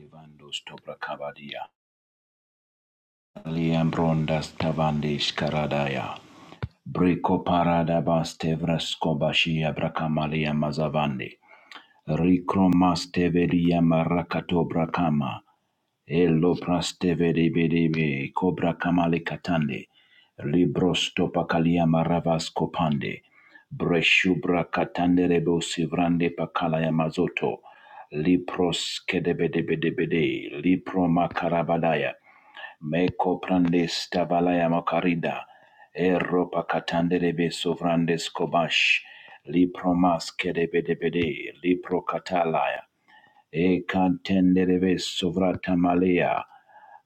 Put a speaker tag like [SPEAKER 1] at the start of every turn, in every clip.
[SPEAKER 1] Levandos tobrakabadia. Liambrondas tavandish karadaya. Briko paradabas tevraskobashia brakamalia mazavandi. Rikromasteveria marakatobra kama. Elo prastevedebedebe kobra kamale katande. Libros topakalia maravas kopande. Breshubra katande rebo sivrande pakala ya mazoto. Lipros kedebedebedebede. Liproma karabadaya. Meko prandes tabalaya makarida. Europa katandelebe sovrandes kobash. Lipro maske debedebede. Lipro katalaya. E cantenderebe sovratamalia.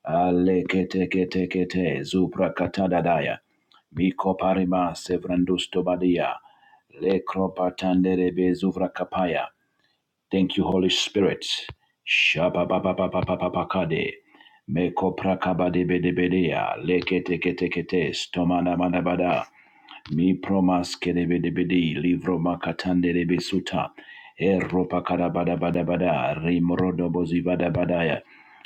[SPEAKER 1] Aleketekete zuprakatadadaya. Mikoparima sevrandustobadia. Lekropatanderebe zuvrakapaya. Thank you, Holy Spirit. Shabababababababakade. Meko prakabadebedebedea. Leketeketekete stomanabadabada. Mi promas kerebedebedi, livro makatande rebesuta, eropa karabada bada bada, rimrodo bozi bada badaya,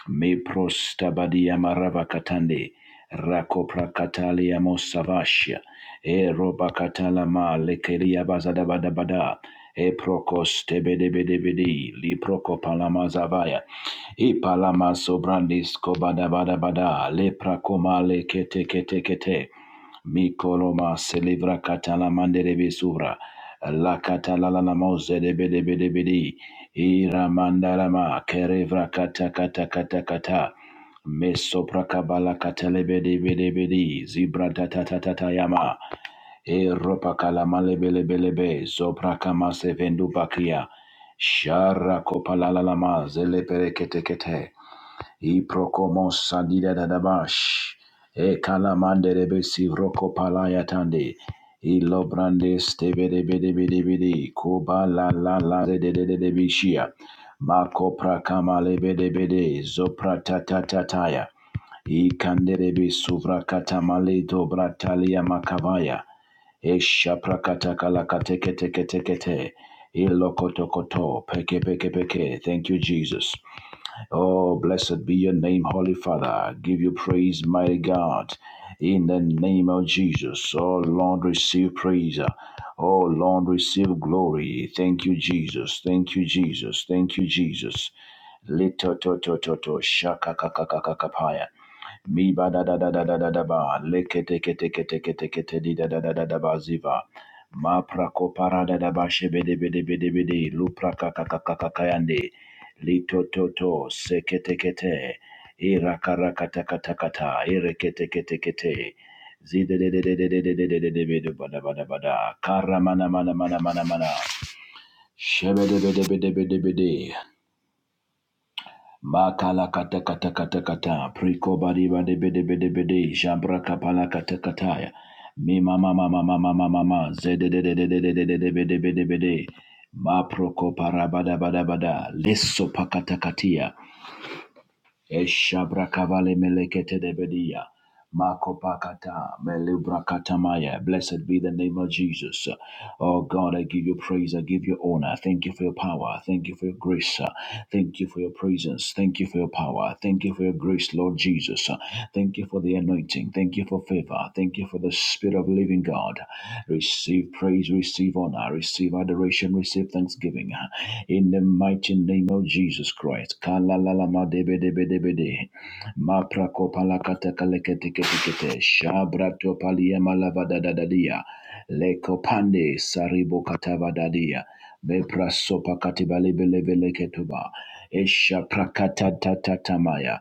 [SPEAKER 1] mi prosta badia marava katande, rakopra katalia mosavashia, eropa katala ma lekeria bazada bada bada, e prokos tebedebedebedi, li proko palama zavaya, i palama sobrandis kobada bada bada, lepra komale kete kete kete, Mikoloma celebra katala mandere besuvra. La katala la la moze de bede bede bede. Ira mandarama kerevra kata kata kata kata. Mesopra kabala katale bede bede bede. Zibra tata tata tayama. Europa kalamale bele bele be. Zopra kama sevendu bakia. Shara kopala la la ma zele pere kete kete. Iprokomos sadida dadabash. E kalamande rebesi roko palayatande. Ilo brande steve de bede bede bede. Koba la la la de de de de de bishia. Mako prakama lebe de bede. Zopra ta ta ta taya. I kanderebi suvra katamale dobra talia makavaya. Esha prakata kalakate kete kete kete. Ilokotokoto peke peke peke. Thank you, Jesus. Oh, blessed be your name, Holy Father. Give you praise, mighty God. In the name of Jesus. Oh, Lord, receive praise. Oh, Lord, receive glory. Thank you, Jesus. Thank you, Jesus. Thank you, Jesus. Lito to to to to shaka Mi ba da da da da da da da ba. Leke teke teke teke teke te di da da da da da ba ziva. Ma prako para da da ba she bede bede bede bede. Lu praka kaka kaka kayande. Li to to to seke teke te. Ira karaka taka taka ta. Ire ke teke teke te. Zide de de de de de de de de de de de ba da ba da ba da. Kara mana mana mana mana mana. Shebe de bede bede bede bede. Makala kata kata kata kata. Priko bari bade bede bede bede. Jambra kapala kata kataya. Mi mama mama mama mama mama. Zede de de de de de de de de bede bede bede. Ma proko para bada bada bada. Lesso pakata katia. Eshabrakavale melekete debedia. Makopakata melebrakatatamaya. Blessed be the name of Jesus. Oh God, I give you praise. I give you honor. Thank you for your power. Thank you for your grace. Thank you for your presence. Thank you for your power. Thank you for your grace, Lord Jesus. Thank you for the anointing. Thank you for favor. Thank you for the Spirit of living God. Receive praise, receive honor, receive adoration, receive thanksgiving in the mighty name of Jesus Christ. Kalalamadebedebedebede. Maprakopalakatakaleketekete. Shabratopaliamalavadadadadia. Lekopande saribokatavadadia. Beprasopakatibalebelebeleketuba. Eshaprakatatatatatamaya.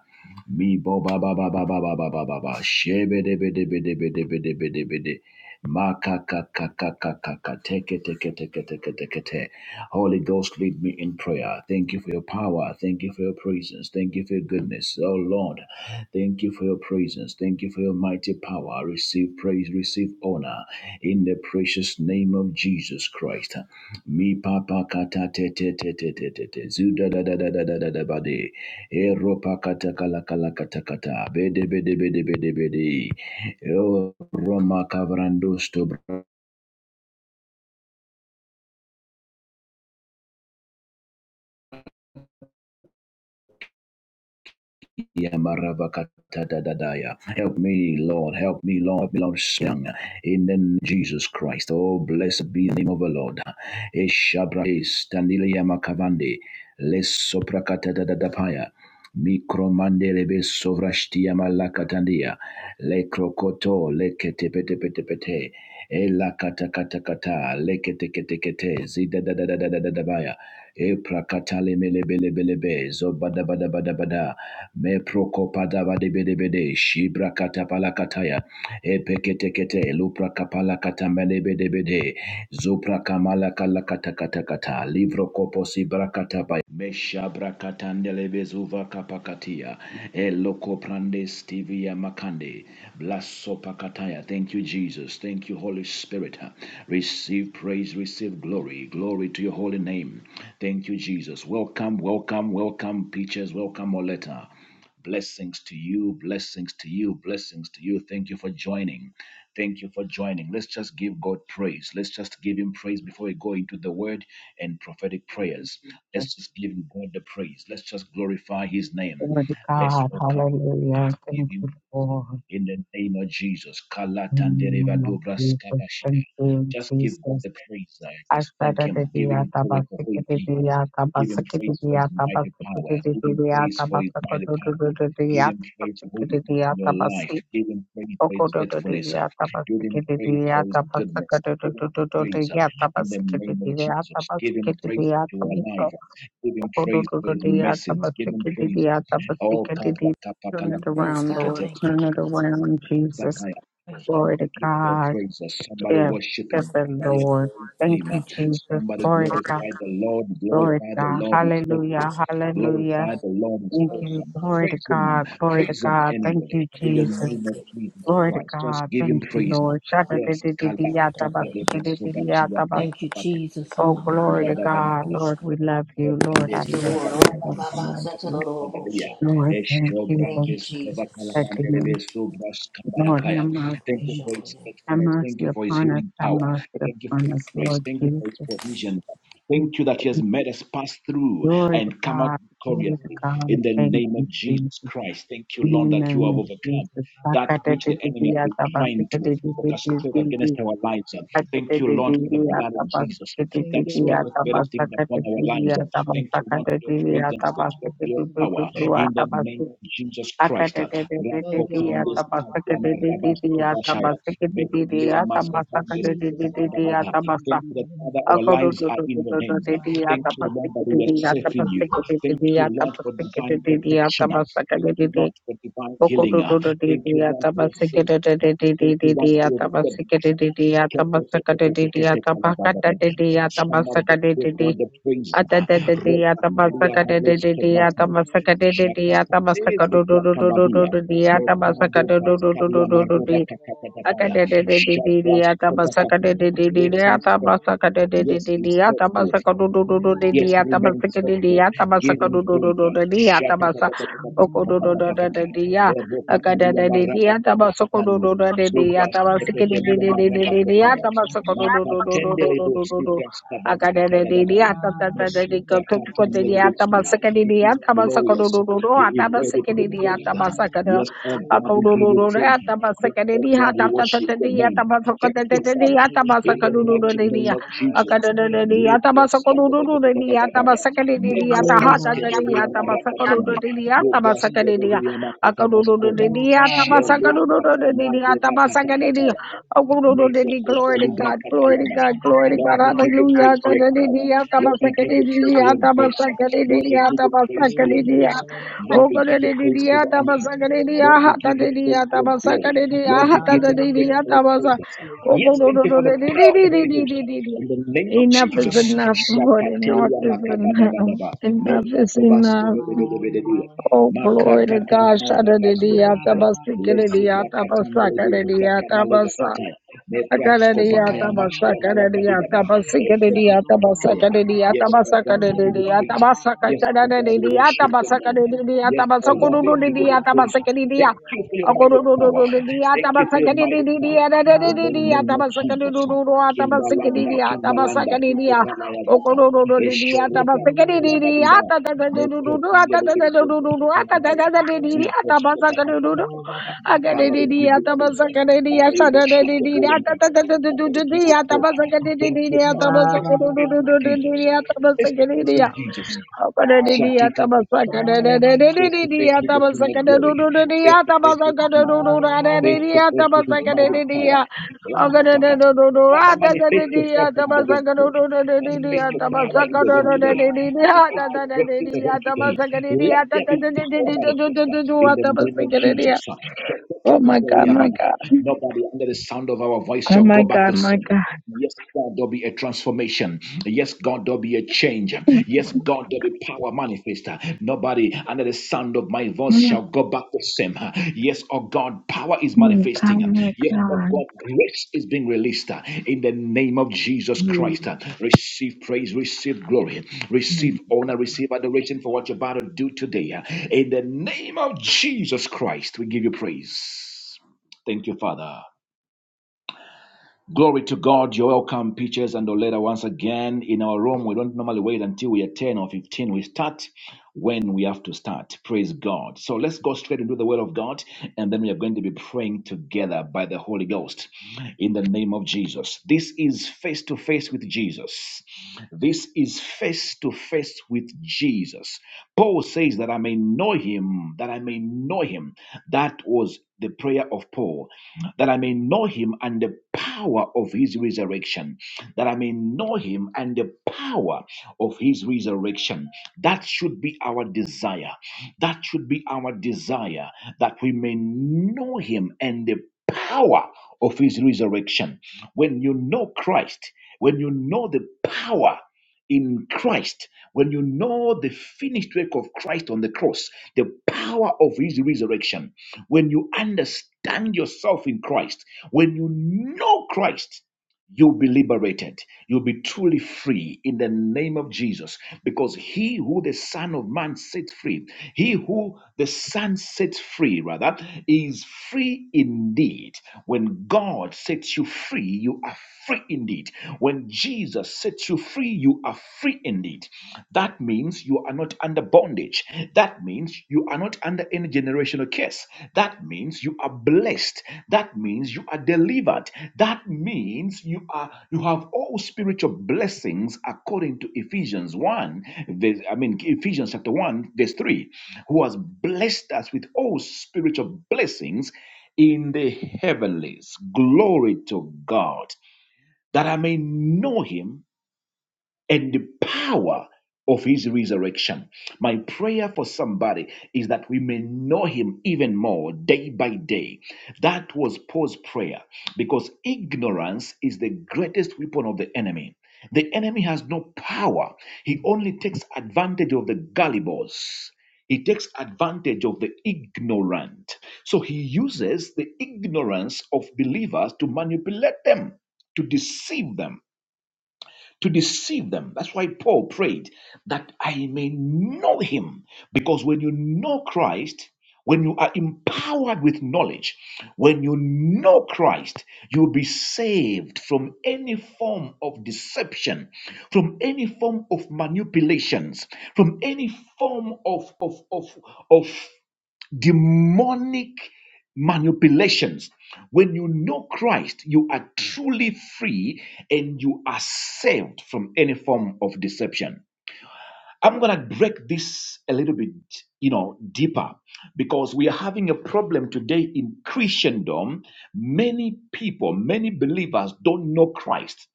[SPEAKER 1] Mi bo ba ba ba ba ba ba ba ba ba ba shebe de be de be de be de be de be de be de ma ka ka ka ka ka ka ka teke teke teke teke teke te Holy Ghost, lead me in prayer. Thank you for your power. Thank you for your presence. Thank you for your goodness. Oh Lord, thank you for your presence. Thank you for your mighty power. Receive praise, receive honor in the precious name of Jesus Christ. Mi papa kata te te te te te te te zuda da da da da da da da ba de ero pa kata kala kala kata kata bede bede bede bede bede oh Roma kavrando Yamarabakatadadadaya. Help me, Lord. Help me, Lord. Help me, Lord. Sing. In the name of Jesus Christ. Oh, blessed be the name of the Lord. Eshabra standile yamakavande. Les soprakatadadadapaya. Mikromandelebe sovrashtia malakatandia. Le krokoto le kete pete pete pete, E la kata kata kata le kete kete kete keteketekete. Zidadadadadadadabaya. E prakata le mele bele bele be zo bada bada bada. bada me prokopadaba de bede bede shibra katapala kataya epekete kete lupra kapala katamele bede bede zupra kamala kala kata kata kata livro kopo sibra katapa mesha brakatandele bezuva kapakatia eloko prande stivia makande blaso pakataya thank you Jesus thank you Holy Spirit receive praise receive glory glory to your holy name thank you Jesus welcome welcome welcome preachers welcome Oleta Blessings to you, blessings to you, blessings to you. Thank you for joining. Thank you for joining. Let's just give God praise. Let's just give Him praise before we go into the word and prophetic
[SPEAKER 2] Thank you,
[SPEAKER 1] prayers.
[SPEAKER 2] Jesus.
[SPEAKER 1] Let's just give Him God the praise. Let's just glorify His name.
[SPEAKER 2] Glory to
[SPEAKER 1] Let's
[SPEAKER 2] God.
[SPEAKER 1] welcome,
[SPEAKER 2] Hallelujah.
[SPEAKER 1] let's give
[SPEAKER 2] Thank
[SPEAKER 1] Him
[SPEAKER 2] you, Lord.
[SPEAKER 1] in the name of Jesus. Kalatandereva
[SPEAKER 2] Mm,
[SPEAKER 1] dobra
[SPEAKER 2] Jesus.
[SPEAKER 1] skabashi.
[SPEAKER 2] Thank you,
[SPEAKER 1] Just give God
[SPEAKER 2] Jesus.
[SPEAKER 1] the praise. uh, Just thank
[SPEAKER 2] Ashada
[SPEAKER 1] Him. Give Him glory for who He is. Give Him praise for His mighty power. Give Him praise for His mighty power. Give him praise for who he is in your life. Give him praise for his faithfulness. uh, Give him praise for his goodness. uh, Give him praise uh, in the name of Jesus. Give him praise that you are alive. uh, Give
[SPEAKER 2] Oh
[SPEAKER 1] him praise for his message. Give him praise. uh, Oh, kabra- kapakala-
[SPEAKER 3] Praise
[SPEAKER 1] kapakete-
[SPEAKER 3] God. Thank
[SPEAKER 1] kete.
[SPEAKER 3] you. Jesus.
[SPEAKER 1] Zakaya.
[SPEAKER 3] Praise the Lord.
[SPEAKER 1] Somebody give God praises. Somebody worship
[SPEAKER 3] Praise
[SPEAKER 1] him. Somebody
[SPEAKER 3] the
[SPEAKER 1] adore his
[SPEAKER 3] Lord. Thank
[SPEAKER 1] name.
[SPEAKER 3] you.
[SPEAKER 1] Somebody glorify the Lord. Glorify the Lord is faithful.
[SPEAKER 3] Jesus.
[SPEAKER 1] Glorify
[SPEAKER 3] Praise
[SPEAKER 1] the Lord is
[SPEAKER 3] worthy.
[SPEAKER 1] awesome. Praise him.
[SPEAKER 3] God,
[SPEAKER 1] Praise him anyway.
[SPEAKER 3] Lord,
[SPEAKER 1] In
[SPEAKER 3] and I
[SPEAKER 1] the
[SPEAKER 3] Thank
[SPEAKER 1] name of
[SPEAKER 3] you.
[SPEAKER 1] Jesus Christ. Just give him praise. Yes.
[SPEAKER 3] And I know that it is. Thank you, Jesus.
[SPEAKER 2] glory to God,
[SPEAKER 1] Kalakatapalebrasobachiyabrakapatepeleketebedugadabadabada.
[SPEAKER 3] Amamahayarorobosha.
[SPEAKER 2] Lord. We love you, Lord. I
[SPEAKER 3] Thank you,
[SPEAKER 2] love
[SPEAKER 3] Lord.
[SPEAKER 2] you, Lord.
[SPEAKER 1] Hallelujah.
[SPEAKER 3] Orabababasatadorobosha.
[SPEAKER 2] Lord, thank you,
[SPEAKER 3] Thank
[SPEAKER 2] thank
[SPEAKER 3] you,
[SPEAKER 2] you for
[SPEAKER 3] Jesus.
[SPEAKER 2] saving me. Lord, have
[SPEAKER 3] Thank you, Lord.
[SPEAKER 1] Thank you
[SPEAKER 3] Praise
[SPEAKER 2] mercy,
[SPEAKER 3] your
[SPEAKER 1] for
[SPEAKER 3] holy
[SPEAKER 1] his
[SPEAKER 3] name.
[SPEAKER 2] have
[SPEAKER 1] faithfulness. Thank
[SPEAKER 2] mercy
[SPEAKER 1] you for his
[SPEAKER 2] upon us,
[SPEAKER 1] healing
[SPEAKER 2] have
[SPEAKER 1] power.
[SPEAKER 2] mercy
[SPEAKER 1] Thank you for
[SPEAKER 2] upon
[SPEAKER 1] his
[SPEAKER 2] us.
[SPEAKER 1] grace.
[SPEAKER 2] Lord
[SPEAKER 1] Thank you
[SPEAKER 2] Jesus,
[SPEAKER 1] for his provision. Thank you that he has made us pass through
[SPEAKER 2] glory to
[SPEAKER 1] and come out
[SPEAKER 2] God, glory to
[SPEAKER 1] victoriously
[SPEAKER 2] God.
[SPEAKER 1] in the
[SPEAKER 2] Thank
[SPEAKER 1] name of
[SPEAKER 2] you, Jesus,
[SPEAKER 1] Jesus
[SPEAKER 2] in
[SPEAKER 1] Christ. Thank you,
[SPEAKER 3] Thank
[SPEAKER 1] Lord,
[SPEAKER 2] your
[SPEAKER 1] that you
[SPEAKER 3] you,
[SPEAKER 1] have
[SPEAKER 2] name,
[SPEAKER 3] Jesus.
[SPEAKER 1] overcome
[SPEAKER 2] Jesus.
[SPEAKER 3] Ba, ba,
[SPEAKER 1] that
[SPEAKER 3] ba, ba.
[SPEAKER 1] which the
[SPEAKER 2] Sakateti ti
[SPEAKER 1] enemy
[SPEAKER 2] ti
[SPEAKER 1] has been
[SPEAKER 2] ata
[SPEAKER 1] trying
[SPEAKER 2] basuki
[SPEAKER 1] to
[SPEAKER 2] ti ti
[SPEAKER 3] Oh,
[SPEAKER 2] ti
[SPEAKER 3] ba, ba,
[SPEAKER 1] orchestrate
[SPEAKER 3] ba,
[SPEAKER 2] ti
[SPEAKER 3] ba,
[SPEAKER 2] ti
[SPEAKER 1] against
[SPEAKER 3] ba, ba,
[SPEAKER 1] our
[SPEAKER 3] ba.
[SPEAKER 1] lives. Thank you,
[SPEAKER 2] sakateti ti
[SPEAKER 1] Lord, for
[SPEAKER 2] ti
[SPEAKER 1] the blood
[SPEAKER 2] ata
[SPEAKER 1] of Jesus
[SPEAKER 2] basuki ti
[SPEAKER 3] Thank
[SPEAKER 2] ti
[SPEAKER 1] that
[SPEAKER 3] you,
[SPEAKER 2] ti
[SPEAKER 3] Lord.
[SPEAKER 1] speaketh
[SPEAKER 2] ata
[SPEAKER 3] I'm a Maya,
[SPEAKER 1] better things
[SPEAKER 2] basuka
[SPEAKER 3] the
[SPEAKER 1] upon
[SPEAKER 3] Lord
[SPEAKER 2] teti
[SPEAKER 1] our
[SPEAKER 2] ti
[SPEAKER 3] of
[SPEAKER 1] lives.
[SPEAKER 2] ata
[SPEAKER 1] Thank
[SPEAKER 3] hosts.
[SPEAKER 1] you,
[SPEAKER 2] basuka
[SPEAKER 1] Lord, for your
[SPEAKER 2] teti ti ata
[SPEAKER 1] presence.
[SPEAKER 3] Thank
[SPEAKER 1] Thank you,
[SPEAKER 2] basuka
[SPEAKER 1] Lord, for
[SPEAKER 2] tetu
[SPEAKER 1] your power.
[SPEAKER 2] ti
[SPEAKER 1] In
[SPEAKER 2] ata
[SPEAKER 1] the
[SPEAKER 2] basuka
[SPEAKER 1] name
[SPEAKER 2] tetu
[SPEAKER 1] of Jesus
[SPEAKER 2] Akata
[SPEAKER 1] Christ.
[SPEAKER 3] you, Lord. Thank you,
[SPEAKER 1] Thank you that Father, our lives are in your hands. Thank you, Lord, that we are safe in you. Thank you, Lord, for divine protection. Thank you, Lord, for divine healing. Thank you, Lord, for your praises. Thank you, Lord, for your goodness. Somebody just give God the praise.
[SPEAKER 2] Adadadadi,
[SPEAKER 1] Repatalia vales
[SPEAKER 2] atamasakadadadadi,
[SPEAKER 1] quebratai.
[SPEAKER 2] atamasakadadadi,
[SPEAKER 1] Shakatadezu
[SPEAKER 3] Jesus.
[SPEAKER 1] prakabadia.
[SPEAKER 2] atamasakadududududududu,
[SPEAKER 1] Mepando
[SPEAKER 3] Hallelujah.
[SPEAKER 1] paskalia
[SPEAKER 2] atamasakadudududududu,
[SPEAKER 1] marova kakakadabaya. Shabras kotakati. Yes, he is faithful. Yes, he is faithful. Yes, remain faithful. Give him praise. Shatatatatatatatatatata. Rebokakalia marabakokakatalu. Subra setekelia marabakokaya. Makatendele bo subra skabalakatadadabawa. Meshubrakatamelebetia. It is glorious. It is worthy to be praised.
[SPEAKER 2] Akadadadadiyata
[SPEAKER 1] Yes, oh
[SPEAKER 2] Glory to God,
[SPEAKER 1] God, we give
[SPEAKER 2] glory
[SPEAKER 1] you praise.
[SPEAKER 2] to
[SPEAKER 1] Yes, oh God, we worship your name. Thank you, Father,
[SPEAKER 3] Father, you're so
[SPEAKER 1] in the
[SPEAKER 3] worthy,
[SPEAKER 1] mighty
[SPEAKER 3] Lord. You're
[SPEAKER 1] name of
[SPEAKER 3] so worthy
[SPEAKER 1] Jesus.
[SPEAKER 3] to praise
[SPEAKER 1] Lift
[SPEAKER 3] God.
[SPEAKER 1] your staff.
[SPEAKER 3] So worthy in honor and glory, Lord.
[SPEAKER 1] Mekopaskebeliamarakatambe.
[SPEAKER 3] And I thank you, Jesus.
[SPEAKER 1] Rubraskebeliamakatabaskova.
[SPEAKER 3] Lord God, my Father, Father, in
[SPEAKER 1] Shelukatamadebakatakataya. Lord, we give
[SPEAKER 2] God, glory to
[SPEAKER 1] you praise for your power. Lord, we give you praise for your grace. Lord, we give you
[SPEAKER 2] God,
[SPEAKER 1] praise for your
[SPEAKER 2] hallelujah.
[SPEAKER 1] grace. Lord, we give you praise for the
[SPEAKER 2] Ogodedidiyata
[SPEAKER 1] anointing. Lord, we
[SPEAKER 2] basagadidiyahata
[SPEAKER 1] give you praise
[SPEAKER 2] didiyata
[SPEAKER 1] for your glory. Lord, we
[SPEAKER 2] basagadidiyahata
[SPEAKER 3] the
[SPEAKER 1] give you praise for
[SPEAKER 2] dadidiyata
[SPEAKER 1] your
[SPEAKER 3] name of
[SPEAKER 2] basa-
[SPEAKER 1] praises.
[SPEAKER 3] Yeshua,
[SPEAKER 1] Yes, thank
[SPEAKER 3] Mashiach,
[SPEAKER 1] you for the power of the Holy Ghost.
[SPEAKER 3] Baba,
[SPEAKER 2] Ogododododidididididididi.
[SPEAKER 1] In the name of
[SPEAKER 3] Father, in the mighty name of Yeshua. Father, in the mighty name of
[SPEAKER 2] Enough is
[SPEAKER 1] Jesus.
[SPEAKER 2] enough, Lord. Enough
[SPEAKER 1] Shakatelia
[SPEAKER 2] is enough.
[SPEAKER 1] makabadabadaba.
[SPEAKER 2] Enough
[SPEAKER 3] Yeshua,
[SPEAKER 2] is enough.
[SPEAKER 1] Meprakobastebedebedebedebea.
[SPEAKER 2] Oh, glory to
[SPEAKER 1] Makrakatala
[SPEAKER 2] God.
[SPEAKER 1] mazavasko
[SPEAKER 2] Shadadidiyata
[SPEAKER 1] bakaya. Lesu
[SPEAKER 2] basikadidiyata basakadidiyata Atabasakadidiya,
[SPEAKER 1] mashia malakabidaba.
[SPEAKER 3] Messiah,
[SPEAKER 1] Ekrepa
[SPEAKER 3] Lord God.
[SPEAKER 1] Yes, for
[SPEAKER 3] Father,
[SPEAKER 1] God, we
[SPEAKER 3] in
[SPEAKER 1] give you
[SPEAKER 3] the
[SPEAKER 1] praise. Yes, for God, we
[SPEAKER 3] mighty
[SPEAKER 1] worship your name. Yes, for Lord, we give you the praise. Thank you for your mighty power. Thank you for your mighty power. In the name of Jesus.
[SPEAKER 3] name of
[SPEAKER 1] In the
[SPEAKER 3] Yeshua, God,
[SPEAKER 1] Kimbalanda,
[SPEAKER 3] Abba, Higher,
[SPEAKER 1] Imbalanda,
[SPEAKER 3] than
[SPEAKER 1] Kuko Palaya Vata,
[SPEAKER 3] the Father, in the mighty name of Yeshua,
[SPEAKER 1] Eshoro Vata Kalabadiba, Moko Pandele Vesu Vata Kalamaya, Jesus Vata Father, we give
[SPEAKER 2] Hallelujah.
[SPEAKER 1] you praise. Father, we worship the holy name. Father, we give you praise. Thank you, Father. Face to face with Jesus. Face to face with Jesus. Shatika Patapataya, face to face with the King of Glory, face to face with Jesus, face to face with His mighty
[SPEAKER 3] God.
[SPEAKER 1] power. Rakatapata. Father, manifest yourself in the room today.
[SPEAKER 3] In the
[SPEAKER 1] Manifest your
[SPEAKER 3] mighty
[SPEAKER 1] power
[SPEAKER 3] name of
[SPEAKER 1] in the room
[SPEAKER 3] Yeshua,
[SPEAKER 1] today.
[SPEAKER 3] God, Abba,
[SPEAKER 1] Manifest your grace in the room today. Let there be power manifested in the name of Jesus.
[SPEAKER 2] Oh my God, my God.
[SPEAKER 1] Nobody under the sound of our voice
[SPEAKER 2] Oh
[SPEAKER 1] shall go
[SPEAKER 2] my
[SPEAKER 1] back
[SPEAKER 2] God,
[SPEAKER 1] the
[SPEAKER 2] my
[SPEAKER 1] same.
[SPEAKER 2] God.
[SPEAKER 1] Yes, God, there'll be a transformation. Yes, God, there'll be a change.
[SPEAKER 2] Oh
[SPEAKER 1] Yes, God, there'll be power manifest. Nobody under the sound of my voice
[SPEAKER 2] my
[SPEAKER 1] shall go back the same. Yes, oh God, power is manifesting.
[SPEAKER 2] God, my
[SPEAKER 1] Yes, oh
[SPEAKER 2] God.
[SPEAKER 1] God, grace is being released in the name of Jesus Christ.
[SPEAKER 2] Mm,
[SPEAKER 1] Receive praise, receive glory,
[SPEAKER 2] mm.
[SPEAKER 1] receive honor, receive adoration for what you're about to do today. In the name of Jesus Christ, we give you praise. Thank you, Father. Glory to God. You're welcome, Peaches and Oleda, once again in our room. We don't normally wait until we are 10 or 15. We start when we have to start. Praise God. So let's go straight into the Word of God, and then we are going to be praying together by the Holy Ghost in the name of Jesus. This is face to face with Jesus. This is face to face with Jesus. Paul says that I may know him, that I may know him. That was the prayer of Paul that I may know him and the power of his resurrection, that I may know him and the power of his resurrection. That should be our desire. That should be our desire that we may know him and the power of his resurrection. When you know Christ, when you know the power in Christ, when you know the finished work of Christ on the cross, the power of his resurrection, when you understand yourself in Christ, when you know Christ, You'll be liberated. You'll be truly free in the name of Jesus. Because he who the Son of Man sets free, he who the Son sets free, rather, is free indeed. When God sets you free, you are free indeed. When Jesus sets you free, you are free indeed. That means you are not under bondage. That means means you are not under any generational curse. That means you are blessed. That means you are delivered. That means you are you have all spiritual blessings according to Ephesians 1, verse, I mean Ephesians chapter 1, verse 3, who has blessed us with all spiritual blessings in the heavenlies. Glory to God. That I may know him and the power of his resurrection. My prayer for somebody is that we may know him even more day by day. That was Paul's prayer because ignorance is the greatest weapon of the enemy. The enemy has no power, he only takes advantage of the gullibles. He takes advantage of the ignorant. So he uses the ignorance of believers to manipulate them, to deceive them to deceive them. That's why Paul prayed that I may know him. Because when you know Christ, when you are empowered with knowledge, when you know Christ, you'll be saved from any form of deception, from any form of manipulations, from any form of, of, of, of demonic manipulations. When you know Christ, you are truly free and you are saved from any form of deception. I'm going to break this a little bit, you know, deeper because we are having a problem today in Christendom. Many people, many believers don't know Christ.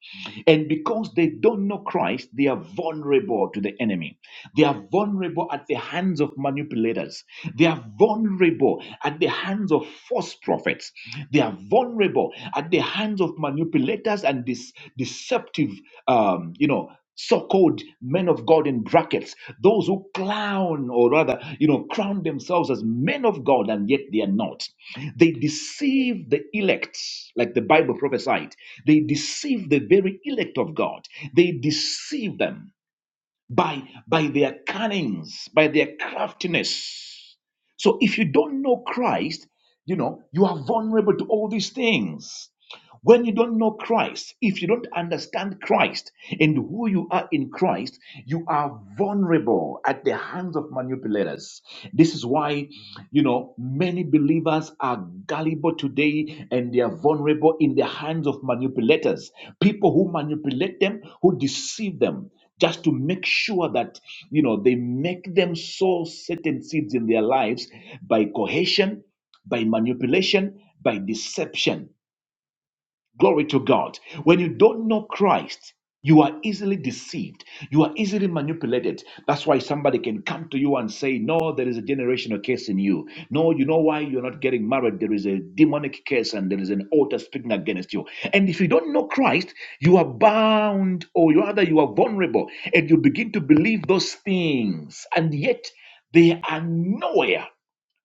[SPEAKER 1] And because they don't know Christ, they are vulnerable to the enemy. They are vulnerable at the hands of manipulators. They are vulnerable at the hands of false prophets. They are vulnerable at the hands of manipulators and this deceptive, um, you know, so-called men of God in brackets, those who clown or rather, you know, crown themselves as men of God and yet they are not. They deceive the elect, like the Bible prophesied. They deceive the very elect of God. They deceive them by by their cunnings, by their craftiness. So if you don't know Christ, you know, you are vulnerable to all these things. When you don't know Christ, if you don't understand Christ and who you are in Christ, you are vulnerable at the hands of manipulators. This is why, you know, many believers are gullible today and they are vulnerable in the hands of manipulators, people who manipulate them, who deceive them just to make sure that you know they make them sow certain seeds in their lives by coercion by manipulation by deception Glory to God. When you don't know Christ, you are easily deceived. You are easily manipulated. That's why somebody can come to you and say, No, there is a generational curse in you. No, you know why you're not getting married? There is a demonic curse and there is an altar speaking against you. And if you don't know Christ, you are bound or rather you are vulnerable and you begin to believe those things. And yet they are nowhere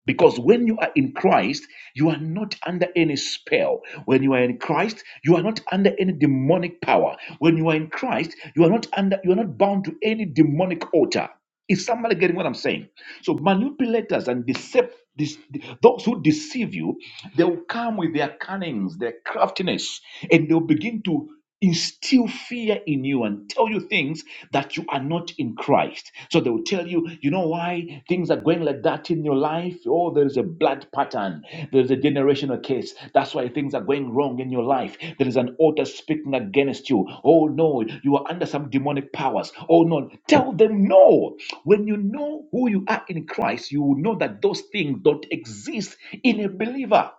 [SPEAKER 1] because when you are in Christ, you are not under any spell. When you are in Christ, you are not under any demonic power. When you are in Christ, you are not under you are not bound to any demonic altar. Is somebody getting what I'm saying? So manipulators and decept this, those who deceive you, they will come with their cunnings, their craftiness, and they'll begin to instill fear in you and tell you things that you are not in Christ. So they will tell you, you know why things are going like that in your life? Oh, there is a blood pattern. There's a generational case. That's why things are going wrong in your life. There is an altar speaking against you. Oh no, you are under some demonic powers. Oh no. Tell them no. When you know who you are in Christ, you will know that those things don't exist in a believer.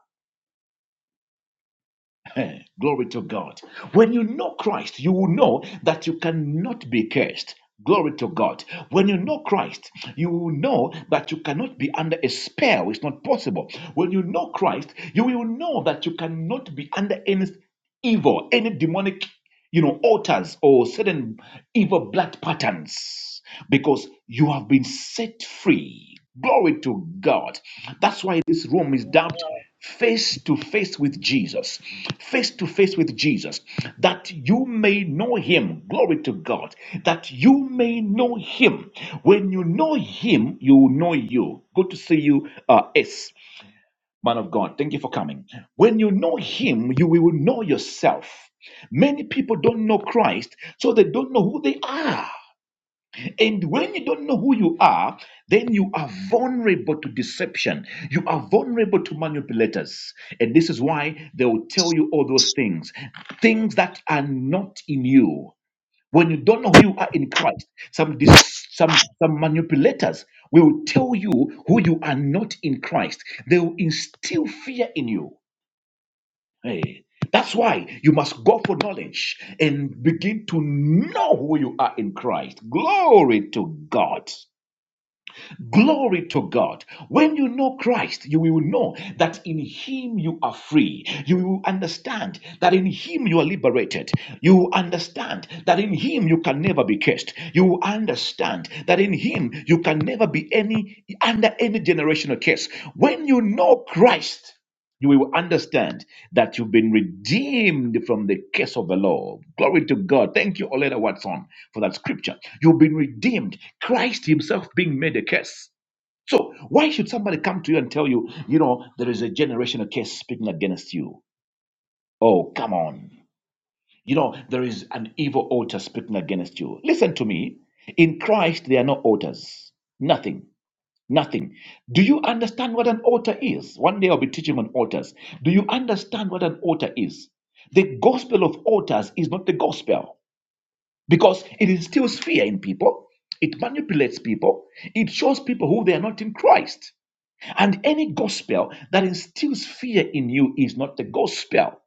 [SPEAKER 1] Eh, Glory to God. When you know Christ, you will know that you cannot be cursed. Glory to God. When you know Christ, you will know that you cannot be under a spell. It's not possible. When you know Christ, you will know that you cannot be under any evil, any demonic, you know, altars or certain evil blood patterns, because you have been set free. Glory to God. That's why this room is dubbed face to face with Jesus. Face to face with Jesus. That you may know him. Glory to God. That you may know him. When you know him, you will know you. Good to see you, uh, S. Man of God, thank you for coming. When you know Him, you will know yourself. Many people don't know Christ, so they don't know who they are. And when you don't know who you are, then you are vulnerable to deception. You are vulnerable to manipulators. And this is why they will tell you all those things, things that are not in you. When you don't know who you are in Christ, some dis- some some manipulators will tell you who you are not in Christ. They will instill fear in you. Hey, that's why you must go for knowledge and begin to know who you are in Christ. Glory to God. Glory to God. When you know Christ, you will know that in Him you are free. You will understand that in Him you are liberated. You will understand that in Him you can never be cursed. You will understand that in Him you can never be any under any generational curse. When you know Christ, you will understand that you've been redeemed from the curse of the law. Glory to God. Thank you, Olena Watson, for that scripture. You've been redeemed. Christ Himself being made a curse. So why should somebody come to you and tell you, you know, there is a generational case speaking against you? Oh, come on. You know, there is an evil altar speaking against you. Listen to me. In Christ, there are no altars. Nothing. Nothing. Do you understand what an altar is? One day I'll be teaching on altars. Do you understand what an altar is? The gospel of altars is not the gospel because it instills fear in people, it manipulates people, it shows people who they are not in Christ. And any gospel that instills fear in you is not the gospel.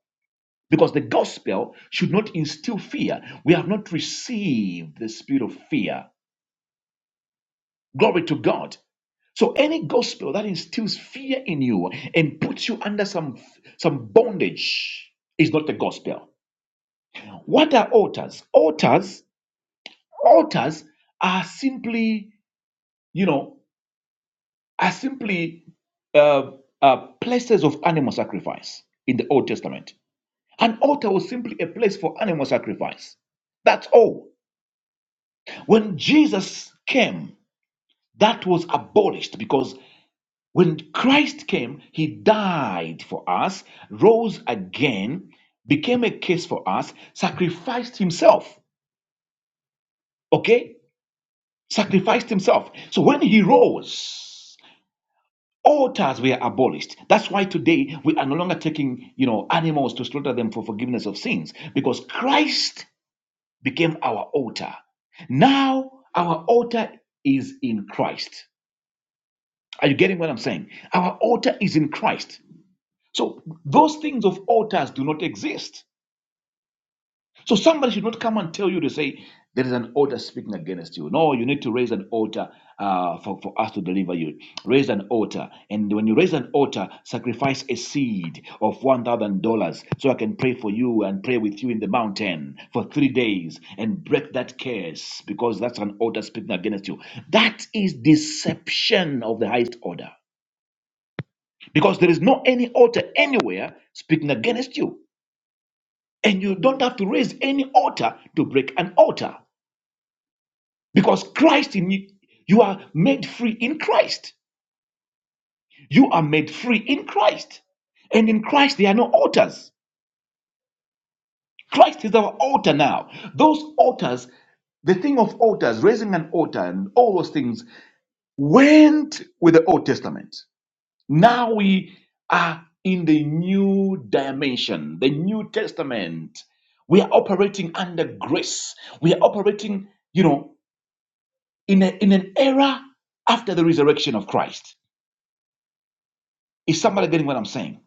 [SPEAKER 1] Because the gospel should not instill fear. We have not received the spirit of fear. Glory to God. So any gospel that instills fear in you and puts you under some some bondage is not the gospel. What are altars? Altars, altars are simply, you know, are simply uh, uh, places of animal sacrifice in the Old Testament An altar was simply a place for animal sacrifice. That's all. When Jesus came, that was abolished because when Christ came, he died for us, rose again, became a case for us, sacrificed himself. Okay? Sacrificed himself. So when he rose, altars were abolished. That's why today we are no longer taking, you know, animals to slaughter them for forgiveness of sins because Christ became our altar. Now our altar is in Christ. Are you getting what I'm saying? Our altar is in Christ. So those things of altars do not exist. So somebody should not come and tell you to say there is an altar speaking against you. No, you need to raise an altar uh, for, for us to deliver you. Raise an altar. And when you raise an altar, sacrifice a seed of $1,000 so I can pray for you and pray with you in the mountain for three days and break that curse because that's an altar speaking against you. That is deception of the highest order because there is no any altar anywhere speaking against you. And you don't have to raise any altar to break an altar. Because Christ in you, you are made free in Christ. You are made free in Christ. And in Christ, there are no altars. Christ is our altar now. Those altars, the thing of altars, raising an altar, and all those things went with the Old Testament. Now we are in the new dimension, the New Testament. We are operating under grace. We are operating, you know, in, a, in an era after the resurrection of Christ. Is somebody getting what I'm saying?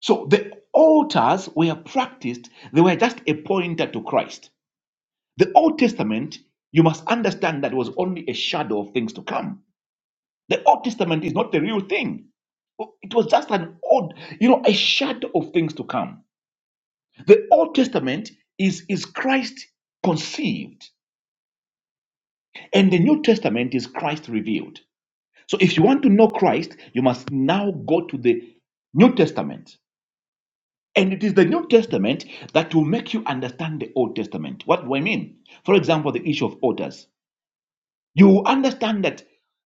[SPEAKER 1] So the altars were practiced, they were just a pointer to Christ. The Old Testament, you must understand that it was only a shadow of things to come. The Old Testament is not the real thing. It was just an old, you know, a shadow of things to come. The Old Testament is, is Christ conceived, and the New Testament is Christ revealed. So if you want to know Christ, you must now go to the New Testament And it is the New Testament that will make you understand the Old Testament. What do I mean? For example, the issue of altars. You will understand that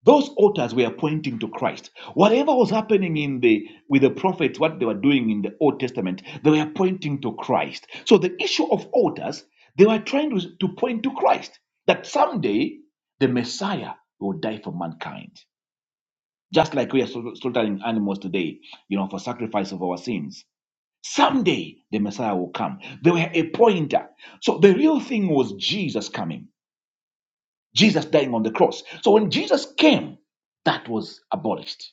[SPEAKER 1] those altars were pointing to Christ. Whatever was happening in the with the prophets, what they were doing in the Old Testament, they were pointing to Christ. So the issue of altars, they were trying to, to point to Christ. That someday the Messiah will die for mankind. Just like we are slaughtering animals today, you know, for sacrifice of our sins Someday the Messiah will come. They were a pointer. So the real thing was Jesus coming, Jesus dying on the cross. So when Jesus came, that was abolished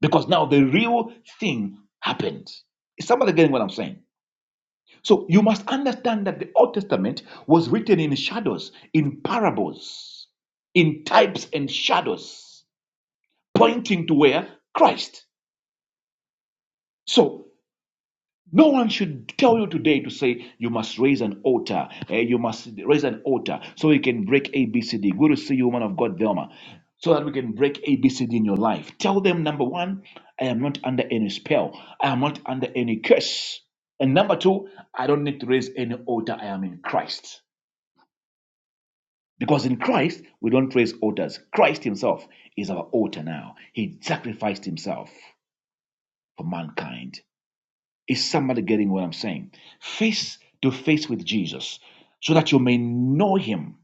[SPEAKER 1] because now the real thing happened. Is somebody getting what I'm saying? So you must understand that the Old Testament was written in shadows, in parables, in types and shadows, pointing to where Christ. So No one should tell you today to say you must raise an altar. eh, you must raise an altar so you can break ABCD. Good to see you, woman of God, Velma. So that we can break ABCD in your life. Tell them number one, I am not under any spell. I am not under any curse. And number two, I don't need to raise any altar. I am in Christ. Because in Christ, we don't raise altars. Christ Himself is our altar now. He sacrificed Himself for mankind. Is somebody getting what I'm saying? Face to face with Jesus so that you may know him.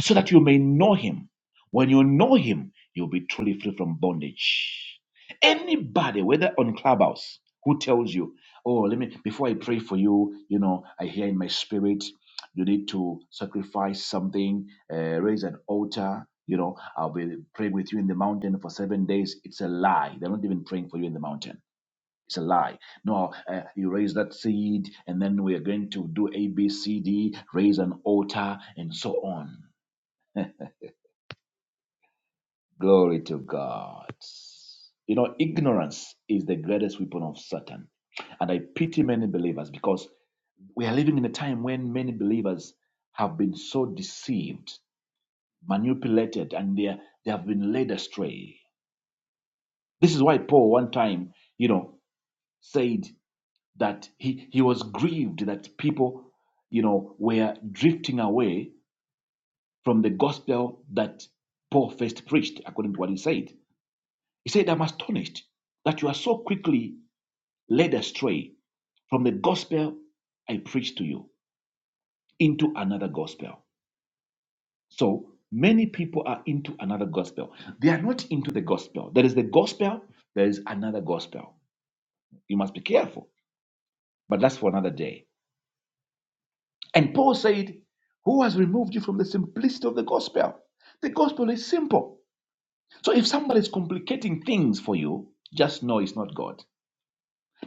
[SPEAKER 1] So that you may know him. When you know him, you'll be truly free from bondage. Anybody, whether on Clubhouse, who tells you, oh, let me, before I pray for you, you know, I hear in my spirit, you need to sacrifice something, uh, raise an altar. You know, I'll be praying with you in the mountain for seven days. It's a lie. They're not even praying for you in the mountain it's a lie. No, uh, you raise that seed, and then we are going to do A, B, C, D, raise an altar, and so on. Glory to God. You know, ignorance is the greatest weapon of Satan. And I pity many believers because we are living in a time when many believers have been so deceived, manipulated, and they, are, they have been led astray. This is why Paul, one time, you know, said that he, he was grieved that people, you know, were drifting away from the gospel that Paul first preached, according to what he said. He said, I'm astonished that you are so quickly led astray from the gospel I preached to you into another gospel. So many people are into another gospel. They are not into the gospel. There is the gospel, there is another gospel. You must be careful, but that's for another day. And Paul said, Who has removed you from the simplicity of the gospel? The gospel is simple. So if somebody is complicating things for you, just know it's not God.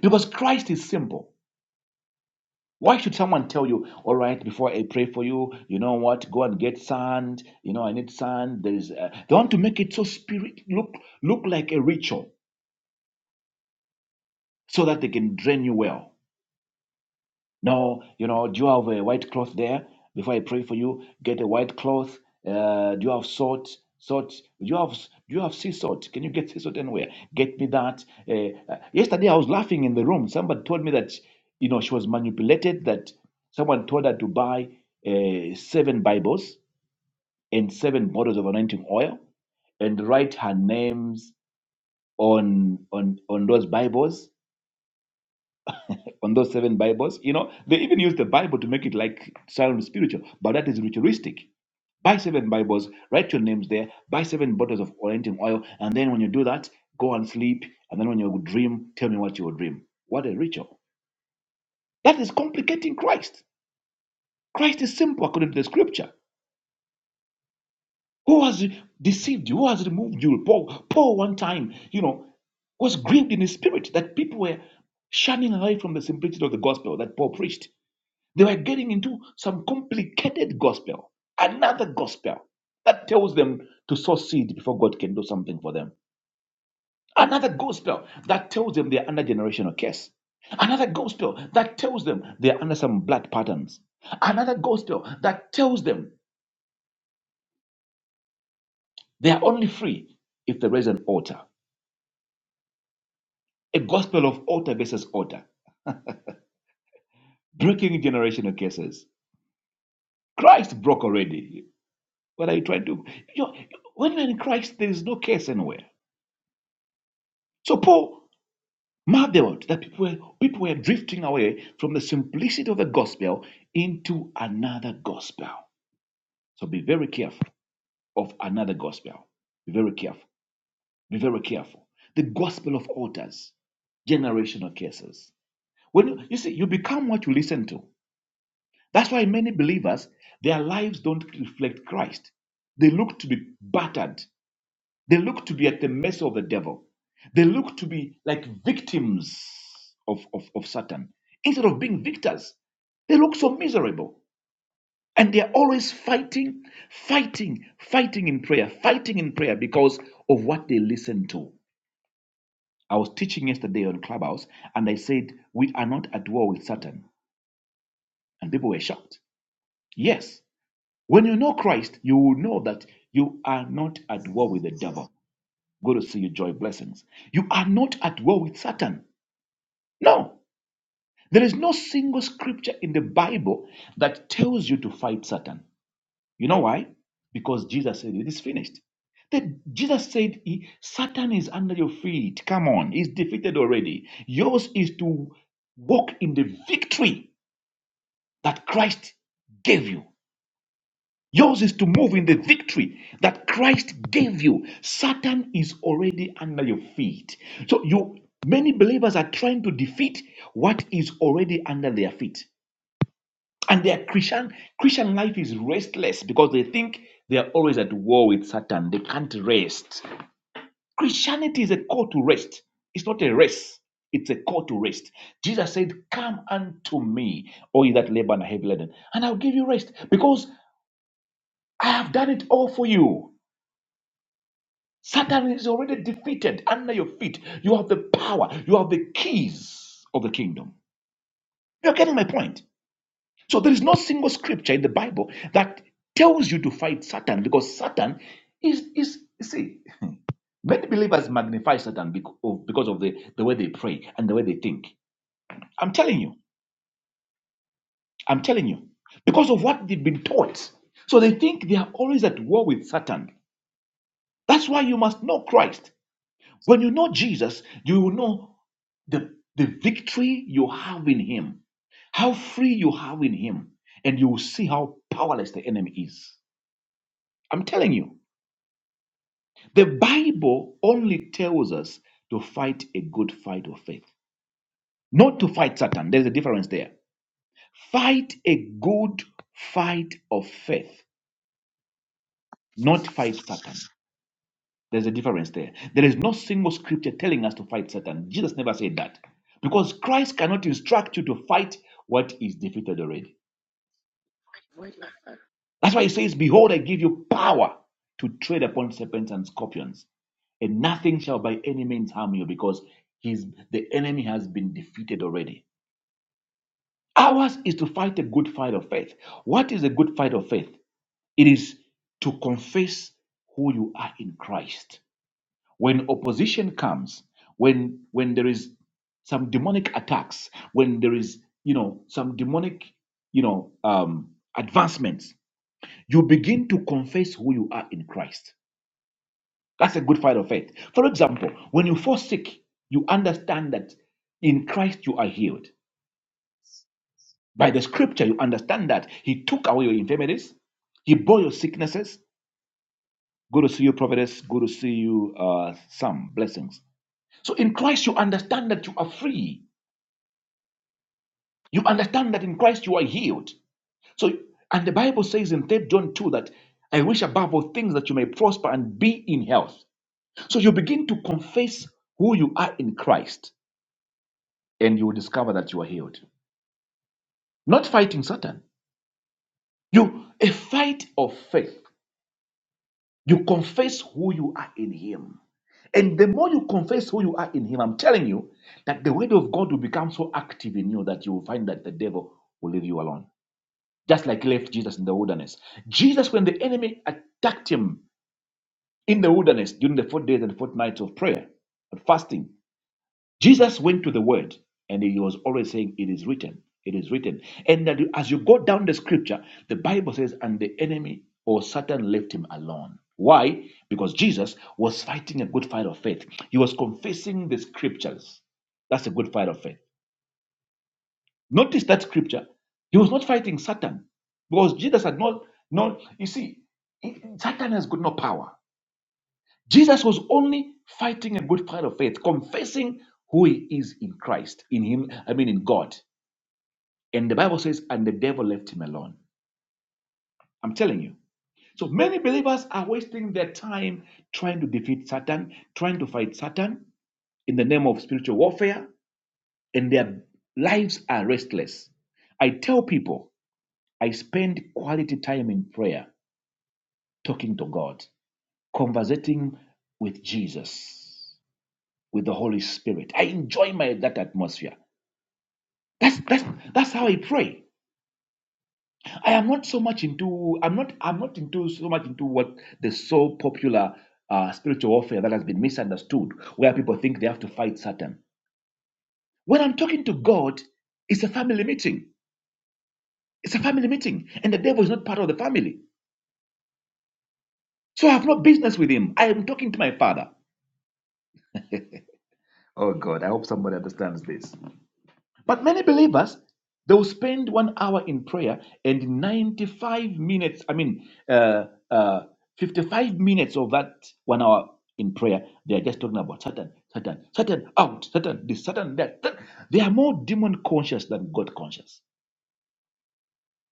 [SPEAKER 1] Because Christ is simple. Why should someone tell you, all right, before I pray for you, you know what, go and get sand, you know, I need sand. There is, uh, they want to make it so spirit, look, look like a ritual so that they can drain you well. No, you know, do you have a white cloth there? Before I pray for you, get a white cloth. Uh, do you have salt? Salt? Do you have do you have sea salt? Can you get sea salt anywhere? Get me that. Uh, uh, yesterday I was laughing in the room. Somebody told me that you know she was manipulated. That someone told her to buy uh, seven Bibles and seven bottles of anointing oil and write her names on on on those Bibles on those seven Bibles. You know, they even use the Bible to make it like sound spiritual, but that is ritualistic. Buy seven Bibles, write your names there, buy seven bottles of anointing oil, and then when you do that, go and sleep. And then when you dream, tell me what you will dream. What a ritual. That is complicating Christ. Christ is simple according to the scripture. Who has deceived you? Who has removed you? Paul, Paul one time, you know, was grieved in his spirit that people were shunning away from the simplicity of the gospel that Paul preached. They were getting into some complicated gospel, another gospel that tells them to sow seed before God can do something for them, another gospel that tells them they're under generational curse, another gospel that tells them they're under some blood patterns, another gospel that tells them they are only free if there is an altar, a gospel of altar versus altar, breaking generational curses. Christ broke already. What are you trying to? You know, when you're in Christ, there is no curse anywhere. So Paul marveled that people were, people were drifting away from the simplicity of the gospel into another gospel. So be very careful of another gospel. Be very careful. Be very careful. The gospel of altars, generational curses. When you, you see, you become what you listen to. That's why many believers, their lives don't reflect Christ. They look to be battered They look to be at the mercy of the devil. They look to be like victims of, of, of Satan. Instead of being victors, they look so miserable. And they are always fighting, fighting, fighting in prayer, fighting in prayer because of what they listen to. I was teaching yesterday on Clubhouse and I said, We are not at war with Satan. And people were shocked. Yes, when you know Christ, you will know that you are not at war with the devil. Good to see you, Joy. Blessings. You are not at war with Satan. No. There is no single scripture in the Bible that tells you to fight Satan. You know why? Because Jesus said it is finished. That Jesus said, he- Satan is under your feet. Come on, he's defeated already. Yours is to walk in the victory that Christ gave you. Yours is to move in the victory that Christ gave you. Satan is already under your feet. So you many believers are trying to defeat what is already under their feet. And their Christian Christian life is restless because they think they are always at war with Satan. They can't rest. Christianity is a call to rest. It's not a race. It's a call to rest. Jesus said, Come unto me, all ye that labor and are heavy laden, and I'll give you rest because I have done it all for you. Satan is already defeated under your feet. You have the power, you have the keys of the kingdom. You're getting my point. So there is no single scripture in the Bible that tells you to fight Satan because Satan is is you see many believers magnify Satan bec- of- because of the, the way they pray and the way they think. I'm telling you, I'm telling you, because of what they've been taught. So they think they are always at war with Satan. That's why you must know Christ. When you know Jesus, you will know the, the victory you have in Him, how free you have in Him, and you will see how powerless the enemy is. I'm telling you, the Bible only tells us to fight a good fight of faith, not to fight Satan. There's a difference there. Fight a good fight of faith, not fight Satan. There's a difference there. There is no single scripture telling us to fight Satan. Jesus never said that. Because Christ cannot instruct you to fight what is defeated already.
[SPEAKER 4] What if I
[SPEAKER 1] That's why he says, Behold, I give you power to tread upon serpents and scorpions, and nothing shall by any means harm you, because He's the enemy has been defeated already. Ours is to fight a good fight of faith. What is a good fight of faith? It is to confess who you are in Christ when opposition comes when when there is some demonic attacks when there is you know some demonic you know um advancements you begin to confess who you are in christ that's a good fight of faith for example when you fall sick you understand that in christ you are healed by the scripture you understand that he took away your infirmities he bore your sicknesses good to see you providence good to see you uh some blessings so in christ you understand that you are free You understand that in Christ you are healed. So, and the Bible says in 3 John 2 that I wish above all things that you may prosper and be in health. So you begin to confess who you are in Christ and you will discover that you are healed. Not fighting Satan. You a fight of faith. You confess who you are in him. And the more you confess who you are in him, I'm telling you that the word of God will become so active in you that you will find that the devil will leave you alone. just like he left Jesus in the wilderness. Jesus, when the enemy attacked him in the wilderness during the four days and four nights of prayer and fasting, Jesus went to the word and he was always saying, It is written, it is written. And that as you go down the scripture, the Bible says, And the enemy or Satan left him alone. Why? Because Jesus was fighting a good fight of faith. He was confessing the scriptures. That's a good fight of faith. Notice that scripture. He was not fighting Satan because Jesus had not, no. you see, Satan has got no power. Jesus was only fighting a good fight of faith, confessing who he is in Christ, in him, I mean in God. And the Bible says, and the devil left him alone. I'm telling you. So many believers are wasting their time trying to defeat Satan, trying to fight Satan in the name of spiritual warfare, and their lives are restless. I tell people I spend quality time in prayer, talking to God, conversating with Jesus, with the Holy Spirit. I enjoy my that atmosphere. That's that's that's how I pray. I am not so much into I'm not I'm not into so much into what the so popular uh, spiritual warfare that has been misunderstood, where people think they have to fight Satan. When I'm talking to God, it's a family meeting. It's a family meeting, and the devil is not part of the family, so I have no business with him. I am talking to my Father. Oh God, I hope somebody understands this. But many believers, they will spend one hour in prayer and 95 minutes, I mean, uh, uh, 55 minutes of that one hour in prayer, they are just talking about Satan, Satan, Satan out, Satan this, Satan that. Satan. They are more demon conscious than God conscious.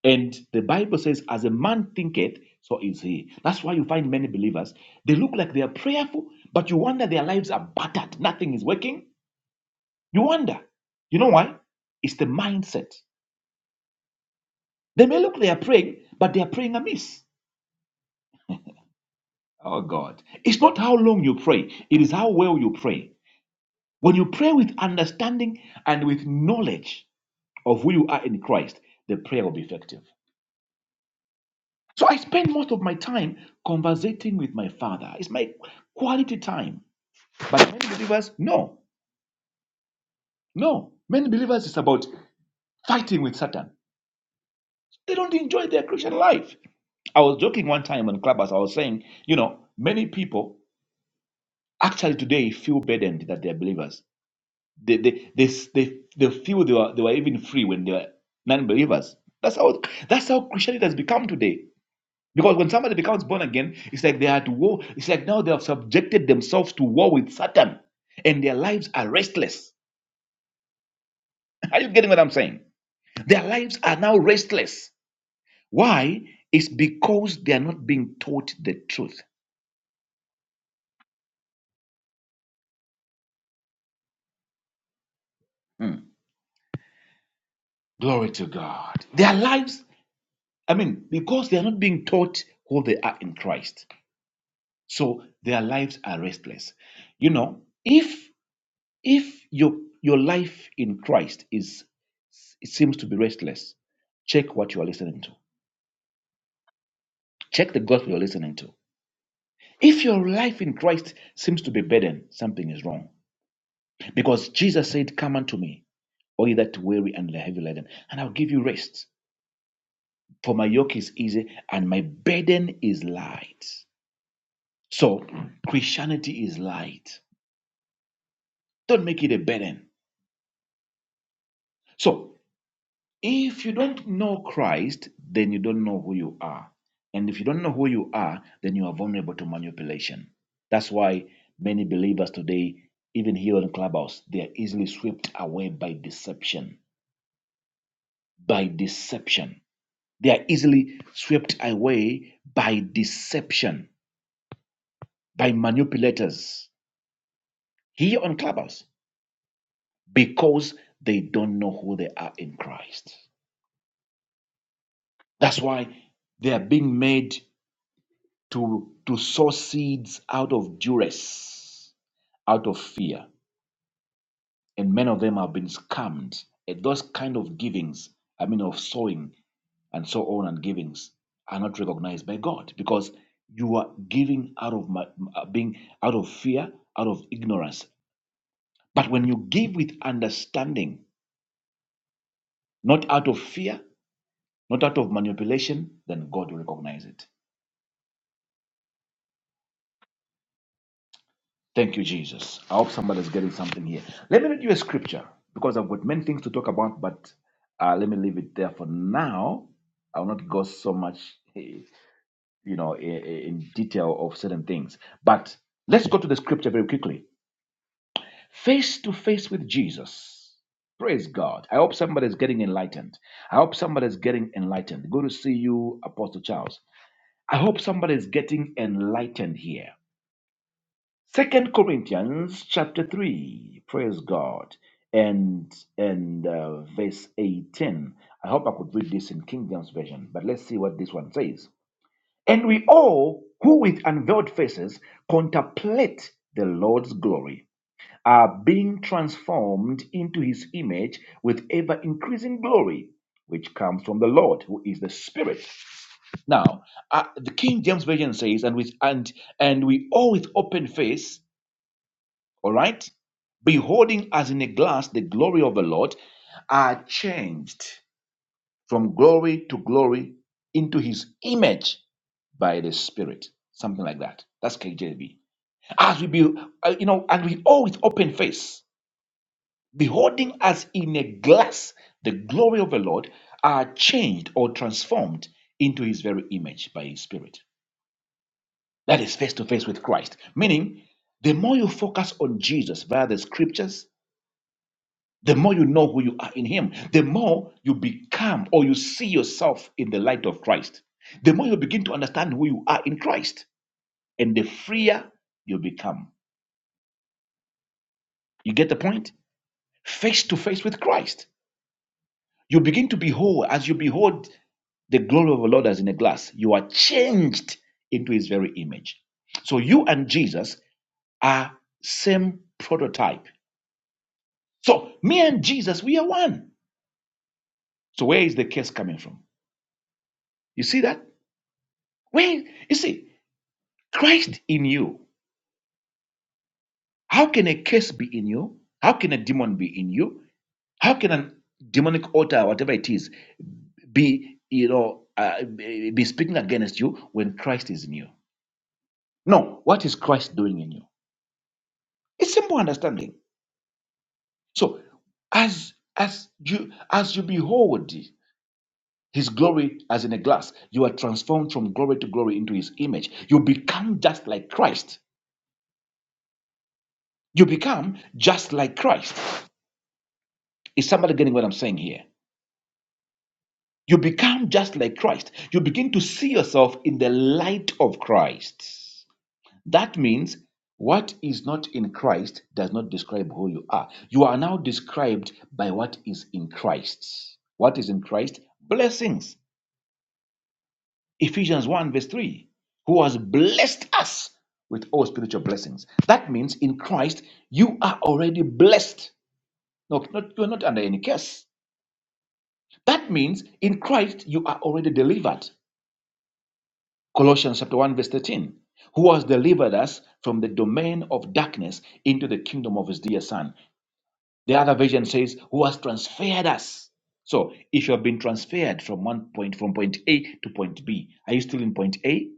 [SPEAKER 1] And the Bible says, as a man thinketh, so is he. That's why you find many believers, they look like they are prayerful, but you wonder their lives are battered. Nothing is working you wonder. You know why? It's the mindset. They may look they are praying, but they are praying amiss. Oh God. It's not how long you pray, it is how well you pray. When you pray with understanding and with knowledge of who you are in Christ, the prayer will be effective. So I spend most of my time conversating with my father. It's my quality time. But many believers, no, no. Many believers is about fighting with Satan. They don't enjoy their Christian life. I was joking one time on Clubhouse. I was saying, you know, many people actually today feel burdened that they're believers. They they they they, they feel they were they were even free when they were non-believers. That's how that's how Christianity has become today. Because when somebody becomes born again, it's like they are at war. It's like now they have subjected themselves to war with Satan, and their lives are restless. Are you getting what I'm saying? Their lives are now restless. Why? It's because they are not being taught the truth. Hmm. Glory to God. Their lives, I mean, because they are not being taught who they are in Christ. So their lives are restless. You know, if if your your life in Christ is it seems to be restless, check what you are listening to. Check the gospel you're listening to. If your life in Christ seems to be burdened, something is wrong. Because Jesus said, Come unto me, all ye that weary and heavy laden, and I'll give you rest. For my yoke is easy and my burden is light. So Christianity is light. Don't make it a burden. So if you don't know Christ, then you don't know who you are. And if you don't know who you are, then you are vulnerable to manipulation. That's why many believers today, even here on Clubhouse, they are easily swept away by deception. By deception. They are easily swept away by deception, by manipulators here on Clubhouse. because they don't know who they are in Christ. That's why they are being made to, to sow seeds out of duress, out of fear. And many of them have been scammed. And those kind of givings, I mean, of sowing and so on and givings, are not recognized by God because you are giving out of ma- uh, being out of fear, out of ignorance. But when you give with understanding, not out of fear, not out of manipulation, then God will recognize it. Thank you, Jesus. I hope somebody's getting something here. Let me read you a scripture because I've got many things to talk about, but uh, let me leave it there for now. I will not go so much, eh, you know, i- i- in detail of certain things. But let's go to the scripture very quickly. Face to face with Jesus. Praise God. I hope somebody's getting enlightened. I hope somebody's getting enlightened. Good to see you, Apostle Charles. I hope somebody's getting enlightened here. Second Corinthians chapter 3, praise God, and and uh, verse 18. I hope I could read this in King James Version, but let's see what this one says. And we all who with unveiled faces contemplate the Lord's glory are being transformed into his image with ever increasing glory, which comes from the Lord, who is the Spirit. Now, uh, the King James Version says, and with and and we all with open face all right? Beholding as in a glass the glory of the Lord, are changed from glory to glory into his image by the Spirit. Something like that. That's KJV. As we be, uh, you know, and we all with open face, beholding as in a glass the glory of the Lord, are changed or transformed into his very image by his Spirit. That is face to face with Christ. Meaning, the more you focus on Jesus via the scriptures, The more you know who you are in Him, the more you become or you see yourself in the light of Christ. The more you begin to understand who you are in Christ, and the freer you become. You get the point? Face to face with Christ. You begin to behold, as you behold the glory of the Lord as in a glass, you are changed into His very image. So you and Jesus are same prototype. So me and Jesus, we are one. So where is the curse coming from? You see that? Where you see? Christ in you. How can a curse be in you? How can a demon be in you? How can a demonic altar, whatever it is, be you know uh, be be speaking against you when Christ is in you? No. What is Christ doing in you? It's simple understanding. So as as you as you behold his glory as in a glass, you are transformed from glory to glory into his image. You become just like Christ. You become just like Christ. Is somebody getting what I'm saying here? You become just like Christ. You begin to see yourself in the light of Christ. That means what is not in Christ does not describe who you are. You are now described by what is in Christ. What is in Christ? Blessings. Ephesians 1, verse 3. Who has blessed us with all spiritual blessings. That means in Christ, you are already blessed. No, not, you're not under any curse. That means in Christ, you are already delivered. Colossians chapter 1, verse 13, who has delivered us from the domain of darkness into the kingdom of his dear son. The other version says, who has transferred us. So if you have been transferred from one point, from point A to point B, are you still in point A?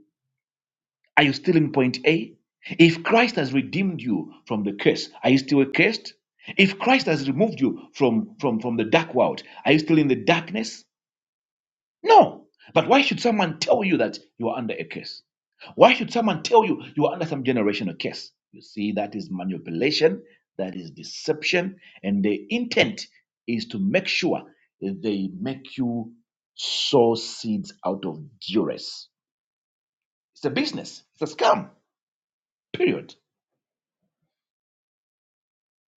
[SPEAKER 1] Are you still in point A? If Christ has redeemed you from the curse, are you still cursed? If Christ has removed you from, from, from the dark world, are you still in the darkness? No. But why should someone tell you that you are under a curse? Why should someone tell you you are under some generational curse? You see, that is manipulation, that is deception, and the intent is to make sure they make you sow seeds out of duress. It's a business, it's a scam, period.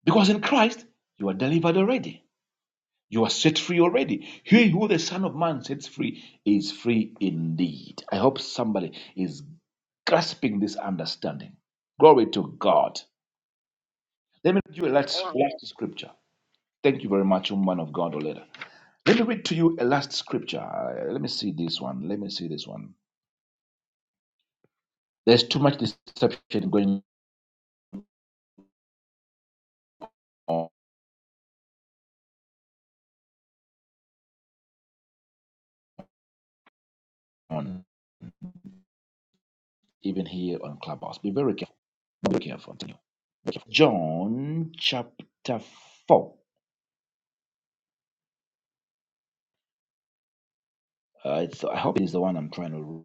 [SPEAKER 1] Because in Christ, you are delivered already. You are set free already. He who the Son of Man sets free is free indeed. I hope somebody is grasping this understanding. Glory to God. Let me read you a last, last scripture. Thank you very much, woman of God, Oleda. Let me read to you a last scripture. Uh, Let me see this one. Let me see this one. There's too much deception going on, even here on Clubhouse. Be very careful. Be very careful. Continue. John chapter 4. Uh, it's, I hope it is the one I'm trying to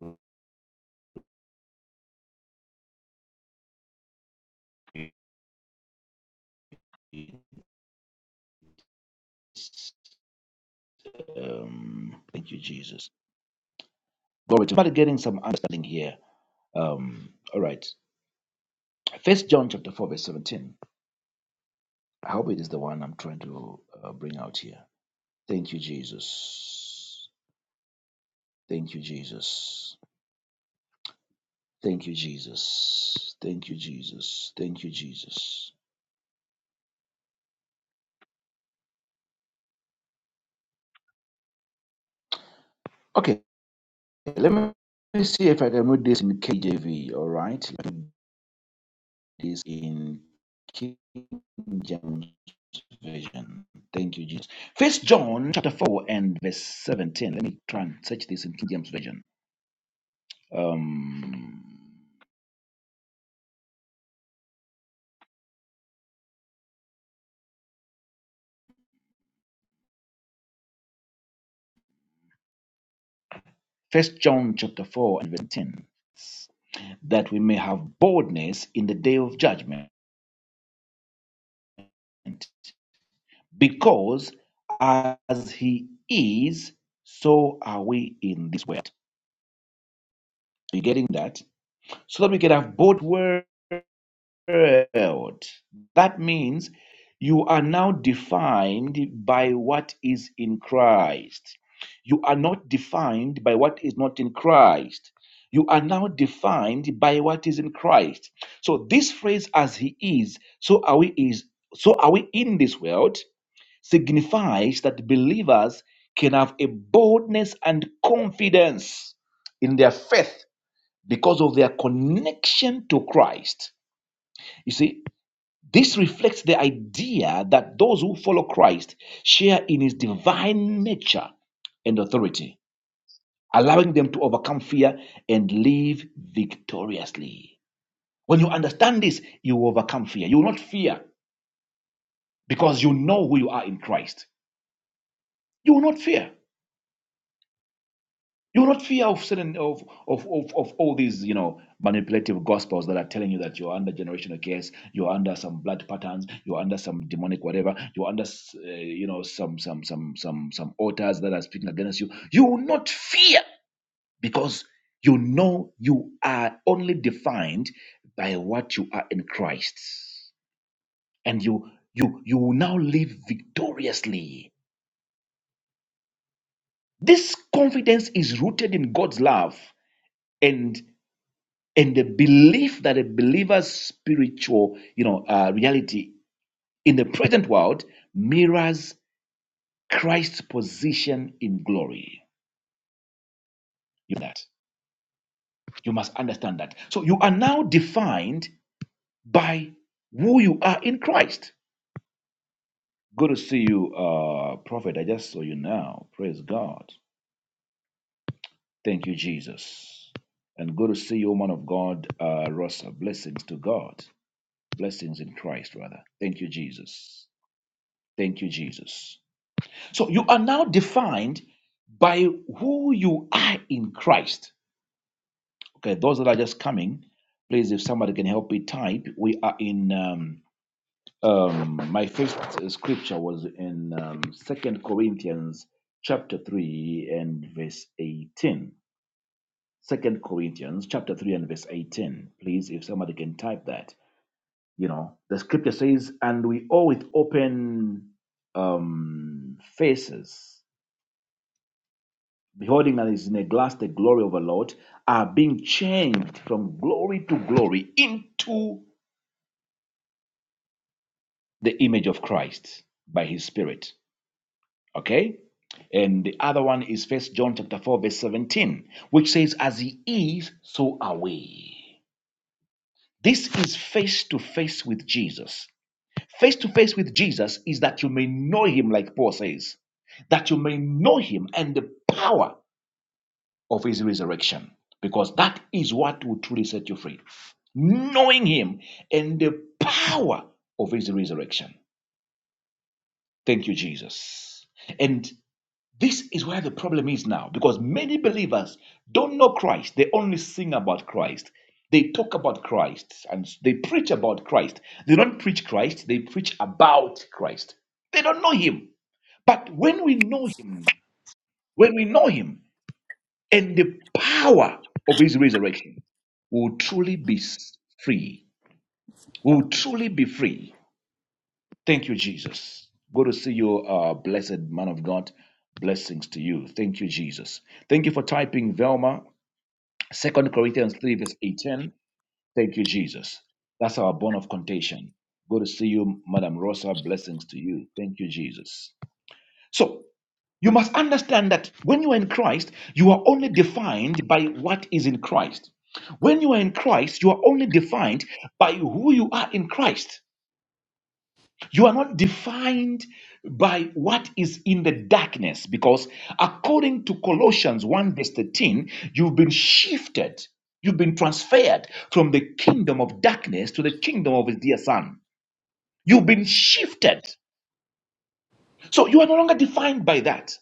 [SPEAKER 1] read. Um, thank you, Jesus. Glory to God. Getting some understanding here. Um, all right. First John chapter 4, verse 17. I hope it is the one I'm trying to uh, bring out here. Thank you, Jesus. Thank you, Jesus. Thank you, Jesus. Thank you, Jesus. Thank you, Jesus. Okay, let me let me see if I can read this in KJV. All right, let me read this in King James Version. Thank you, Jesus. First John chapter 4 and verse 17. Let me try and search this in King James Version. Um, First John chapter 4 and verse 10. That we may have boldness in the day of judgment. Because as he is, so are we in this world. Are you getting that? So that we can have bold words. world. That means you are now defined by what is in Christ. You are not defined by what is not in Christ. You are now defined by what is in Christ. So this phrase as he is, so are we is so are we in this world signifies that believers can have a boldness and confidence in their faith because of their connection to Christ. You see, this reflects the idea that those who follow Christ share in his divine nature and authority, allowing them to overcome fear and live victoriously. When you understand this, you will overcome fear. You will not fear because you know who you are in Christ. You will not fear. You're not fear of certain of, of of of all these you know manipulative gospels that are telling you that you're under generational curse, you're under some blood patterns, you're under some demonic whatever, you're under s- uh, you know some some some some some altars that are speaking against you. You will not fear because you know you are only defined by what you are in Christ, and you you you will now live victoriously. This confidence is rooted in God's love and the belief that a believer's spiritual you know uh, reality in the present world mirrors christ's position in glory you know that you must understand that so you are now defined by who you are in christ good to see you uh prophet i just saw you now praise god thank you jesus and good to see you woman of god uh rosa blessings to god blessings in christ rather thank you jesus thank you jesus So you are now defined by who you are in Christ. Okay, those that are just coming, please, if somebody can help me type, we are in. Um, um, my first uh, scripture was in um, Second Corinthians chapter three and verse eighteen. Second Corinthians chapter three and verse eighteen. Please, if somebody can type that, you know, the scripture says, "And we all with open um, faces." beholding as in a glass the glory of the Lord, are being changed from glory to glory into the image of Christ by his Spirit. Okay? And the other one is First John chapter 4, verse 17, which says, As he is, so are we. This is face to face with Jesus. Face to face with Jesus is that you may know him, like Paul says, that you may know him and the power of his resurrection because that is what will truly set you free knowing him and the power of his resurrection thank you jesus and this is where the problem is now because many believers don't know christ they only sing about christ they talk about christ and they preach about christ they don't preach christ they preach about christ they don't know him but when we know him when we know him and the power of his resurrection we will truly be s- free. We Will truly be free. Thank you, Jesus. Good to see you, uh, blessed man of God. Blessings to you. Thank you, Jesus. Thank you for typing Velma, Second Corinthians 3, verse 18. Thank you, Jesus. That's our bone of contention. Good to see you, Madam Rosa. Blessings to you. Thank you, Jesus. So. You must understand that when you are in Christ, you are only defined by what is in Christ. When you are in Christ, you are only defined by who you are in Christ. You are not defined by what is in the darkness because according to Colossians 1 verse 13, you've been shifted, you've been transferred from the kingdom of darkness to the kingdom of his dear son. You've been shifted. So you are no longer defined by that.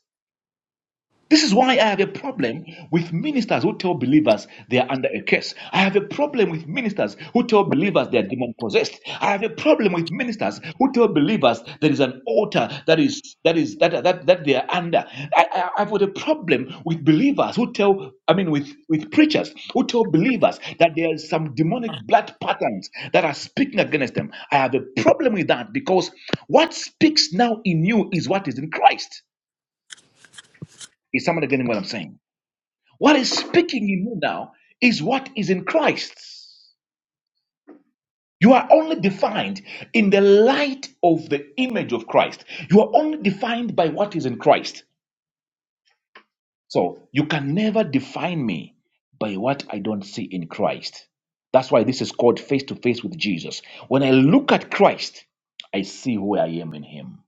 [SPEAKER 1] This is why I have a problem with ministers who tell believers they are under a curse. I have a problem with ministers who tell believers they are demon possessed. I have a problem with ministers who tell believers there is an altar that is that is that that, that they are under. I, I, I've got a problem with believers who tell I mean with with preachers who tell believers that there is some demonic blood patterns that are speaking against them. I have a problem with that because what speaks now in you is what is in Christ. Is someone getting what I'm saying? What is speaking in you now is what is in Christ. You are only defined in the light of the image of Christ. You are only defined by what is in Christ. So you can never define me by what I don't see in Christ. That's why this is called face to face with Jesus. When I look at Christ, I see who I am in Him.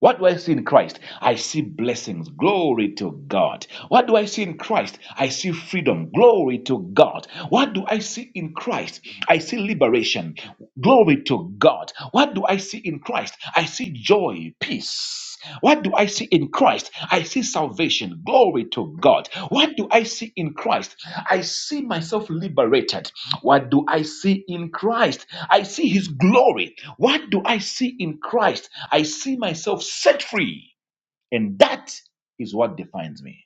[SPEAKER 1] What do I see in Christ? I see blessings. Glory to God. What do I see in Christ? I see freedom. Glory to God. What do I see in Christ? I see liberation. Glory to God. What do I see in Christ? I see joy, peace. What do I see in Christ? I see salvation. Glory to God. What do I see in Christ? I see myself liberated. What do I see in Christ? I see his glory. What do I see in Christ? I see myself set free. And that is what defines me.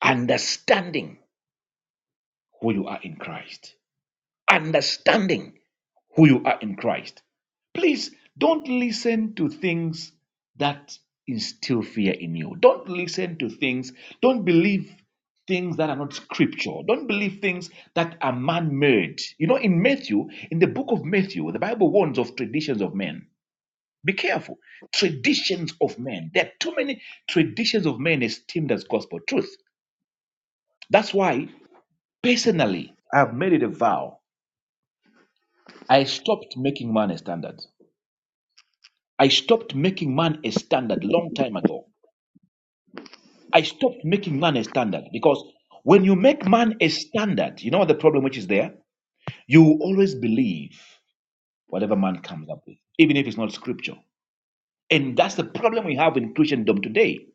[SPEAKER 1] Understanding who you are in Christ. Understanding. who you are in Christ. Please don't listen to things that instill fear in you. Don't listen to things, don't believe things that are not scripture. Don't believe things that are man made. You know, in Matthew, in the book of Matthew, the Bible warns of traditions of men. Be careful. Traditions of men. There are too many traditions of men esteemed as gospel truth. That's why, personally, I've made it a vow. I stopped making man a standard. I stopped making man a standard long time ago. I stopped making man a standard because when you make man a standard, you know what the problem which is there? You will always believe whatever man comes up with, even if it's not scripture. And that's the problem we have in Christendom today.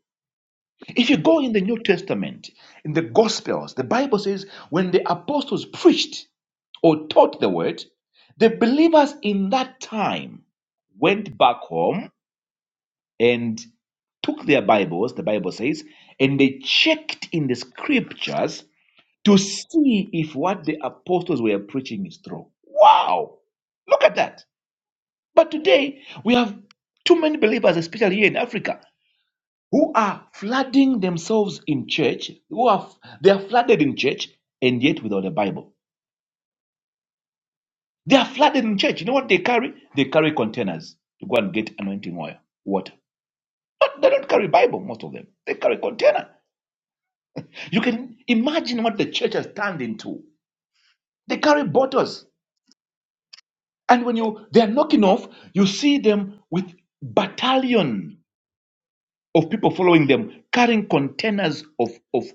[SPEAKER 1] If you go in the New Testament, in the Gospels, the Bible says when the apostles preached or taught the word, the believers in that time went back home and took their Bibles, the Bible says, and they checked in the scriptures to see if what the apostles were preaching is true. Wow! Look at that. But today, we have too many believers, especially here in Africa, who are flooding themselves in church, who are they are flooded in church, and yet without a Bible. They are flooded in church. You know what they carry? They carry containers to go and get anointing oil, water. but they don't carry Bible, most of them. They carry container. You can imagine what the church has turned into. They carry bottles, and when you they are knocking off, you see them with battalion of people following them, carrying containers of of.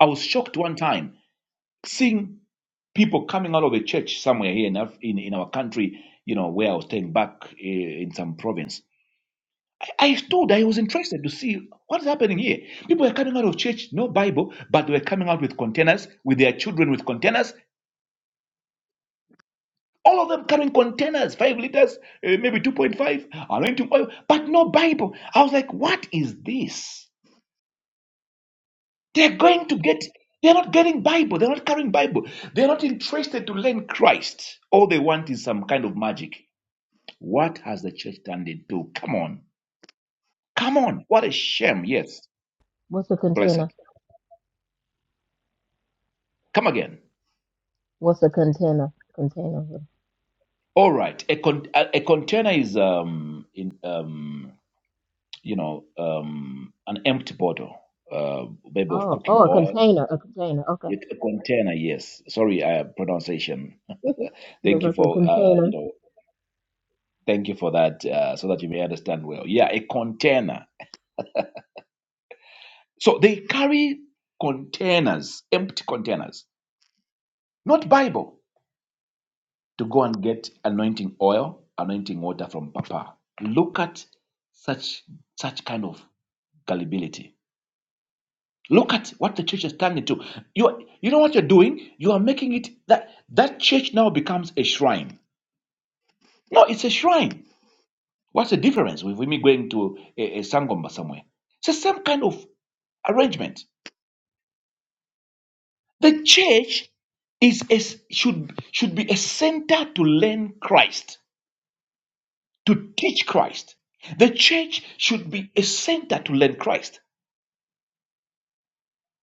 [SPEAKER 1] I was shocked one time seeing people coming out of a church somewhere here in Af- in, in our country. You know where I was staying back eh, in some province. I, I stood. I was interested to see what's happening here. People were coming out of church, no Bible, but they were coming out with containers with their children with containers All of them carrying containers, five liters, uh, maybe 2.5, anointing oil, but no Bible. I was like, what is this? They're going to get, they're not getting Bible. They're not carrying Bible. They're not interested to learn Christ. All they want is some kind of magic. What has the church turned into? Come on. Come on. What a shame. Yes.
[SPEAKER 3] What's the container?
[SPEAKER 1] Blessed. Come again.
[SPEAKER 3] What's a container? Container.
[SPEAKER 1] All right. A, con- a, a container is, um, in, um, you know, um, an empty bottle, uh, maybe of
[SPEAKER 3] Oh,
[SPEAKER 1] cooking
[SPEAKER 3] oh, a
[SPEAKER 1] oil
[SPEAKER 3] container. A container. Okay.
[SPEAKER 1] It, a container, yes. Sorry, uh, pronunciation. Uh, Thank
[SPEAKER 3] Because I
[SPEAKER 1] you
[SPEAKER 3] said
[SPEAKER 1] for uh, you
[SPEAKER 3] container.
[SPEAKER 1] know, thank you for that, uh, so that you may understand well. Yeah, a container. So they carry containers, empty containers, not Bible, to go and get anointing oil, anointing water from Papa. Look at such such kind of gullibility. Look at what the church is turning to. You you know what you're doing? You are making it that that church now becomes a shrine. No, it's a shrine What's the difference with me going to a, a Sangoma somewhere? It's the same kind of arrangement. The church is a, should should be a center to learn Christ, to teach Christ. The church should be a center to learn Christ.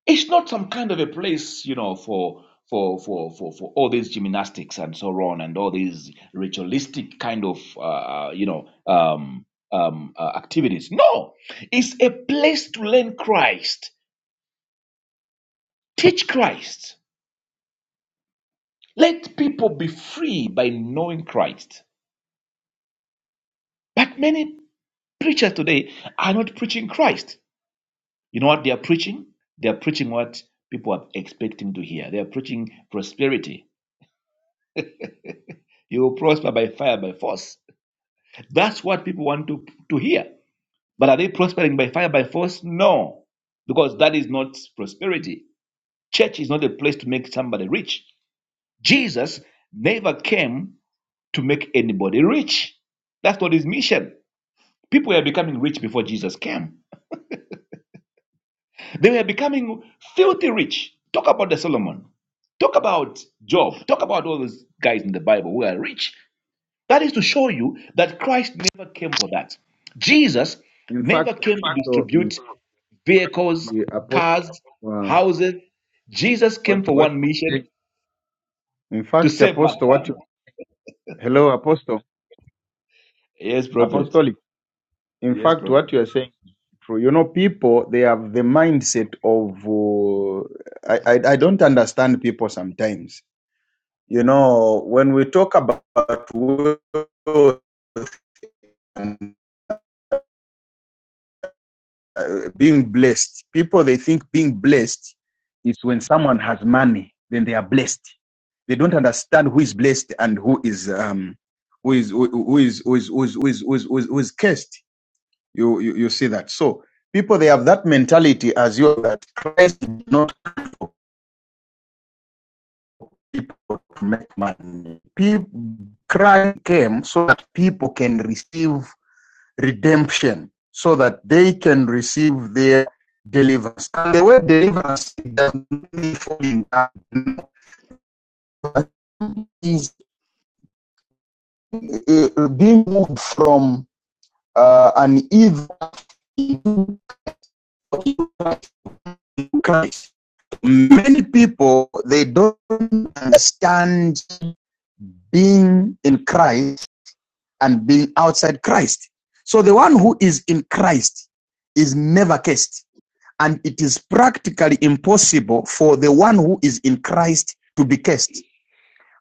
[SPEAKER 1] It's not some kind of a place, you know, for for for for, for all these gymnastics and so on and all these ritualistic kind of uh, you know um, um, uh, activities. No, it's a place to learn Christ Teach Christ. Let people be free by knowing Christ. But many preachers today are not preaching Christ. You know what they are preaching? They are preaching what people are expecting to hear. They are preaching prosperity. You will prosper by fire, by force. That's what people want to, to hear. But are they prospering by fire, by force? No, because that is not prosperity. Church is not a place to make somebody rich. Jesus never came to make anybody rich. That's not his mission. People were becoming rich before Jesus came. They were becoming filthy rich. Talk about the Solomon. Talk about Job. Talk about all those guys in the Bible who are rich. That is to show you that Christ never came for that. Jesus
[SPEAKER 5] In
[SPEAKER 1] never
[SPEAKER 5] fact,
[SPEAKER 1] came to
[SPEAKER 5] so in
[SPEAKER 1] distribute
[SPEAKER 5] fact,
[SPEAKER 1] vehicles,
[SPEAKER 5] the apostle,
[SPEAKER 1] cars,
[SPEAKER 5] uh,
[SPEAKER 1] houses. Jesus came
[SPEAKER 5] what
[SPEAKER 1] for
[SPEAKER 5] what?
[SPEAKER 1] one mission
[SPEAKER 5] In
[SPEAKER 1] to
[SPEAKER 5] fact,
[SPEAKER 1] save
[SPEAKER 5] apostle, what?
[SPEAKER 1] mankind.
[SPEAKER 5] You, hello, apostle,
[SPEAKER 1] Yes, prophet.
[SPEAKER 5] apostolic. In
[SPEAKER 1] Yes,
[SPEAKER 5] fact,
[SPEAKER 1] prophet.
[SPEAKER 5] what you are saying is true. You know, people they have the mindset of. Uh, I, I I don't understand people sometimes. You know, when we talk about wealth uh, being blessed. People they think being blessed is when someone has money, then they are blessed. They don't understand who is blessed and who is um who is who who is who is who is who is, who is, who is, who is cursed. You, you you see that. So people they have that mentality as you that Christ did not people to make money. People, Christ came so that people can receive redemption so that they can receive their deliverance. And the word deliverance doesn't mean falling down. Is uh, being moved from uh, an evil into Christ. Many people they don't understand being in Christ and being outside Christ. So the one who is in Christ is never cursed. and it is practically impossible for the one who is in Christ to be cursed.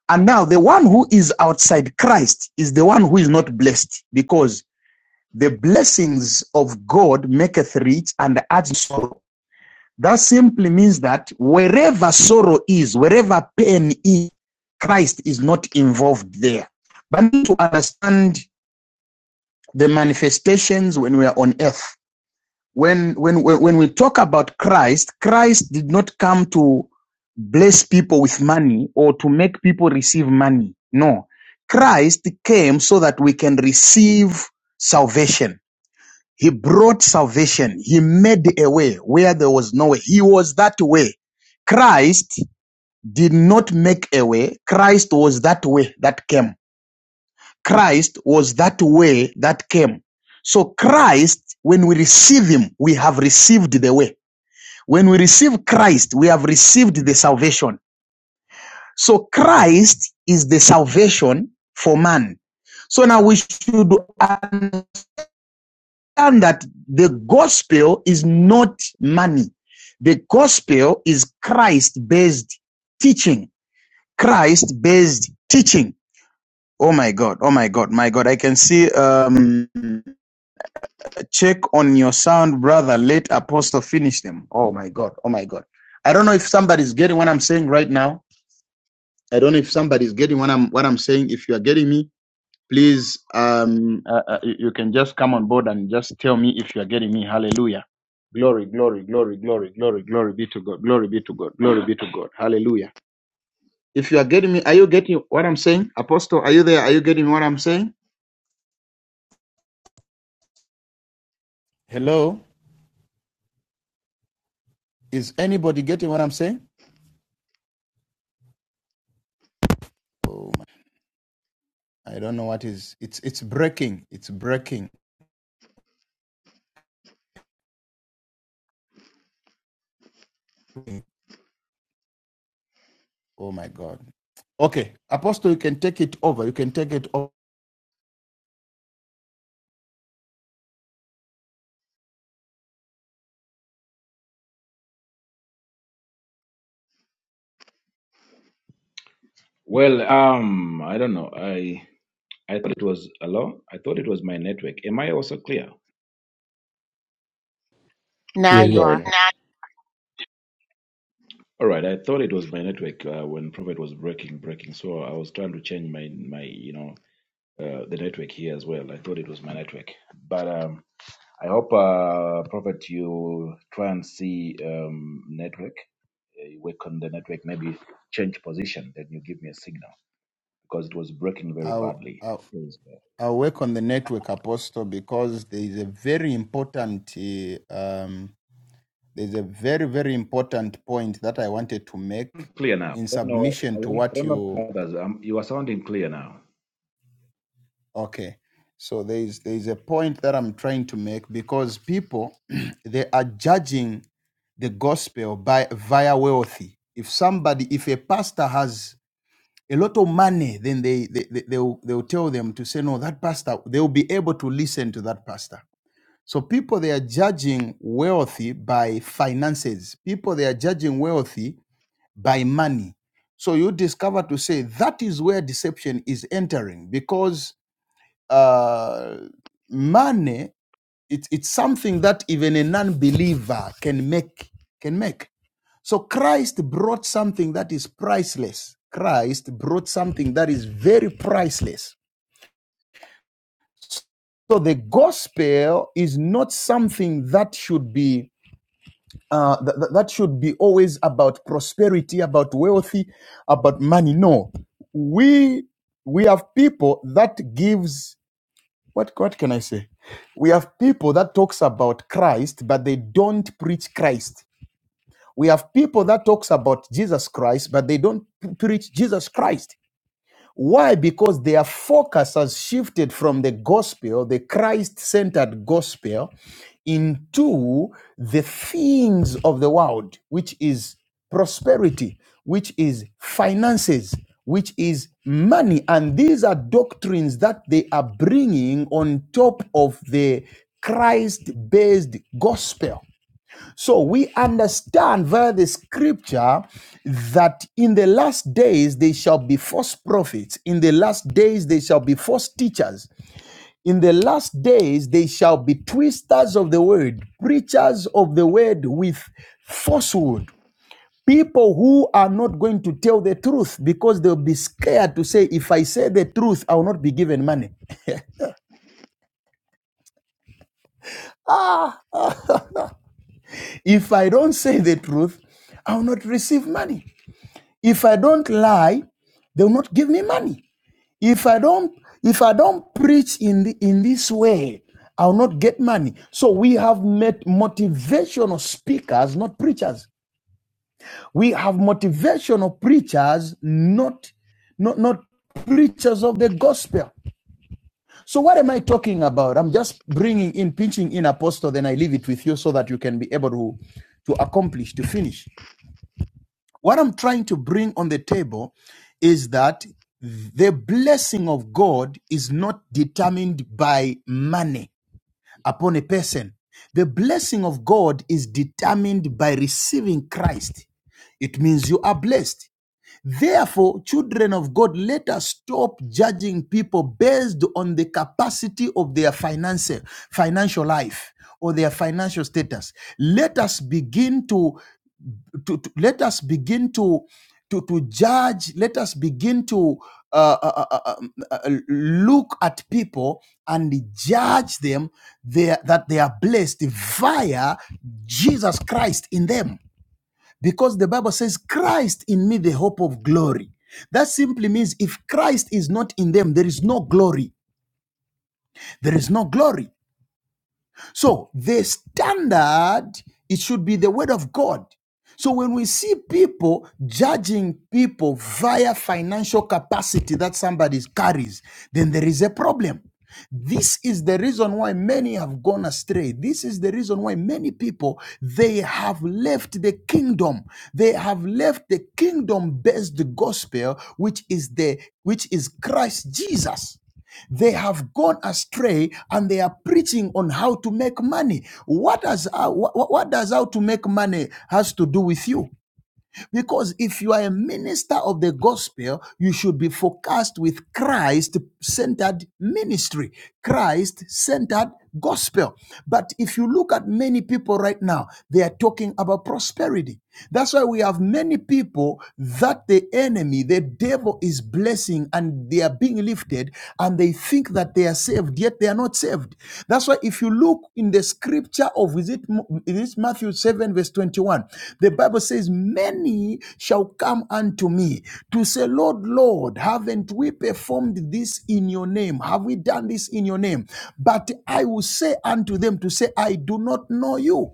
[SPEAKER 5] And now the one who is outside Christ is the one who is not blessed because the blessings of God maketh rich and adds sorrow. That simply means that wherever sorrow is, wherever pain is, Christ is not involved there. But to understand the manifestations when we are on earth. when when when we talk about Christ, Christ did not come to bless people with money or to make people receive money. No. Christ came so that we can receive salvation. He brought salvation. He made a way where there was no way. He was that way. Christ did not make a way. Christ was that way that came. Christ was that way that came. So Christ, when we receive him, we have received the way. When we receive Christ, we have received the salvation. So Christ is the salvation for man. So now we should understand that the gospel is not money. The gospel is Christ based teaching. Christ based teaching. Oh my God. Oh my God. My God. I can see, um, check on your sound, brother. Let Apostle finish them. Oh my God. Oh my God. I don't know if somebody's getting what I'm saying right now. I don't know if somebody's getting what I'm what I'm saying. If you are getting me, please, um, uh, uh, you you can just come on board and just tell me if you are getting me. Hallelujah. Glory, glory, glory, glory, glory, glory be to God. Glory be to God. Glory be to God. Hallelujah. If you are getting me, are you getting what I'm saying? Apostle, are you there? Are you getting what I'm saying? Hello? Is anybody getting what I'm saying? I don't know what is it's it's breaking. It's breaking. Oh my god. Okay. Apostle, you can take it over. You can take it over.
[SPEAKER 1] Well, um, I don't know. I I thought it was hello. I thought it was my network. Am I also clear?
[SPEAKER 6] Now
[SPEAKER 7] Yeah, you
[SPEAKER 6] you
[SPEAKER 7] are
[SPEAKER 6] are.
[SPEAKER 7] now.
[SPEAKER 1] Now, All right, I thought it was my network uh, when Prophet was breaking, breaking. So I was trying to change my, my, you know, uh, the network here as well. I thought it was my network, but um, I hope uh, Prophet you try and see um, network, uh, you work on the network, maybe change position, then you give me a signal because it was breaking very
[SPEAKER 5] I'll,
[SPEAKER 1] badly.
[SPEAKER 5] i
[SPEAKER 1] It was, uh,
[SPEAKER 5] I work on the network, Apostle, because there is a very important, uh, um, there's a very, very important point that I wanted to make
[SPEAKER 1] clear now.
[SPEAKER 5] in
[SPEAKER 1] I don't know. I
[SPEAKER 5] submission to
[SPEAKER 1] don't, I
[SPEAKER 5] what
[SPEAKER 1] don't know
[SPEAKER 5] you.
[SPEAKER 1] if others. Um, you are sounding clear now.
[SPEAKER 5] Okay, so there is there is a point that I'm trying to make because people they are judging the gospel by via wealthy. If somebody, if a pastor has a lot of money, then they they they they'll, they'll tell them to say no. That pastor, they'll be able to listen to that pastor So people they are judging wealthy by finances. People they are judging wealthy by money. So you discover to say that is where deception is entering because uh, money it's it's something that even a non-believer can make can make. So Christ brought something that is priceless. Christ brought something that is very priceless. So the gospel is not something that should be uh, th- th- that should be always about prosperity, about wealthy, about money. No, we we have people that gives what what can I say? We have people that talks about Christ, but they don't preach Christ. We have people that talks about Jesus Christ, but they don't p- preach Jesus Christ. Why? Because their focus has shifted from the gospel, the Christ-centered gospel, into the things of the world, which is prosperity, which is finances, which is money. And these are doctrines that they are bringing on top of the Christ based gospel. So we understand via the scripture that in the last days they shall be false prophets, in the last days they shall be false teachers, in the last days, they shall be twisters of the word, preachers of the word with falsehood. People who are not going to tell the truth because they'll be scared to say, if I say the truth, I will not be given money. Ah, if I don't say the truth, I will not receive money. If I don't lie, they will not give me money. If I don't, if I don't preach in the, in this way, I'll not get money. So we have met motivational speakers, not preachers. We have motivational preachers, not, not, not preachers of the gospel. So what am I talking about? I'm just bringing in, pinching in apostle, then I leave it with you so that you can be able to, to accomplish, to finish. What I'm trying to bring on the table is that the blessing of God is not determined by money upon a person. The blessing of God is determined by receiving Christ. It means you are blessed. Therefore, children of God, let us stop judging people based on the capacity of their financial financial life or their financial status. Let us begin to, to, to- let us begin to to, to judge. Let us begin to uh, uh, uh, uh, uh, um, uh, uh, look at people and judge them there that they are blessed via Jesus Christ in them because the Bible says, Christ in me, the hope of glory. That simply means if Christ is not in them, there is no glory. There is no glory. So the standard, it should be the word of God. So when we see people judging people via financial capacity that somebody carries, then there is a problem. This is the reason why many have gone astray. This is the reason why many people they have left the kingdom. They have left the kingdom based gospel which is the which is Christ Jesus. They have gone astray and they are preaching on how to make money. What does how, what, what does how to make money has to do with you? Because if you are a minister of the gospel, you should be focused with Christ-centered ministry, Christ-centered gospel. But if you look at many people right now, they are talking about prosperity. That's why we have many people that the enemy, the devil is blessing and they are being lifted as and they think that they are saved, yet they are not saved. That's why if you look in the scripture of is it, is it Matthew 7, verse 21, the Bible says, Many shall come unto me to say, Lord, Lord, haven't we performed this in your name? Have we done this in your name? But I will say unto them to say, I do not know you.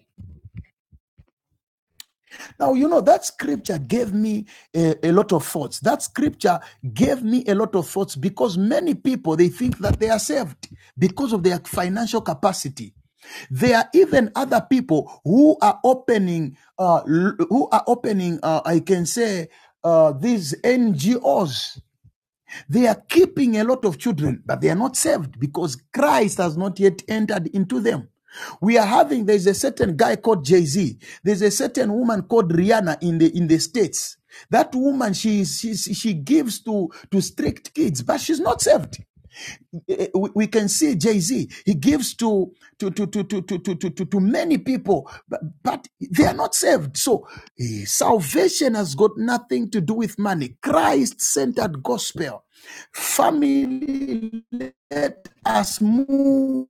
[SPEAKER 5] Now, you know, that scripture gave me a, a lot of thoughts. That scripture gave me a lot of thoughts because many people, they think that they are saved because of their financial capacity. There are even other people who are opening, uh, who are opening, uh, I can say, uh, these NGOs they are keeping a lot of children, but they are not saved because Christ has not yet entered into them. We are having there's a certain guy called Jay Z. There's a certain woman called Rihanna in the in the states. That woman she she she gives to to strict kids, but she's not saved eh, we can see Jay-Z, he gives to to to to to to to, to, to- to many people, but, but they are not saved. So eh, salvation has got nothing to do with money. Christ-centered gospel. Family, let us move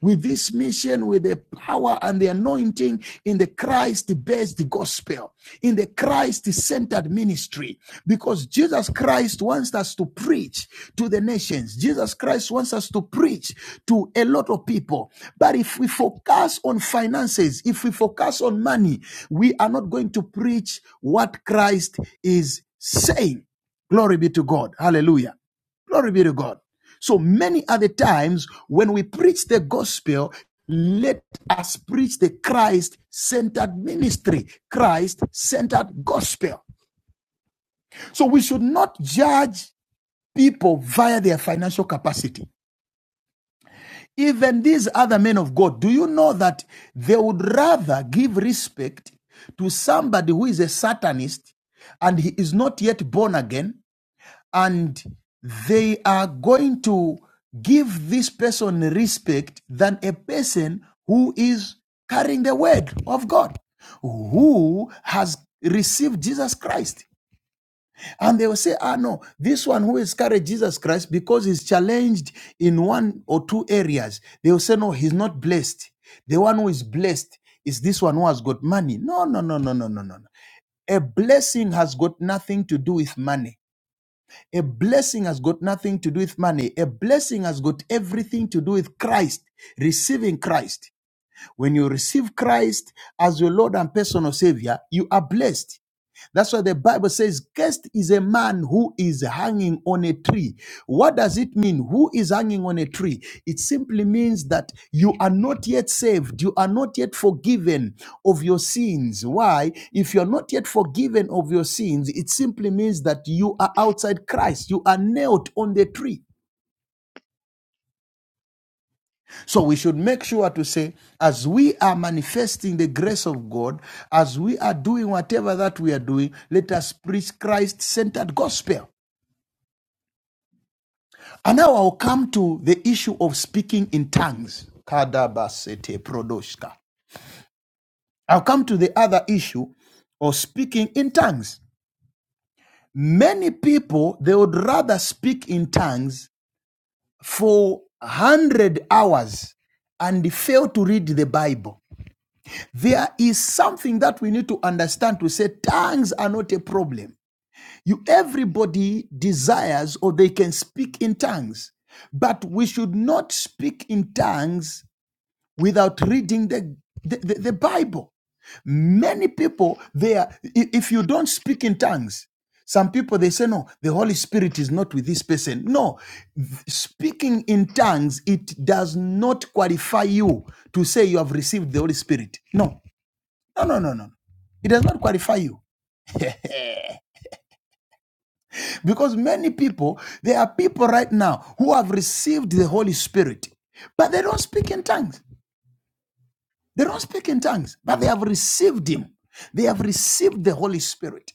[SPEAKER 5] with this mission, with the power and the anointing living in the Christ based gospel, in the Christ centered ministry, because Jesus Christ wants us to preach to the nations. Jesus Christ wants us to preach to a lot of people. But if we focus on finances, if we focus on money, we are not going to preach what Christ is saying. Glory be to God. Hallelujah. Glory be to God. So many are the times when we preach the gospel, let us preach the Christ centered ministry, Christ centered gospel. So we should not judge people via their financial capacity. Even these other men of God, do you know that they would rather give respect to somebody who is a Satanist and he is not yet born again and they are going to give this person respect than a person who is carrying the word of God, who has received Jesus Christ. And they will say, ah, no, this one who has carried Jesus Christ because he's challenged in one or two areas, they will say, no, he's not blessed. The one who is blessed is this one who has got money. No, no, no, no, no, no, no. no. A blessing has got nothing to do with money a blessing has got nothing to do with money. A blessing has got everything to do with Christ, receiving Christ. When you receive Christ as your Lord and personal Savior, you are blessed. That's why the Bible says, Cursed is a man who is hanging on a tree. What does it mean? Who is hanging on a tree? It simply means that you are not yet saved. You are not yet forgiven of your sins. Why? If you're not yet forgiven of your sins, it simply means that you are outside Christ. You are nailed on the tree. So we should make sure to say, as we are manifesting the grace of God, as we are doing whatever that we are doing, let us preach Christ centered gospel. And now I'll come to the issue of speaking in tongues. Kadabasete prodoshka. I'll come to the other issue of speaking in tongues. Many people, they would rather speak in tongues for 100 hours and fail to read the Bible. There is something that we need to understand to say tongues are not a problem. You everybody desires or they can speak in tongues, but we should not speak in tongues without reading the, the, the, the Bible. Many people, they are, i- if you don't speak in tongues, some people they say, no, the Holy Spirit is not with this person. No, th- speaking in tongues, it does not qualify you to say you have received the Holy Spirit. No, no, no, no, no. no. It does not qualify you. Because many people, there are people right now who have received the Holy Spirit, but they don't speak in tongues. They don't speak in tongues, but they have received Him. They have received the Holy Spirit.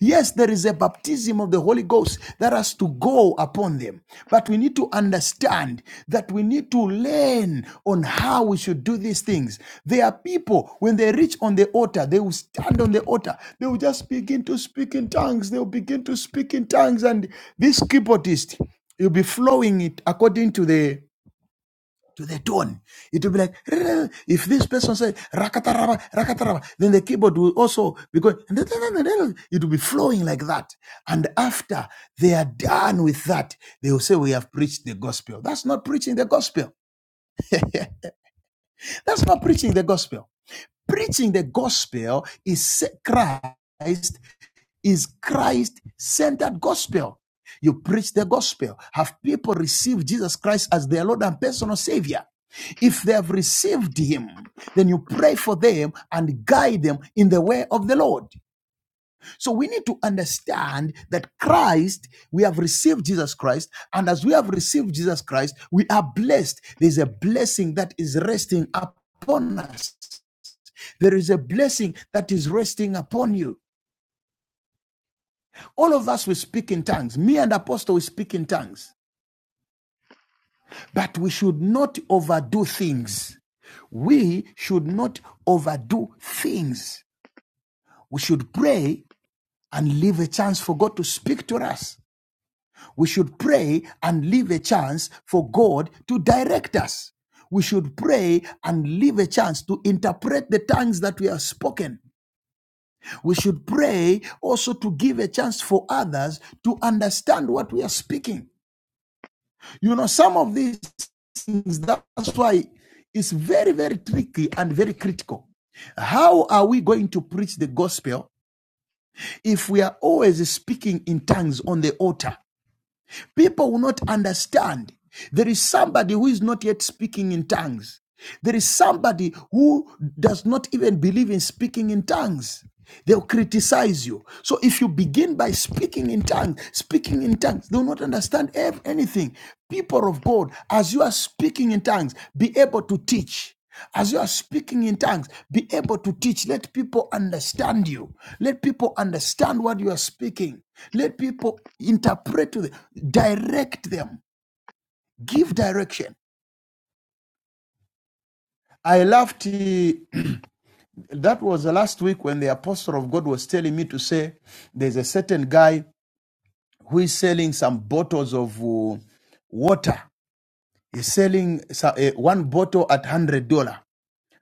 [SPEAKER 5] Yes, there is a baptism of the Holy Ghost that has to go upon them. But we need to understand that we need to learn on how we should do these things. There are people, when they reach on the altar, they will stand on the altar. They will just begin to speak in tongues. They will begin to speak in tongues. And this keyboardist, he'll be flowing it according to the to the tone. It will be like if this person said rakataraba, rakataraba, then the keyboard will also be going, it will be flowing like that. And after they are done with that, they will say, We have preached the gospel. That's not preaching the gospel. That's not preaching the gospel. Preaching the gospel is Christ is Christ centered gospel. You preach the gospel. Have people received Jesus Christ as their Lord and personal Savior? If they have received Him, then you pray for them and guide them in the way of the Lord. So we need to understand that Christ, we have received Jesus Christ, and as we have received Jesus Christ, we are blessed. There's a blessing that is resting upon us. There is a blessing that is resting upon you. All of us will speak in tongues. Me and Apostle will speak in tongues. But we should not overdo things. We should not overdo things. We should pray and leave a chance for God to speak to us. We should pray and leave a chance for God to direct us. We should pray and leave a chance to interpret the tongues that we have spoken. We should pray also to give a chance for others to understand what we are speaking. You know, some of these things, that's why it's very, very tricky and very critical. How are we going to preach the gospel if we are always speaking in tongues on the altar? People will not understand. There is somebody who is not yet speaking in tongues. There is somebody who does not even believe in speaking in tongues. They'll criticize you. So if you begin by speaking in tongues, speaking in tongues, they'll not understand anything. People of God, as you are speaking in tongues, be able to teach. As you are speaking in tongues, be able to teach. Let people understand you. Let people understand what you are speaking. Let people interpret to them. Direct them. Give direction. I laughed. eh, That was the last week when the apostle of God was telling me to say there's a certain guy who is selling some bottles of uh, water. He's selling so- eh, one bottle at $100.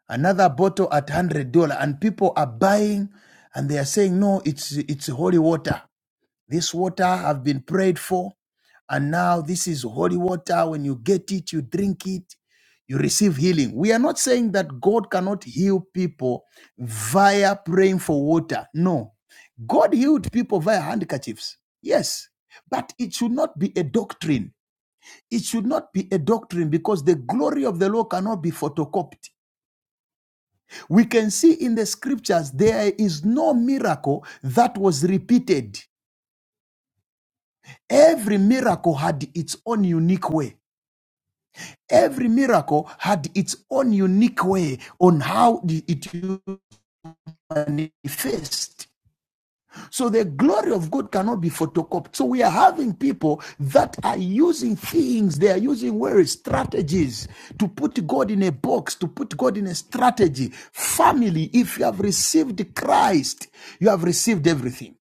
[SPEAKER 5] another bottle at one hundred dollar, and people are buying, and they are saying, "No, it's it's holy water. This water have been prayed for, and now this is holy water. When you get it, you drink it, you receive healing." We are not saying that God cannot heal people via praying for water. No, God healed people via handkerchiefs. Yes, but it should not be a doctrine. It should not be a doctrine because the glory of the Lord cannot be photocopied. We can see in the scriptures there is no miracle that was repeated. Every miracle had its own unique way. Every miracle had its own unique way on how it manifests. So the glory of God cannot be photocopied. So we are having people that are using things, they are using words, strategies to put God in a box, to put God in a strategy. Family, if you have received Christ, you have received everything.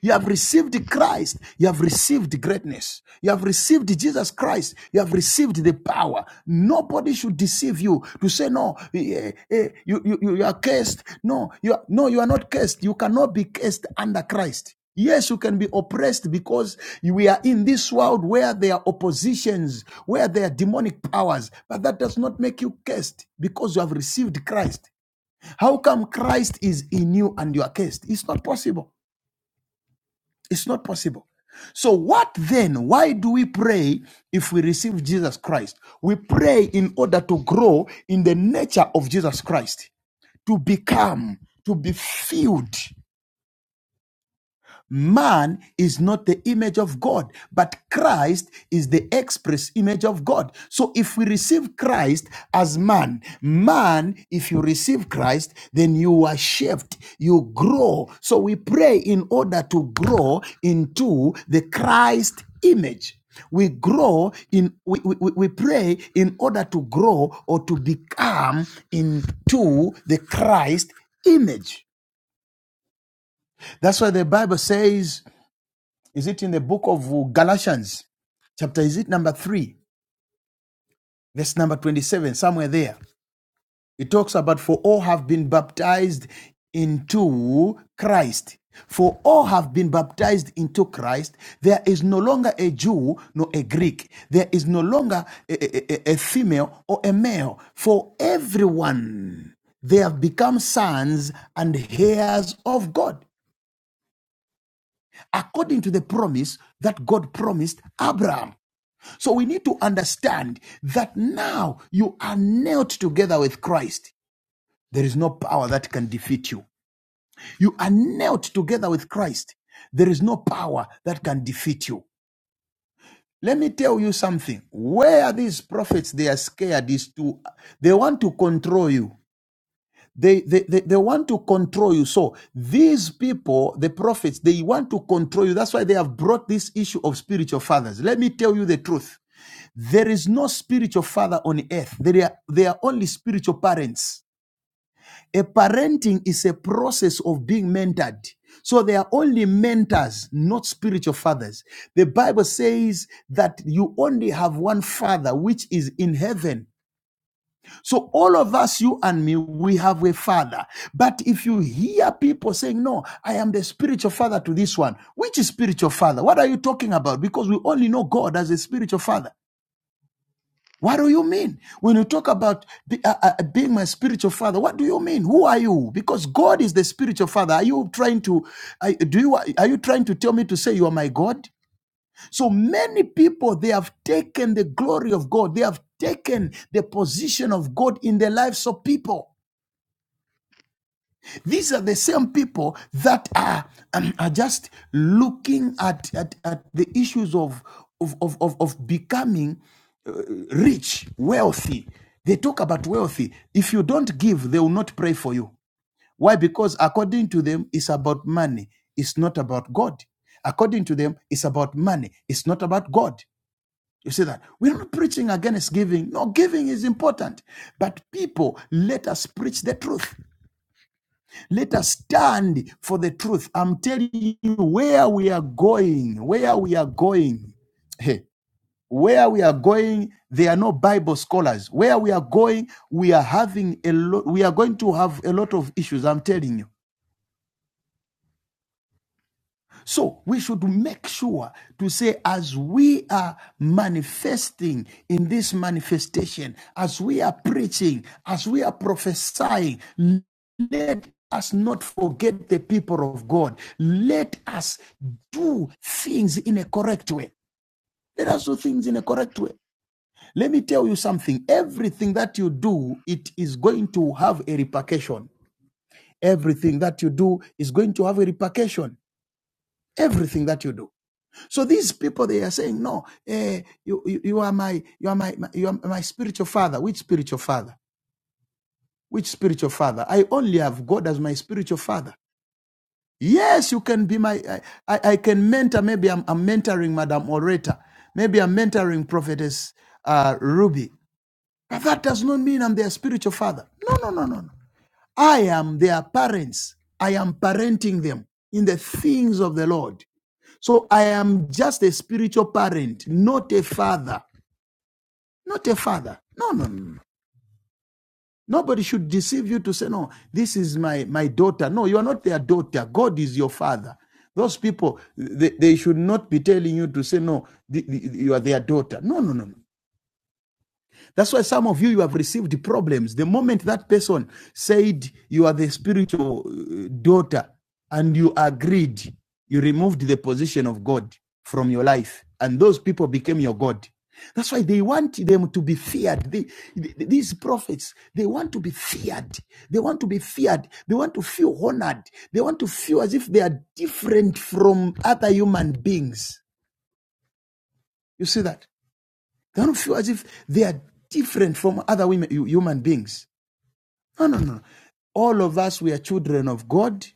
[SPEAKER 5] You have received Christ. You have received greatness. You have received Jesus Christ. You have received the power. Nobody should deceive you to say, no, eh, eh, you, you, you are cursed. No, you are, no, you are not cursed. You cannot be cursed under Christ. Yes, you can be oppressed because we are in this world where there are oppositions, where there are demonic powers, but that does not make you cursed because you have received Christ. How come Christ is in you and you are cursed? It's not possible. It's not possible. So, what then? Why do we pray if we receive Jesus Christ? We pray in order to grow in the nature of Jesus Christ, to become, to be filled. Man is not the image of God, but Christ is the express image of God. So if we receive Christ as man, man, if you receive Christ, then you are shaped, you grow. So we pray in order to grow into the Christ image. We grow in, we, we, we pray in order to grow or to become into the Christ image. That's why the Bible says, is it in the book of Galatians? Chapter is it number 3, verse number 27, somewhere there. It talks about for all have been baptized into Christ. For all have been baptized into Christ. There is no longer a Jew nor a Greek. There is no longer a, a a- female or a male. For everyone they have become sons and heirs of God, according to the promise that God promised Abraham. So we need to understand that now you are nailed together with Christ. There is no power that can defeat you. You are nailed together with Christ. There is no power that can defeat you. Let me tell you something. Where these prophets they are scared is to they want to control you. They, they, they, they want to control you. So these people, the prophets, they want to control you. That's why they have brought this issue of spiritual fathers. Let me tell you the truth. There is no spiritual father on earth. There are, they are only spiritual parents. A parenting is a process of being mentored. So they are only mentors, not spiritual fathers. The Bible says that you only have one father, which is in heaven. So all of us, you and me, we have a father. But if you hear people saying, no, I am the spiritual father to this one, which is spiritual father? What are you talking about? Because we only know God as a spiritual father. What do you mean? When you talk about be- uh, uh, uh, being my spiritual father, what do you mean? Who are you? Because God is the spiritual father. Are you trying to, are, do you, are you trying to tell me to say you are my God? So many people, they have taken the glory of God. They have taken the position of God in their lives of people. These are the same people that are, um, are just looking at, at, at the issues of, of, of, of, of becoming uh, rich, wealthy. They talk about wealthy. If you don't give, they will not pray for you. Why? Because according to them, it's about money, it's not about God. According to them, it's about money, it's not about God. You see that? We're not preaching against giving. No, giving is important. But people, let us preach the truth. Let us stand for the truth. I'm telling you where we are going, where we are going. Hey, where we are going, there are no Bible scholars. Where we are going, we are having a lot, we are going to have a lot of issues. I'm telling you. So we should make sure to say, as we are manifesting in this manifestation, as we are preaching, as we are prophesying, let us not forget the people of God. Let us do things in a correct way. Let us do things in a correct way. Let me tell you something. Everything that you do, it is going to have a repercussion. Everything that you do is going to have a repercussion. Everything that you do. So these people they are saying, no, eh, you, you you are my you are my, my you are my spiritual father. Which spiritual father? Which spiritual father? I only have God as my spiritual father. Yes, you can be my I, I, I can mentor. Maybe I'm, I'm mentoring Madam Oreta. Maybe I'm mentoring Prophetess uh, Ruby. But that does not mean I'm their spiritual father. No, no, no, no, no. I am their parents. I am parenting them in the things of the Lord. So I am just a spiritual parent, not a father. Not a father. No, no, no. no. Nobody should deceive you to say, no, this is my, my daughter. No, you are not their daughter. God is your father. Those people, they, they should not be telling you to say, no, th- th- you are their daughter. No, no, no. no. That's why some of you, you have received problems. The moment that person said you are the spiritual uh, daughter and you agreed, you removed the position of God from your life. And those people became your God. That's why they want them to be feared. They, these prophets, they want to be feared. They want to be feared. They want to feel honored. They want to feel as if they are different from other human beings. You see that? They don't feel as if they are different from other women, human beings. No, no, no. All of us, we are children of God.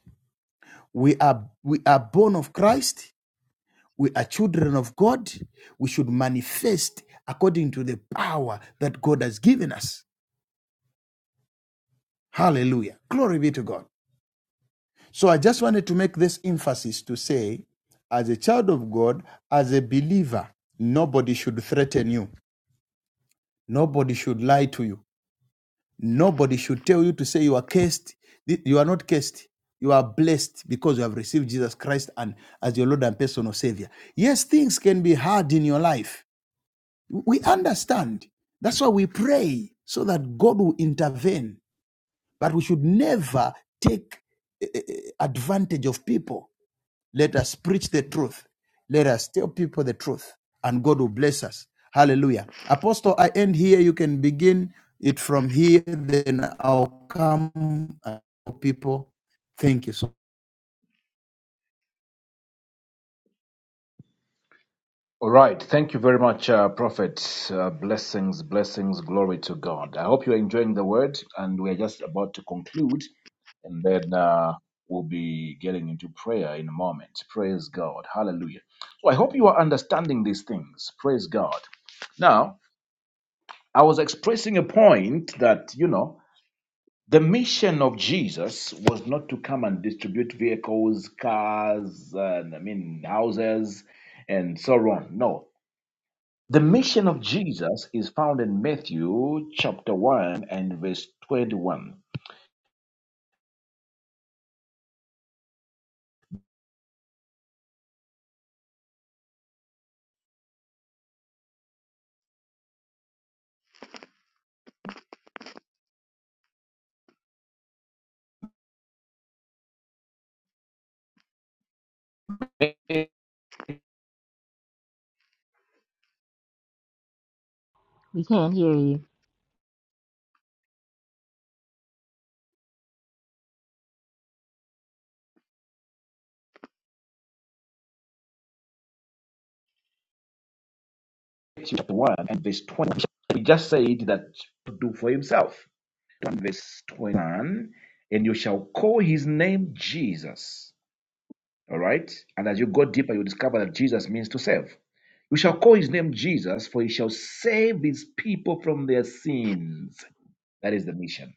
[SPEAKER 5] We are, we are born of Christ. We are children of God. We should manifest according to the power that God has given us. Hallelujah. Glory be to God. So I just wanted to make this emphasis to say, as a child of God, as a believer, nobody should threaten you. Nobody should lie to you. Nobody should tell you to say you are cursed. You are not cursed. You are blessed because you have received Jesus Christ and as your Lord and personal Savior. Yes, things can be hard in your life. We understand. That's why we pray so that God will intervene. But we should never take eh, eh, eh, advantage of people. Let us preach the truth. Let us tell people the truth, and God will bless us. Hallelujah. Apostle, I end here. You can begin it from here, then I'll come. uh, People, thank you so much.
[SPEAKER 1] All right. Thank you very much, uh, Prophet. Uh, blessings, blessings, glory to God. I hope you're enjoying the word, and we're just about to conclude, and then uh, we'll be getting into prayer in a moment. Praise God. Hallelujah. So I hope you are understanding these things. Praise God. Now, I was expressing a point that, you know, the mission of Jesus was not to come and distribute vehicles, cars, and I mean, houses, and so on. No, the mission of Jesus is found in Matthew chapter 1 and verse 21. Matthew
[SPEAKER 3] We can't hear you.
[SPEAKER 1] chapter 1 and verse 21. He just said that to do for himself. 1 verse 21. And you shall call his name Jesus. All right. And as you go deeper, you discover that Jesus means to save. You shall call his name Jesus, for he shall save his people from their sins. That is the mission.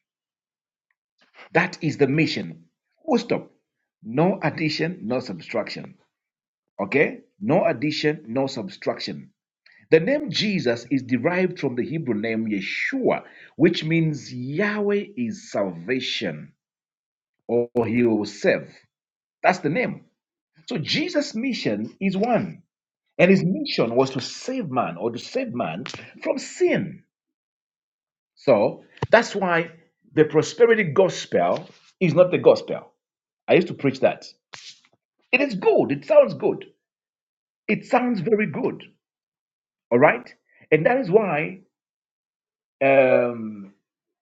[SPEAKER 1] That is the mission. Full stop. No addition, no subtraction. Okay? No addition, no subtraction. The name Jesus is derived from the Hebrew name Yeshua, which means Yahweh is salvation or he will save. That's the name. So Jesus' mission is one, and his mission was to save man or to save man from sin. So that's why the prosperity gospel is not the gospel. I used to preach that. It is good. It sounds good. It sounds very good. All right? And that is why Um,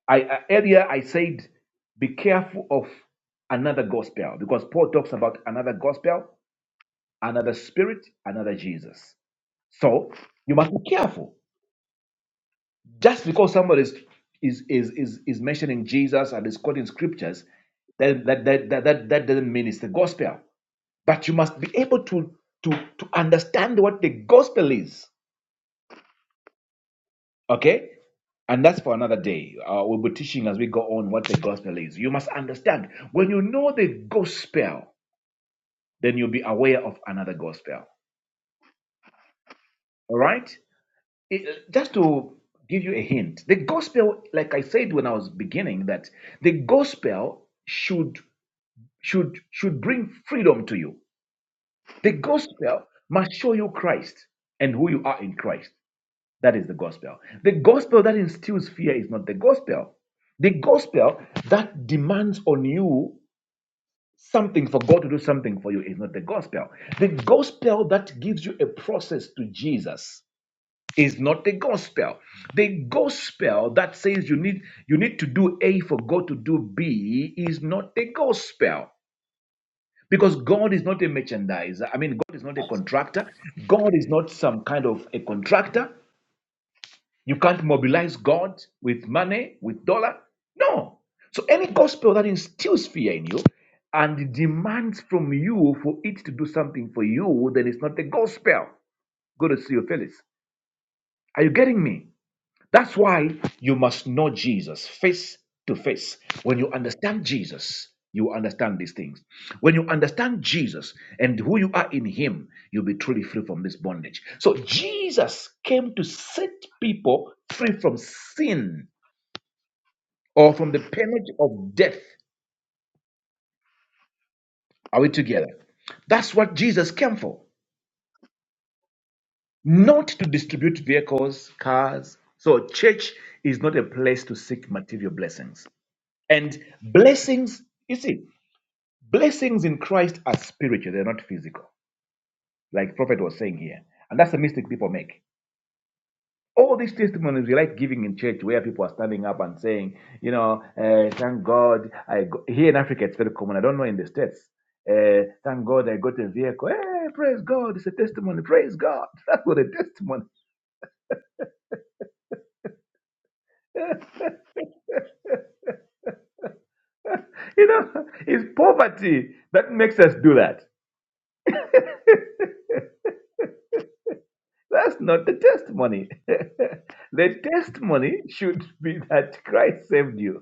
[SPEAKER 1] I I- earlier I said be careful of another gospel because Paul talks about another gospel, another spirit, another Jesus. So you must be careful. Just because somebody is is is is, is mentioning Jesus and is quoting scriptures, that that, that that that that doesn't mean it's the gospel. But you must be able to to to understand what the gospel is Okay? And that's for another day. Uh, we'll be teaching as we go on what the gospel is. You must understand when you know the gospel, then you'll be aware of another gospel. All right? It- just to give you a hint, the gospel, like I said when I was beginning, that the gospel should should should bring freedom to you. The gospel must show you Christ and who you are in Christ. That is the gospel. The gospel that instills fear is not the gospel. The gospel that demands on you something for God to do something for you is not the gospel. The gospel that gives you a process to Jesus is not the gospel. The gospel that says you need you need to do A for God to do B is not the gospel. Because God is not a merchandiser. I mean, God is not a contractor. God is not some kind of a contractor. You can't mobilize God with money, with dollar. No. So any gospel that instills fear in you and demands from you for it to do something for you, then it's not the gospel. Go to see your Phyllis. Are you getting me? That's why you must know Jesus face to face. When you understand Jesus, you understand these things. When you understand Jesus and who you are in Him, you'll be truly free from this bondage. So, Jesus came to set people free from sin or from the penalty of death. Are we together? That's what Jesus came for, not to distribute vehicles, cars. So, church is not a place to seek material blessings. And blessings, you see. Blessings in Christ are spiritual, they're not physical, like Prophet was saying here. And that's the mistake people make. All these testimonies we like giving in church where people are standing up and saying, you know, uh, thank God. I go. Here in Africa, it's very common. I don't know in the States. Uh, thank God I got a vehicle. Hey, praise God. It's a testimony. Praise God. That's what a testimony. You know, it's poverty that makes us do that. That's not the testimony. the testimony should be that Christ saved you.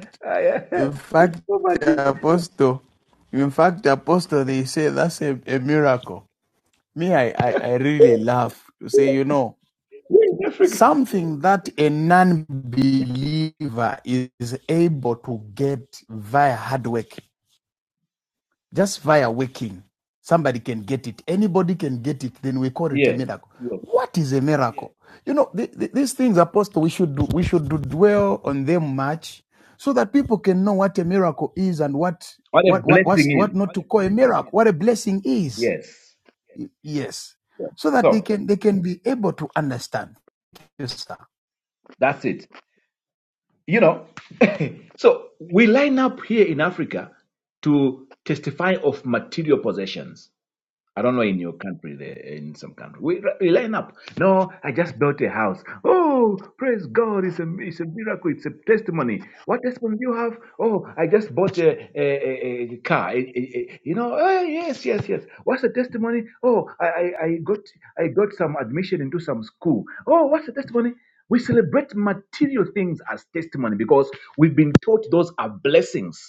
[SPEAKER 5] fact,
[SPEAKER 1] I, uh,
[SPEAKER 5] in
[SPEAKER 1] it's
[SPEAKER 5] fact,
[SPEAKER 1] poverty.
[SPEAKER 5] apostle, in fact, apostle, they say that's a, a miracle. Me, I, I, I really laugh to say, you know,
[SPEAKER 1] We're in Africa.
[SPEAKER 5] something that a non-believer is able to get via hard work. Just via waking, somebody can get it. Anybody can get it. Then we call it a
[SPEAKER 1] Yeah.
[SPEAKER 5] miracle. What is a miracle? You know, th- th- these things, Apostle, we should do, we should do dwell on them much, so that people can know what a miracle is and what
[SPEAKER 1] What a
[SPEAKER 5] what what
[SPEAKER 1] blessing
[SPEAKER 5] what's, what
[SPEAKER 1] is.
[SPEAKER 5] not to call a miracle, what a blessing is.
[SPEAKER 1] Yes.
[SPEAKER 5] Yes,
[SPEAKER 1] Yeah.
[SPEAKER 5] so that they
[SPEAKER 1] So
[SPEAKER 5] can they can be able to understand. Yes, sir.
[SPEAKER 1] that's it. You know, so we line up here in Africa to testify of material possessions. I don't know in your country, there in some country, we, we line up. No, I just built a house. Oh, praise God! It's a it's a miracle. It's a testimony. What testimony do you have? Oh, I just bought a a, a, a car. A- a- a- you know? Oh, yes, yes, yes. What's the testimony? Oh, I, I I got I got some admission into some school. Oh, what's the testimony? We celebrate material things as testimony because we've been taught those are blessings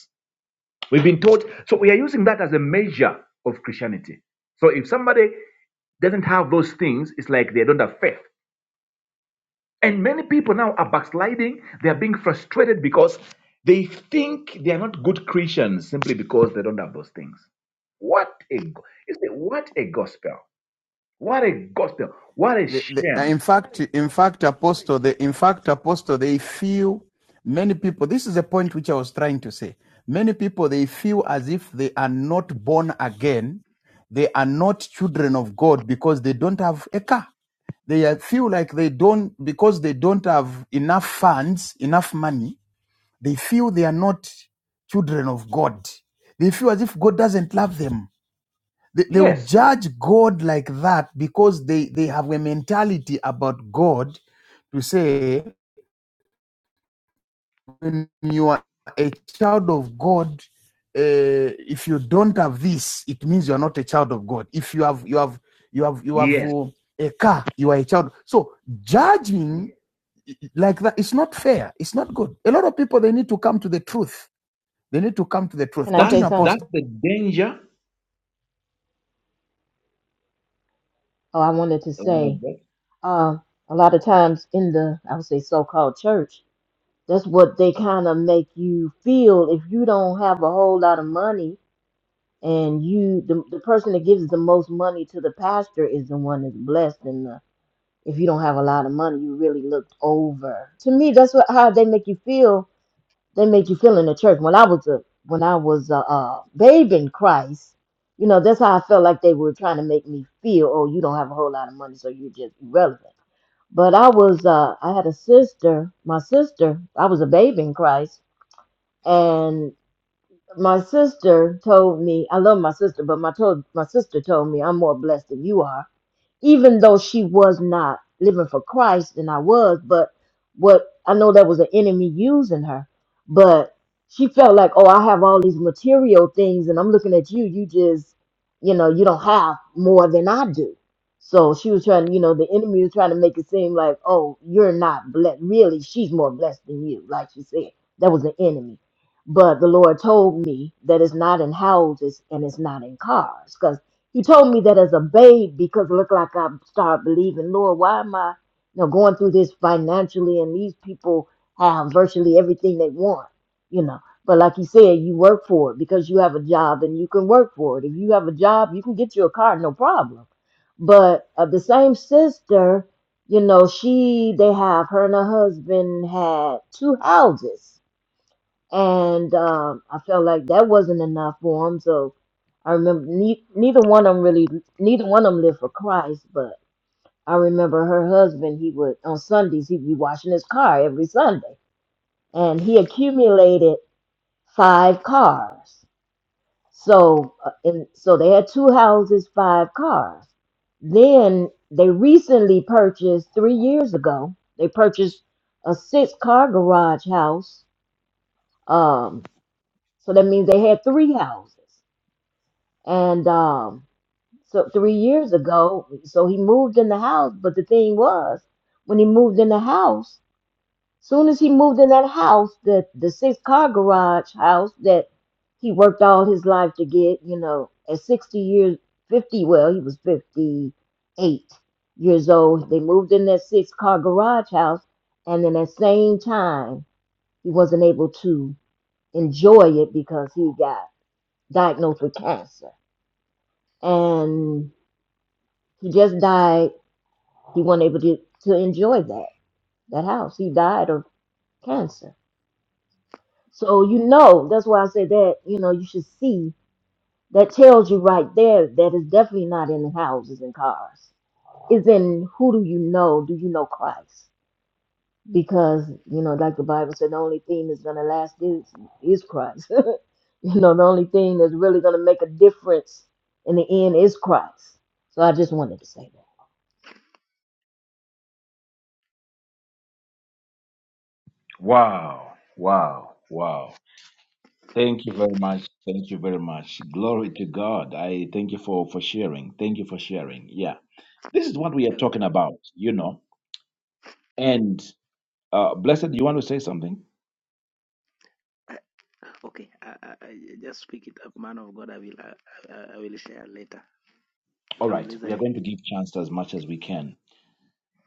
[SPEAKER 1] We've been taught, so we are using that as a measure of Christianity. So if somebody doesn't have those things, it's like they don't have faith. And many people now are backsliding. They are being frustrated because they think they are not good Christians simply because they don't have those things. What a go- you say, what a gospel! What a gospel! What a
[SPEAKER 5] the, the,
[SPEAKER 1] shame!
[SPEAKER 5] in fact, in fact, apostle, the, in fact, apostle, they feel many people. This is a point which I was trying to say. Many people they feel as if they are not born again. They are not children of God because they don't have a car. They feel like they don't because they don't have enough funds, enough money. They feel they are not children of God. They feel as if God doesn't love them they, they'll
[SPEAKER 1] Yes,
[SPEAKER 5] judge God like that because they, they have a mentality about God to say, when you are a child of God, uh, if you don't have this, it means you are not a child of God. If you have you have you have you have
[SPEAKER 1] yes.
[SPEAKER 5] uh, a car, you are a child. So judging like that, it's not fair. It's not good. A lot of people they need to come to the truth. They need to come to the truth.
[SPEAKER 3] Can I say
[SPEAKER 1] That's
[SPEAKER 5] Continue, Apostle.
[SPEAKER 3] something?
[SPEAKER 1] that's the danger.
[SPEAKER 3] Oh, I wanted to say, um, a lot of times in the, I would say, so-called church, that's what they kind of make you feel if you don't have a whole lot of money and you, the, the person that gives the most money to the pastor is the one that's blessed and the if you don't have a lot of money, you really looked over. To me, that's what how they make you feel they make you feel in the church. When I was a when I was a, a babe in Christ, you know, that's how I felt like they were trying to make me feel. Oh, you don't have a whole lot of money, so you're just irrelevant. But I was uh, I had a sister. My sister, I was a babe in Christ, and my sister told me I love my sister, but my told my sister told me I'm more blessed than you are even though she was not living for Christ and I was, but what I know that was an enemy using her, but she felt like, oh, I have all these material things and I'm looking at you, you just, you know, you don't have more than I do. So she was trying, you know, the enemy was trying to make it seem like, oh, you're not blessed. Really, she's more blessed than you, like she said. That was the enemy. But the Lord told me that it's not in houses and it's not in cars. cause. You told me that as a babe because it looked like I started believing, Lord, why am I you know, going through this financially and these people have virtually everything they want, you know. But like you said, you work for it because you have a job and you can work for it. If you have a job, you can get you a car, no problem. But uh, the same sister, you know, she, they have, her and her husband had two houses and um, I felt like that wasn't enough for them. So I remember ne- neither one of them really, neither one of them lived for Christ. But I remember her husband. He would on Sundays he'd be washing his car every Sunday, and he accumulated five cars. So uh, and so they had two houses, five cars. Then they recently purchased three years ago. They purchased a six-car garage house. Um, So that means they had three houses. And um, so three years ago, so he moved in the house. But the thing was, when he moved in the house, soon as he moved in that house, the the six car garage house that he worked all his life to get, you know, at sixty years, fifty. Well, he was fifty eight years old. They moved in that six car garage house, and then at the same time, he wasn't able to enjoy it because he got diagnosed with cancer. And he just died. He wasn't able to, to enjoy that, that house. He died of cancer. So, you know, that's why I say that, you know, you should see that tells you right there that it's definitely not in houses and cars. It's in who do you know? Do you know Christ? Because, you know, like the Bible said, the only thing that's going to last is, is Christ. you know, the only thing that's really going to make a difference in the end is Christ. So I just wanted to say
[SPEAKER 1] Wow! Wow! Wow! Thank you very much. Thank you very much. Glory to God. I thank you for for sharing. Thank you for sharing. Yeah, this is what we are
[SPEAKER 8] Hello.
[SPEAKER 1] talking about, you know. And uh, blessed, you want to say something?
[SPEAKER 8] Uh, okay, I, I, I just pick it up, man of God. I will, I, I I will share later.
[SPEAKER 1] All
[SPEAKER 8] I'm
[SPEAKER 1] right, we are
[SPEAKER 8] listening.
[SPEAKER 1] going to give chance as much as we can.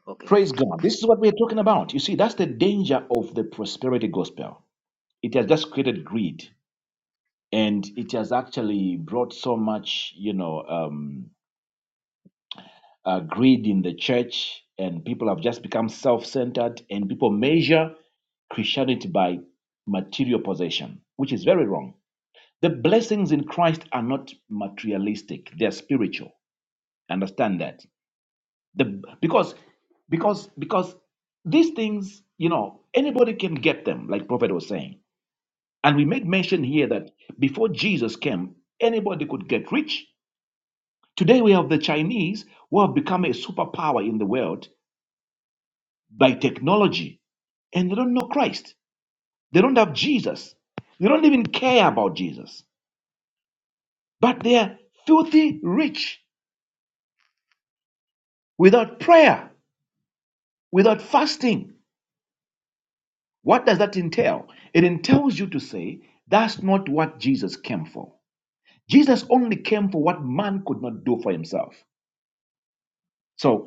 [SPEAKER 8] Okay.
[SPEAKER 1] Praise God. This is what we are talking about. You see, that's the danger of the prosperity gospel. It has just created greed, and it has actually brought so much, you know. Um, uh, greed in the church, and people have just become self centered, and people measure Christianity by material possession, which is very wrong. The blessings in Christ are not materialistic, they are spiritual. Understand that. The, because because because these things, you know, anybody can get them, like Prophet was saying. And we make mention here that before Jesus came, anybody could get rich. Today we have the Chinese who have become a superpower in the world by technology and they don't know Christ. They don't have Jesus. They don't even care about Jesus. But they are filthy rich without prayer, without fasting. What does that entail? It entails you to say, that's not what Jesus came for. Jesus only came for what man could not do for himself. So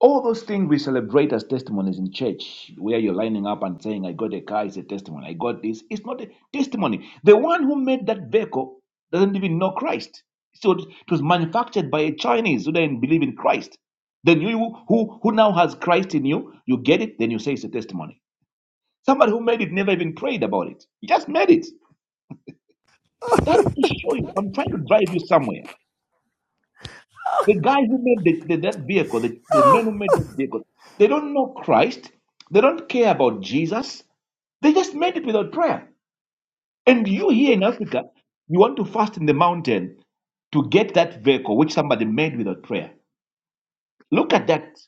[SPEAKER 1] All those things we celebrate as testimonies in church, where you're lining up and saying, I got a car, is a testimony. I got this. It's not a testimony. The one who made that vehicle doesn't even know Christ. So it was manufactured by a Chinese who didn't believe in Christ. Then you who, who now has Christ in you, you get it, then you say it's a testimony. Somebody who made it never even prayed about it. He just made it. That is to show you. I'm trying to drive you somewhere. The guys who made the, the, that vehicle, the, the men who made that vehicle, they don't know Christ. They don't care about Jesus. They just made it without prayer. And you here in Africa, you want to fast in the mountain to get that vehicle which somebody made without prayer. Look at that.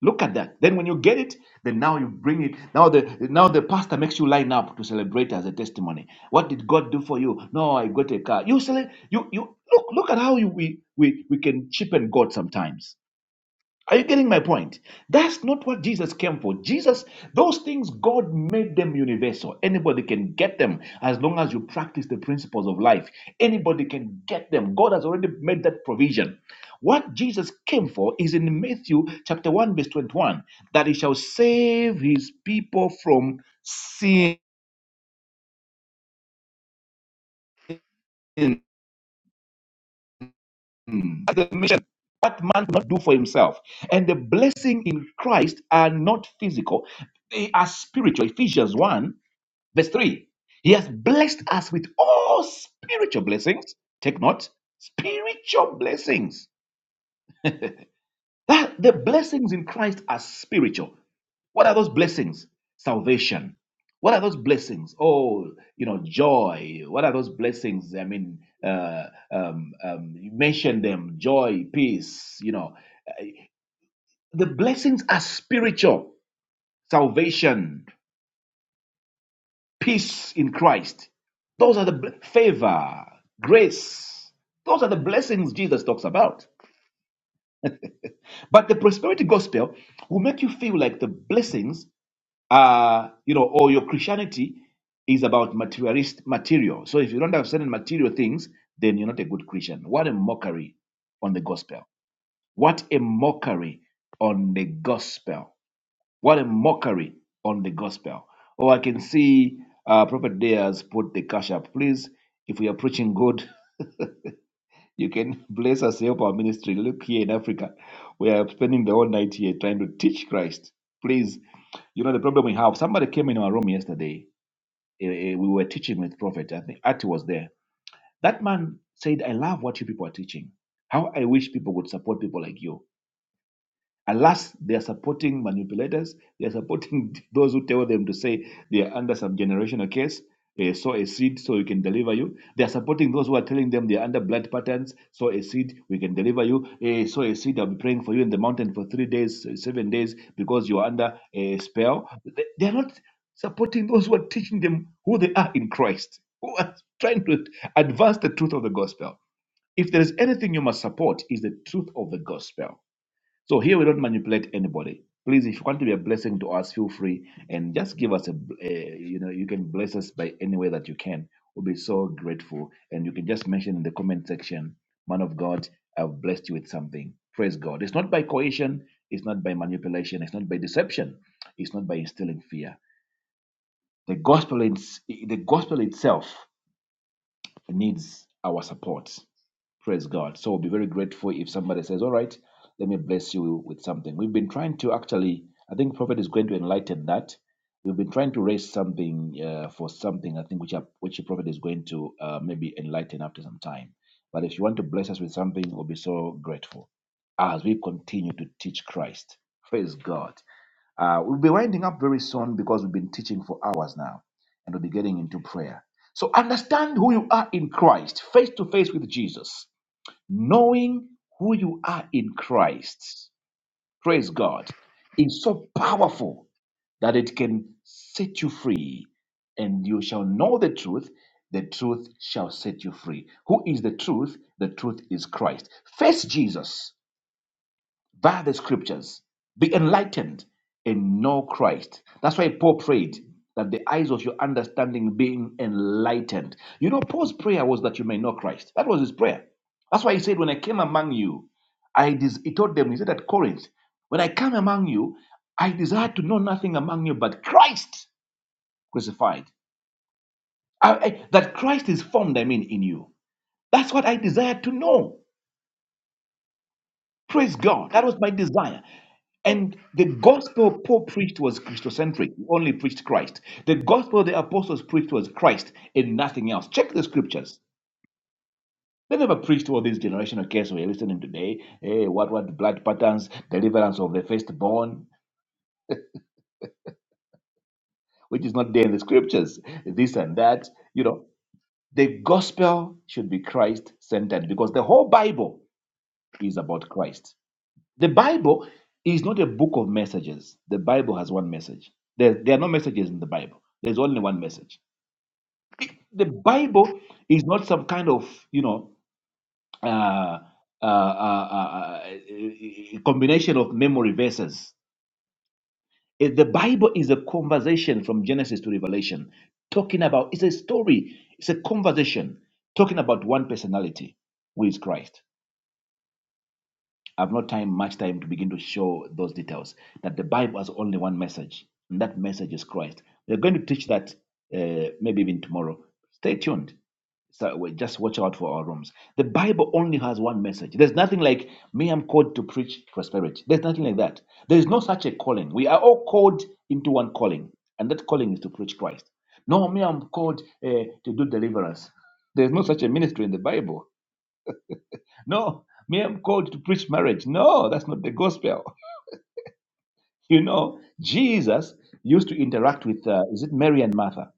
[SPEAKER 1] Look at that. Then when you get it, then now you bring it. Now the now the pastor makes you line up to celebrate as a testimony. What did God do for you? No, I got a car. You cele- you you look look at how you, we we we can cheapen God sometimes. Are you getting my point? That's not what Jesus came for. Jesus, those things, God made them universal. Anybody can get them as long as you practice the principles of life. Anybody can get them. God has already made that provision. What Jesus came for is in Matthew chapter 1, verse 21, that he shall save his people from sin. That's the mission what man cannot do for himself. And the blessing in Christ are not physical, they are spiritual. Ephesians 1 Verse 3 He has blessed us with all spiritual blessings. Take note, spiritual blessings. That the blessings in Christ are spiritual. What are those blessings? Salvation. What are those blessings? Oh, you know, joy. What are those blessings? I mean, uh, um, um, you mentioned them joy, peace, you know. The blessings are spiritual. Salvation, peace in Christ. Those are the bl- favor, grace. Those are the blessings Jesus talks about. But the prosperity gospel will make you feel like the blessings are, you know, or your Christianity is about materialist material. So if you don't have certain material things, then you're not a good Christian. What a mockery on the gospel. What a mockery on the gospel. What a mockery on the gospel. Oh, I can see uh, Prophet Dears put the cash up. Please, if we are preaching good, you can bless us, help our ministry. Look here in Africa, we are spending the whole night here trying to teach Christ. Please, you know, the problem we have somebody came in our room yesterday. eh, eh, We were teaching with Prophet. I think Ati was there. That man said, I love what you people are teaching. How I wish people would support people like you Alas, they are supporting manipulators. They are supporting those who tell them to say they are under some generational case, eh, sow a seed so we can deliver you. They are supporting those who are telling them they are under blood patterns, sow a seed, we can deliver you. Eh, sow a seed, I'll be praying for you in the mountain for three days, eh, seven days, because you are under a spell. They they are not supporting those who are teaching them who they are in Christ, who are trying to advance the truth of the gospel. If there is anything you must support, is the truth of the gospel so here we don't manipulate anybody. Please, if you want to be a blessing to us, feel free and just give us a, a you know, you can bless us by any way that you can. We'll be so grateful. And you can just mention in the comment section, man of God, I've blessed you with something. Praise God. It's not by coercion, it's not by manipulation, it's not by deception, it's not by instilling fear. The gospel, is, the gospel itself needs our support. Praise God. So we'll be very grateful if somebody says, All right, let me bless you with something. We've been trying to actually, I think Prophet is going to enlighten that. We've been trying to raise something uh, for something, I think, which, are, which the Prophet is going to uh, maybe enlighten after some time. But if you want to bless us with something, we'll be so grateful as we continue to teach Christ. Praise God. Uh, we'll be winding up very soon because we've been teaching for hours now and we'll be getting into prayer. So understand who you are in Christ, face to face with Jesus, knowing who you are in Christ. Praise God. is so powerful that it can set you free, and you shall know the truth. The truth shall set you free. Who is the truth? The truth is Christ. Face Jesus by the scriptures, be enlightened and know Christ. That's why Paul prayed that the eyes of your understanding being enlightened. You know, Paul's prayer was that you may know Christ. That was his prayer. That's why he said, When I came among you, I des- he told them, he said at Corinth, When I come among you, I desire to know nothing among you but Christ crucified. I- I- that Christ is formed, I mean, in you. That's what I desire to know. Praise God. That was my desire. And the gospel Paul preached was Christocentric. He only preached Christ. The gospel the apostles preached was Christ and nothing else. Check the scriptures. They never preached all these generational cases we're listening today. Hey, what what blood patterns, deliverance of the firstborn, which is not there in the scriptures, this and that. You know, the gospel should be Christ centered because the whole Bible is about Christ. The Bible is not a book of messages. The Bible has one message. There, there are no messages in the Bible. There's only one message. The Bible is not some kind of, you know, uh, uh, uh, uh, uh, combination of memory verses. Eh, The Bible is a conversation from Genesis to Revelation, talking about, it's a story, it's a conversation, talking about one personality, who is Christ. I've not time much time to begin to show those details. That the Bible has only one message, and that message is Christ. We're going to teach that uh, maybe even tomorrow. Stay tuned. So we just watch out for our rooms. The Bible only has one message. There's nothing like me. I'm called to preach prosperity. There's nothing like that. There is no such a calling. We are all called into one calling, and that calling is to preach Christ. No, me. I'm called uh, to do deliverance. There's no such a ministry in the Bible. No, me, I'm called to preach marriage. No, that's not the gospel. You know, Jesus used to interact with, uh, is it Mary and Martha?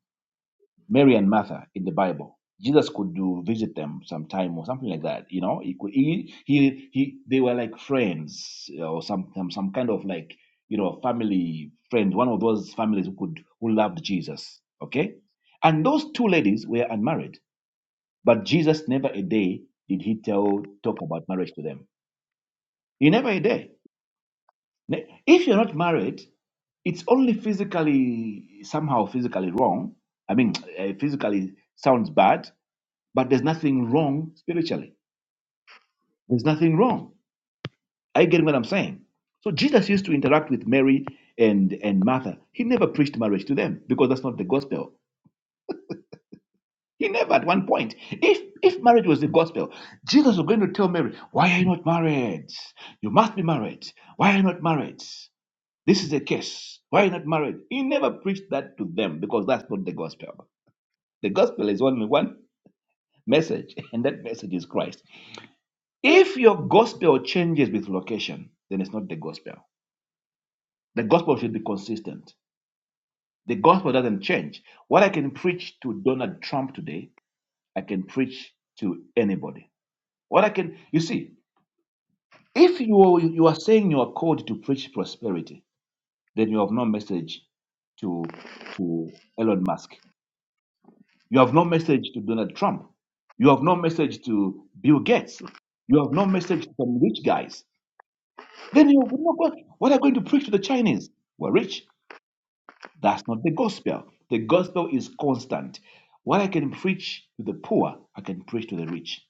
[SPEAKER 1] Mary and Martha in the Bible. Jesus could do visit them sometime or something like that. You know, he could he he, he they were like friends uh, or some some some kind of like you know family friend, one of those families who could who loved Jesus. Okay, and those two ladies were unmarried, but Jesus never a day did he tell talk about marriage to them. He never a day. If you're not married, it's only physically, somehow physically wrong. I mean, eh, physically sounds bad, but there's nothing wrong spiritually. There's nothing wrong. Are you getting what I'm saying? So Jesus used to interact with Mary and, and Martha. He never preached marriage to them because that's not the gospel. He never at one point. If if marriage was the gospel, Jesus was going to tell Mary, Why are you not married? You must be married. Why are you not married? This is the case. Why not marriage? He never preached that to them because that's not the gospel. The gospel is only one message, and that message is Christ. If your gospel changes with location, then it's not the gospel. The gospel should be consistent. The gospel doesn't change. What I can preach to Donald Trump today, I can preach to anybody. What I can, you see, if you are, you are saying you are called to preach prosperity, then you have no message to to Elon Musk. You have no message to Donald Trump. You have no message to Bill Gates. You have no message to some rich guys. Then you would not go. What are you going to preach to the Chinese? We're rich. That's not the gospel. The gospel is constant. What I can preach to the poor, I can preach to the rich.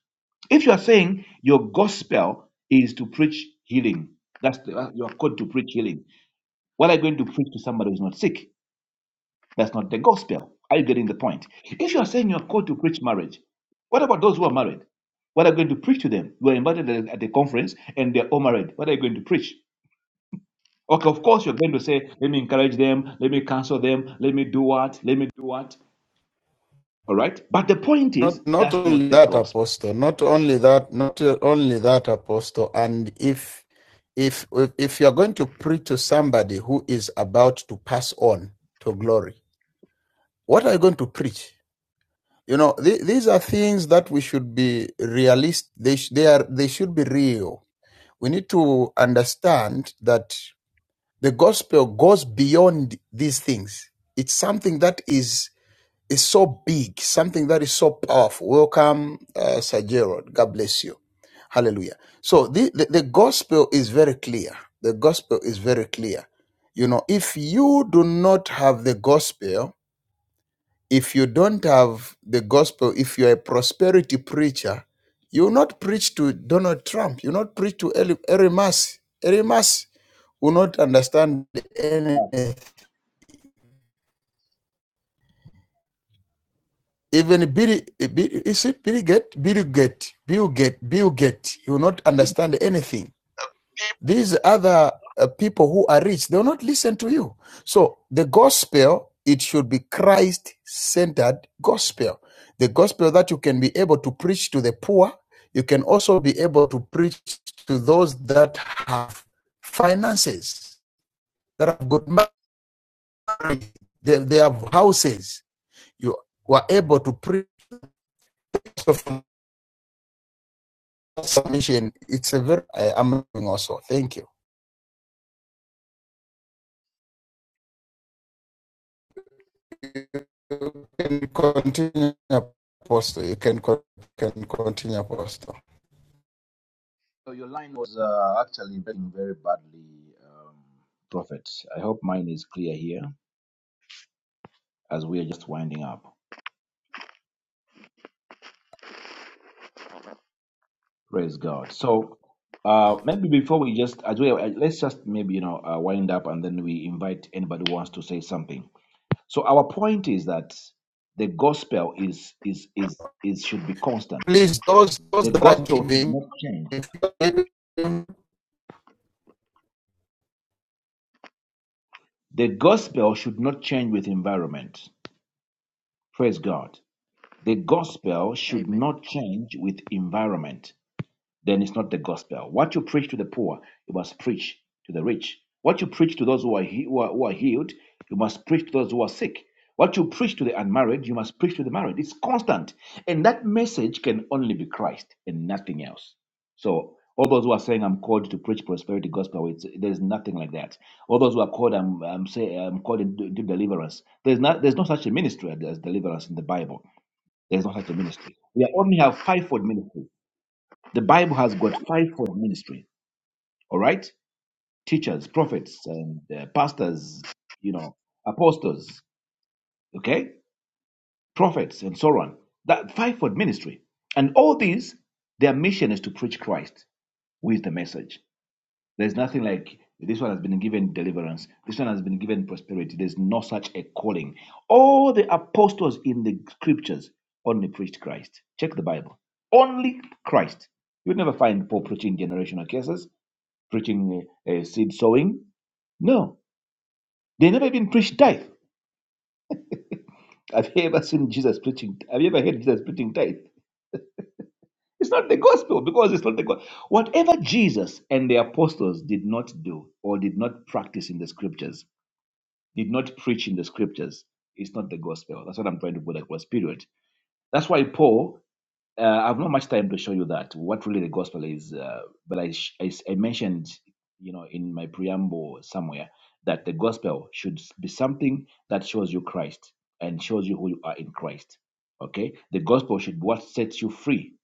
[SPEAKER 1] If you are saying your gospel is to preach healing, that's the, uh, you are called to preach healing. What are you going to preach to somebody who's not sick? That's not the gospel. Are you getting the point? If you are saying you are called to preach marriage, what about those who are married? What are you going to preach to them? You are invited at at the conference and they're all married. What are you going to preach? Okay, of course you're going to say, let me encourage them, let me counsel them, let me do what, let me do what. All right? But the point is,
[SPEAKER 5] Not not
[SPEAKER 1] that's
[SPEAKER 5] only
[SPEAKER 1] not the
[SPEAKER 5] that,
[SPEAKER 1] gospel.
[SPEAKER 5] Apostle. Not only that. Not only that, Apostle. And if if if you are going to preach to somebody who is about to pass on to glory, what are you going to preach? You know, th- these are things that we should be realist. They sh- they are they should be real. We need to understand that the gospel goes beyond these things. It's something that is is so big, something that is so powerful. Welcome, uh, Sir Gerald. God bless you. Hallelujah. So the, the, the gospel is very clear. The gospel is very clear. You know, if you do not have the gospel, if you don't have the gospel, if you're a prosperity preacher, you will not preach to Donald Trump. You will not preach to Eli- Erimas. mass will not understand anything. Even Bill, Bill is it Bill Get? Bill Get, Bill Get, Bill Get. You will not understand anything. These other uh, people who are rich, they will not listen to you. So the gospel, it should be Christ-centered gospel. The gospel that you can be able to preach to the poor. You can also be able to preach to those that have finances, that have good marriage, they, they have houses. You were able to preach submission. It's a very uh, amazing also. Thank you. You can continue, Apostle. You can, can continue, Apostle.
[SPEAKER 1] Prophets, I hope mine is clear here as we are just winding up. Praise God. So uh, maybe before we just as well, uh, let's just maybe you know uh, wind up and then we invite anybody who wants to say something. So our point is that the gospel is is is is should be constant.
[SPEAKER 5] Please, those those
[SPEAKER 1] The
[SPEAKER 5] that are
[SPEAKER 1] gospel should
[SPEAKER 5] giving,
[SPEAKER 1] not change.
[SPEAKER 5] if you are giving,
[SPEAKER 1] The gospel should not change with environment. Praise God. The gospel should
[SPEAKER 8] Amen.
[SPEAKER 1] not change with environment. then it's not the gospel. What you preach to the poor, you must preach to the rich. What you preach to those who are, he- who are, who are healed, you must preach to those who are sick. What you preach to the unmarried, you must preach to the married. It's constant. And that message can only be Christ and nothing else. So, all those who are saying, I'm called to preach prosperity gospel, it's, there's nothing like that. All those who are called, I'm, I'm, say, I'm called into into deliverance. There's, not, there's no such a ministry as deliverance in the Bible. There's no such a ministry. We only have fivefold ministry the Bible has got fivefold ministry. All right, teachers, prophets, and uh, pastors. You know, apostles. Okay, prophets and so on. That fivefold ministry, and all these, their mission is to preach Christ with the message. There's nothing like this one has been given deliverance, this one has been given prosperity. There's no such a calling. All the apostles in the scriptures only preached Christ. Check the Bible. Only Christ. You'd never find Paul preaching generational cases. preaching uh, seed sowing. No, they never even preach tithe. Have you ever seen Jesus preaching? Have you ever heard Jesus preaching tithe? It's not the gospel because it's not the gospel. Whatever Jesus and the apostles did not do or did not practice in the scriptures, did not preach in the scriptures, it's not the gospel. That's what I'm trying to put across. Period. That's why Paul Uh, I have not much time to show you that what really the gospel is, uh, but I, sh- I s- I mentioned, you know, in my preamble somewhere that the gospel should be something that shows you Christ and shows you who you are in Christ. Okay, the gospel should be what sets you free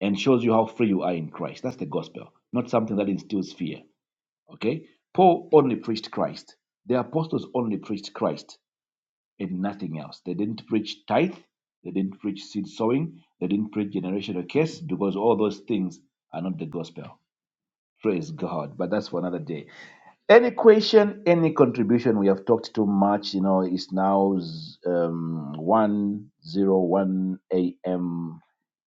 [SPEAKER 1] and shows you how free you are in Christ. That's the gospel, not something that instills fear. Okay, Paul only preached Christ. The apostles only preached Christ in nothing else. They didn't preach tithe, they didn't preach seed sowing, they didn't preach generational case because all those things are not the gospel. Praise God. But that's for another day. Any question, any contribution? We have talked too much. You know, it's now um, 1.01 a.m.,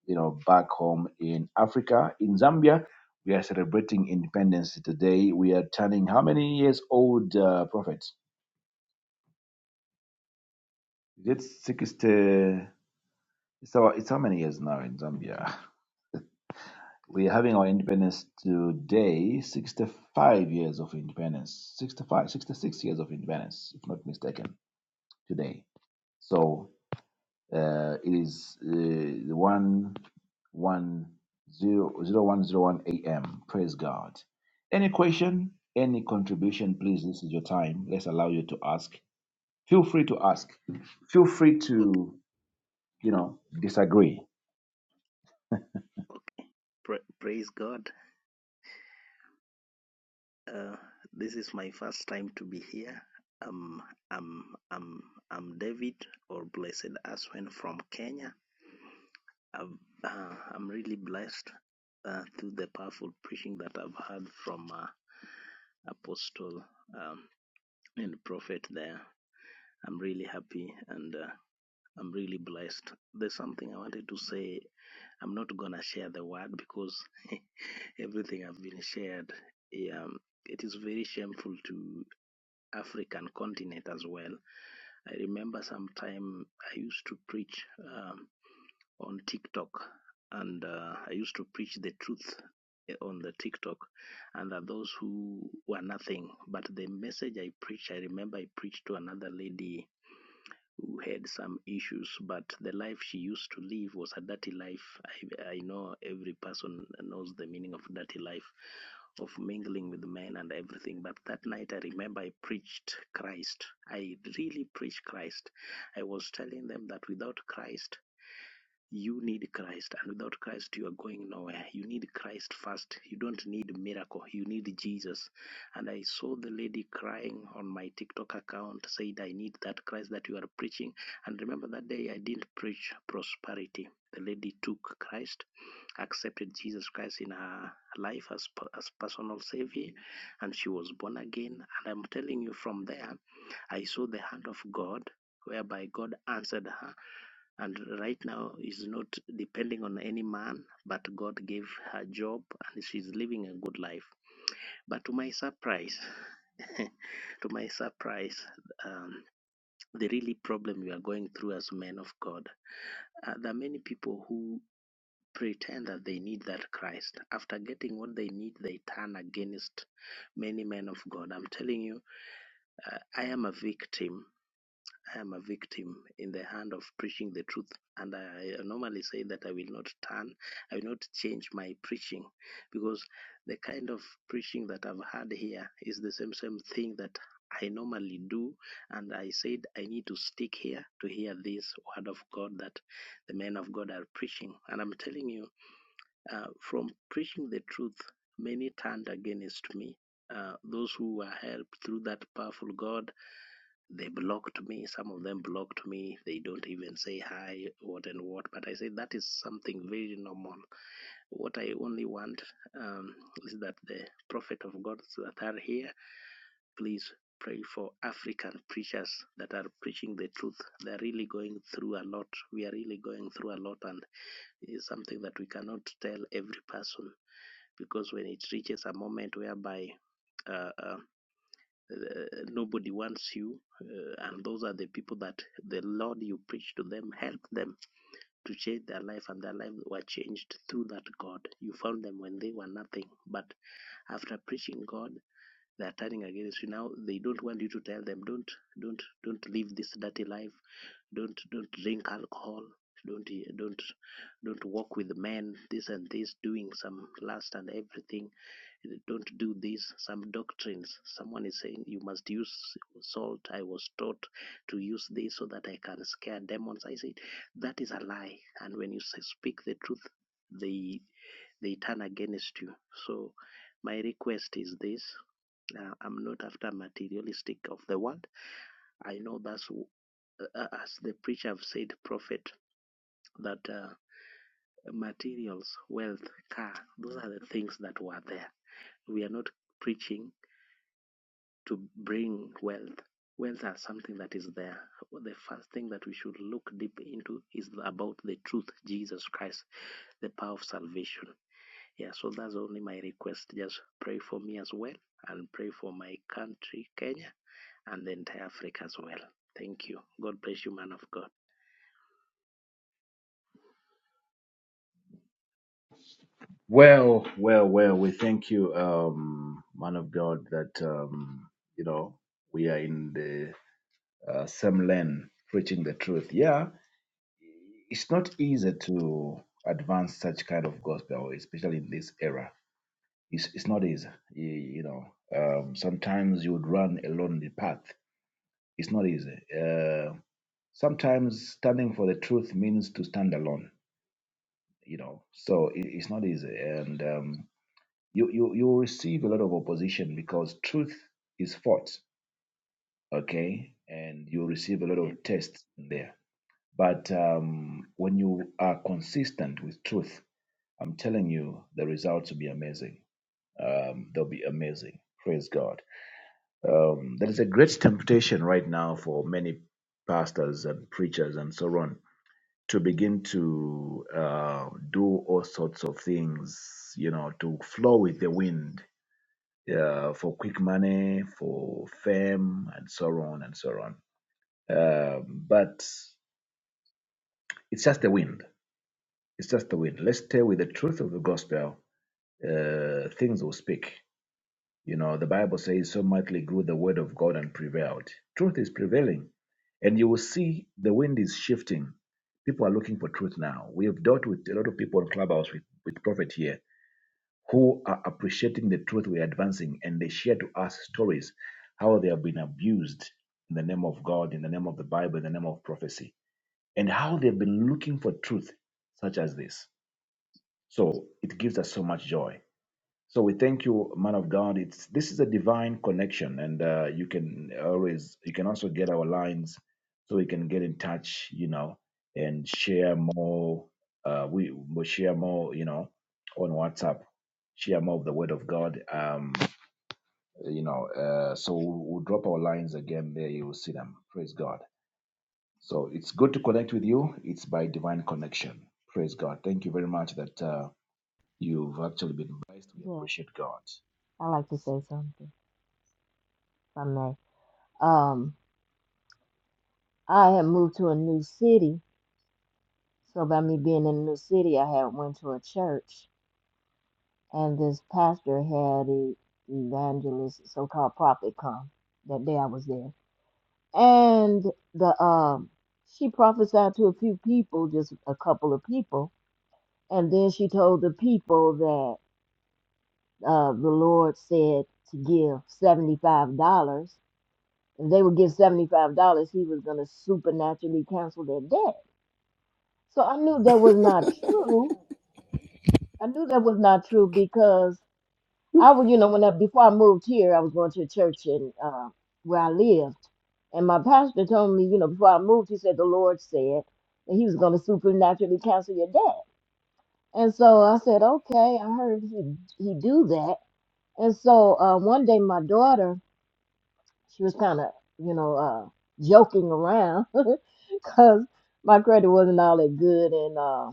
[SPEAKER 1] you know, back home in Africa, in Zambia. We are celebrating independence today. We are turning how many years old, uh, Prophet? Is it 60? So it's how many years now in Zambia? We're having our independence today, 65 years of independence, 65, 66 years of independence, if not mistaken, today. So uh, it is uh, the 1, a.m. Praise God. Any question, any contribution, please, this is your time. Let's allow you to ask. Feel free to ask. Feel free
[SPEAKER 8] Okay.
[SPEAKER 1] to, you know, disagree
[SPEAKER 8] Okay. Pra- praise God. Uh, this is my first time to be here. Um, I'm, I'm, I'm David or Blessed Aswen from Kenya. I've, uh, I'm really blessed uh, through the powerful preaching that I've heard from uh, Apostle um, and Prophet there. I'm really happy and. Uh, I'm really blessed. There's something I wanted to say. I'm not gonna share the word because everything have been shared. yeah, Um, it is very shameful to African continent as well. I remember sometime I used to preach um, on TikTok, and uh, I used to preach the truth eh, on the TikTok, and that those who were nothing, but the message I preached, I remember I preached to another lady who had some issues, but the life she used to live was a dirty life. I, I know every person knows the meaning of dirty life, of mingling with men and everything. But that night, I remember I preached Christ. I really preached Christ. I was telling them that without Christ, you need Christ, and without Christ, you are going nowhere. You need Christ first. You don't need miracle. You need Jesus. And I saw the lady crying on my TikTok account, said, I need that Christ that you are preaching. And remember that day I didn't preach prosperity. The lady took Christ, accepted Jesus Christ in her life as, as personal savior, and she was born again. And I'm telling you from there, I saw the hand of God whereby God answered her and right now is not depending on any man, but God gave her job and she's living a good life. But to my surprise, to my surprise, um, the really problem we are going through as men of God, uh, there are many people who pretend that they need that Christ. After getting what they need, they turn against many men of God. I'm telling you, uh, I am a victim I am a victim in the hand of preaching the truth. And I, normally say that I will not turn, I will not change my preaching because the kind of preaching that I've had here is the same, same thing that I normally do. And I said I need to stick here to hear this word of God that the men of God are preaching. And I'm telling you, uh, from preaching the truth, many turned against me. Uh, those who were helped through that powerful God they blocked me. Some of them blocked me. They don't even say hi, what and what. But I say that is something very normal. What I only want um, is that the prophet of God that are here, please pray for African preachers that are preaching the truth. They're really going through a lot. We are really going through a lot, and it is something that we cannot tell every person because when it reaches a moment whereby uh, uh, uh, nobody wants you uh, and those are the people that the lord you preach to them help them to change their life and their lives were changed through that god you found them when they were nothing but after preaching god they are turning against you now they don't want you to tell them don't don't don't live this dirty life don't don't drink alcohol don't don't don't walk with men this and this doing some lust and everything don't do this. Some doctrines, someone is saying you must use salt. I was taught to use this so that I can scare demons. I said that is a lie. And when you speak the truth, they they turn against you. So my request is this: uh, I'm not after materialistic of the world. I know that's uh, uh, as the preacher have said, prophet that. Uh, materials wealth car those are the things that were there we are not preaching to bring wealth. Wealth are something that is there. The first thing that we should look deep into is about the truth, Jesus Christ, the power of salvation. Yeah, so that's only my request. Just pray for me as well and pray for my country, Kenya, and the entire Africa as well. Thank you. God bless you, man of God.
[SPEAKER 1] Well, well, well, we thank you, um, man of God, that, um, you know, we are in the uh, same lane preaching the truth. Yeah, it's not easy to advance such kind of gospel, especially in this era. It's, it's not easy. You, you know, um, sometimes you would run a lonely path. It's not easy. Uh, sometimes standing for the truth means to stand alone, you know, so it, it's not easy. And, um, you you you will receive a lot of opposition because truth is fought okay and you'll receive a lot of
[SPEAKER 8] Amen.
[SPEAKER 1] tests in there but um, when you are consistent with truth i'm telling you the results will be amazing um, they'll be amazing praise god um, there is a great temptation right now for many pastors and preachers and so on to begin to uh, do all sorts of things you know to flow with the wind uh, for quick money, for fame, and so on and so on. Um, but it's just the wind. It's just the wind. Let's stay with the truth of the gospel. Uh, things will speak. You know, the Bible says, so mightily grew the word of God and prevailed. Truth is prevailing. And you will see the wind is shifting. People are looking for truth now. We have dealt with a lot of people in Clubhouse with, with prophet here who are appreciating the truth we're advancing and they share to us stories how they have been abused in the name of God, in the name of the Bible, in the name of prophecy, and how they've been looking for truth such as this. So it gives us so much joy. So we thank you, man of God. It's this is a divine connection, and uh, you can always you can also get our lines, so we can get in touch, you know, and share more. Uh, we we share more, you know, on WhatsApp, share more of the Word of God. Um, you know, uh, so we'll, we'll drop our lines again there. You will see them. Praise God. So it's good to connect with you. It's by divine connection. Praise God. Thank you very much that uh, you've actually been blessed. We
[SPEAKER 3] that.
[SPEAKER 1] appreciate God.
[SPEAKER 3] I like to say something, if I may. Um, I had moved to a new city, so by me being in a new city, I had went to a church, and this pastor had a evangelist, so-called prophet, come that day I was there, and the um, she prophesied to a few people, just a couple of people, and then she told the people that uh, the Lord said to give seventy-five dollars If they would get $75, he was going to supernaturally cancel their debt. So I knew that was not true. I knew that was not true because I was, you know, when I, before I moved here, I was going to a church in uh, where I lived. And my pastor told me, you know, before I moved, he said, the Lord said that he was going to supernaturally cancel your debt. And so I said, okay, I heard he, he do that. And so uh, one day my daughter she was kind of, you know, uh, joking around because my credit wasn't all that good, and uh,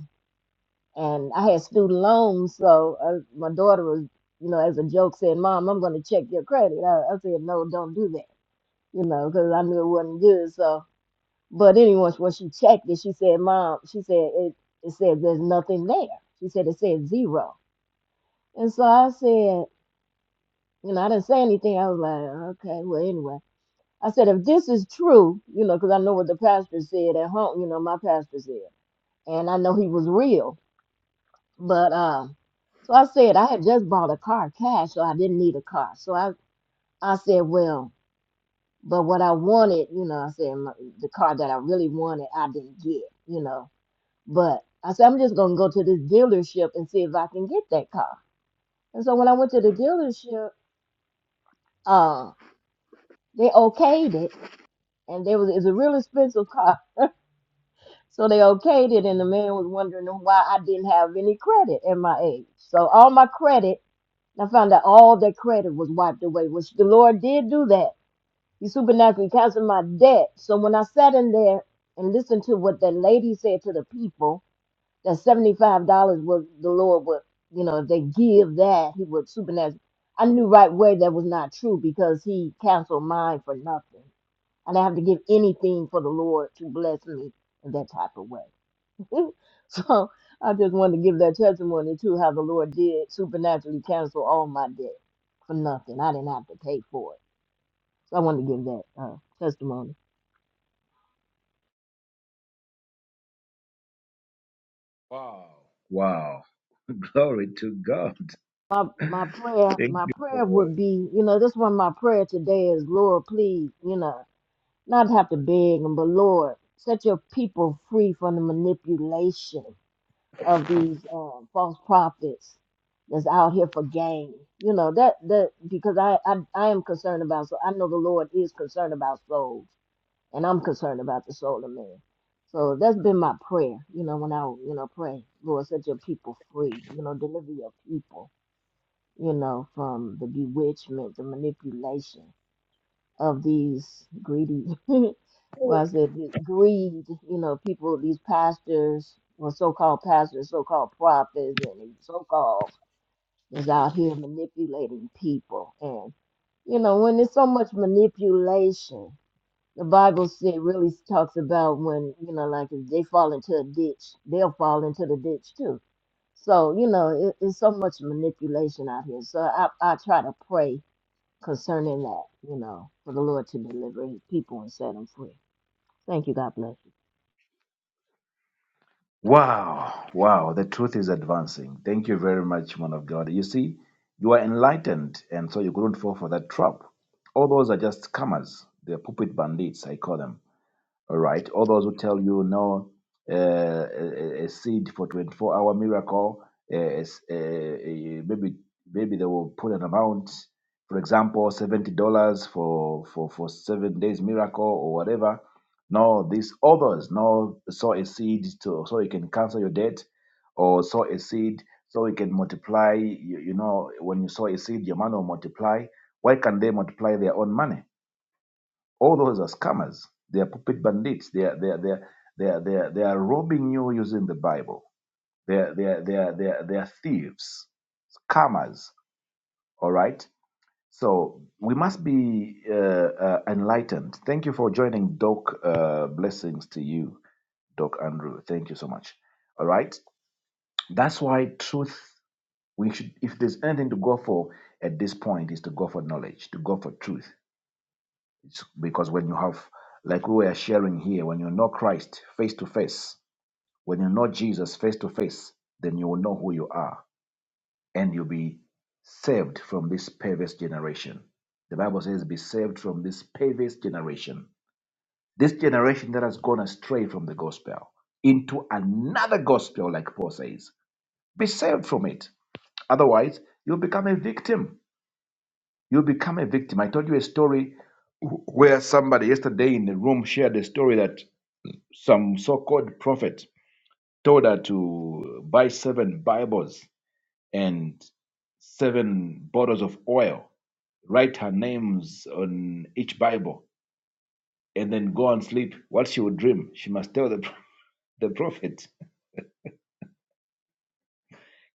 [SPEAKER 3] and I had student loans, so uh, my daughter was, you know, as a joke said, "Mom, I'm going to check your credit." I, I said, "No, don't do that," you know, because I knew it wasn't good. So, but anyway, when she checked it, she said, "Mom," she said, "it, it said there's nothing there." She said it said zero, and so I said, you know, I didn't say anything. I was like, "Okay, well, anyway." I said, if this is true, you know, because I know what the pastor said at home, you know, my pastor said, and I know he was real. But um, so I said I had just bought a car cash, so I didn't need a car. So I I said, well, but what I wanted, you know, I said my, the car that I really wanted, I didn't get, you know. But I said I'm just gonna go to this dealership and see if I can get that car. And so when I went to the dealership, uh, they okayed it, and there was it's a real expensive car So they okayed it, and the man was wondering why I didn't have any credit at my age. So all my credit, I found out all that credit was wiped away, which the Lord did do that. He supernaturally canceled my debt. So when I sat in there and listened to what that lady said to the people, that seventy-five dollars was the Lord would, you know, if they give that, he would supernaturally. I knew right away that was not true because he canceled mine for nothing. I didn't have to give anything for the Lord to bless me in that type of way. so I just wanted to give that testimony too, how the Lord did supernaturally cancel all my debt for nothing. I didn't have to pay for it. So I wanted to give that uh, testimony.
[SPEAKER 1] Wow. Wow. Glory to God.
[SPEAKER 3] My my prayer,
[SPEAKER 1] Thank
[SPEAKER 3] my
[SPEAKER 1] you
[SPEAKER 3] prayer
[SPEAKER 1] for.
[SPEAKER 3] would be, you know, this one my prayer today is, Lord, please, you know, not have to beg him, but Lord, set your people free from the manipulation of these um, false prophets that's out here for gain. You know that that because I, I I am concerned about so I know the Lord is concerned about souls, and I'm concerned about the soul of man. So that's been my prayer. You know when I you know pray, Lord, set your people free. You know deliver your people. You know from the bewitchment, the manipulation of these greedy well I said the greed, you know, people these pastors or so called pastors, so called prophets and so called is out here manipulating people and you know, when there's so much manipulation, the Bible said really talks about when, you know, like if they fall into a ditch, they'll fall into the ditch too. So, you know, it, it's so much manipulation out here. So I, I try to pray concerning that, you know, for the Lord to deliver his people and set them free. Thank you. God bless you.
[SPEAKER 1] Wow. Wow. The truth is advancing. Thank you very much, man of God. You see, you are enlightened, and so you couldn't fall for that trap. All those are just scammers. They're puppet bandits, I call them. All right. All those who tell you no, uh, a, a a seed for 24 hour miracle, uh, is, uh, uh, maybe maybe they will put an amount, for example, $70 for, for, for seven days miracle or whatever. No, these others, no, sow a seed to, so you can cancel your debt or sow a seed so you can multiply. You, you know, when you sow a seed, your money will multiply. Why can they multiply their own money? all those are scammers. They are puppet bandits. They are they are they are they are, they are, they are robbing you using the Bible. They are, they are they are they are they are thieves, scammers. All right. So we must be uh, uh, enlightened. Thank you for joining, Doc. Uh, blessings to you, Doc Andrew. Thank you so much. All right. That's why truth. We should, if there's anything to go for at this point, is to go for knowledge, to go for truth It's because when you have, like we were sharing here, when you know Christ face to face, when you know Jesus face to face, then you will know who you are and you'll be saved from this perverse generation. The Bible says, be saved from this perverse generation. This generation that has gone astray from the gospel into another gospel, like Paul says. Be saved from it. Otherwise, you'll become a victim. You'll become a victim. I told you a story wh- where somebody yesterday in the room shared a story that some so-called prophet told her to buy seven Bibles and seven bottles of oil, write her names on each Bible, and then go and sleep. What she would dream, she must tell the, the prophet.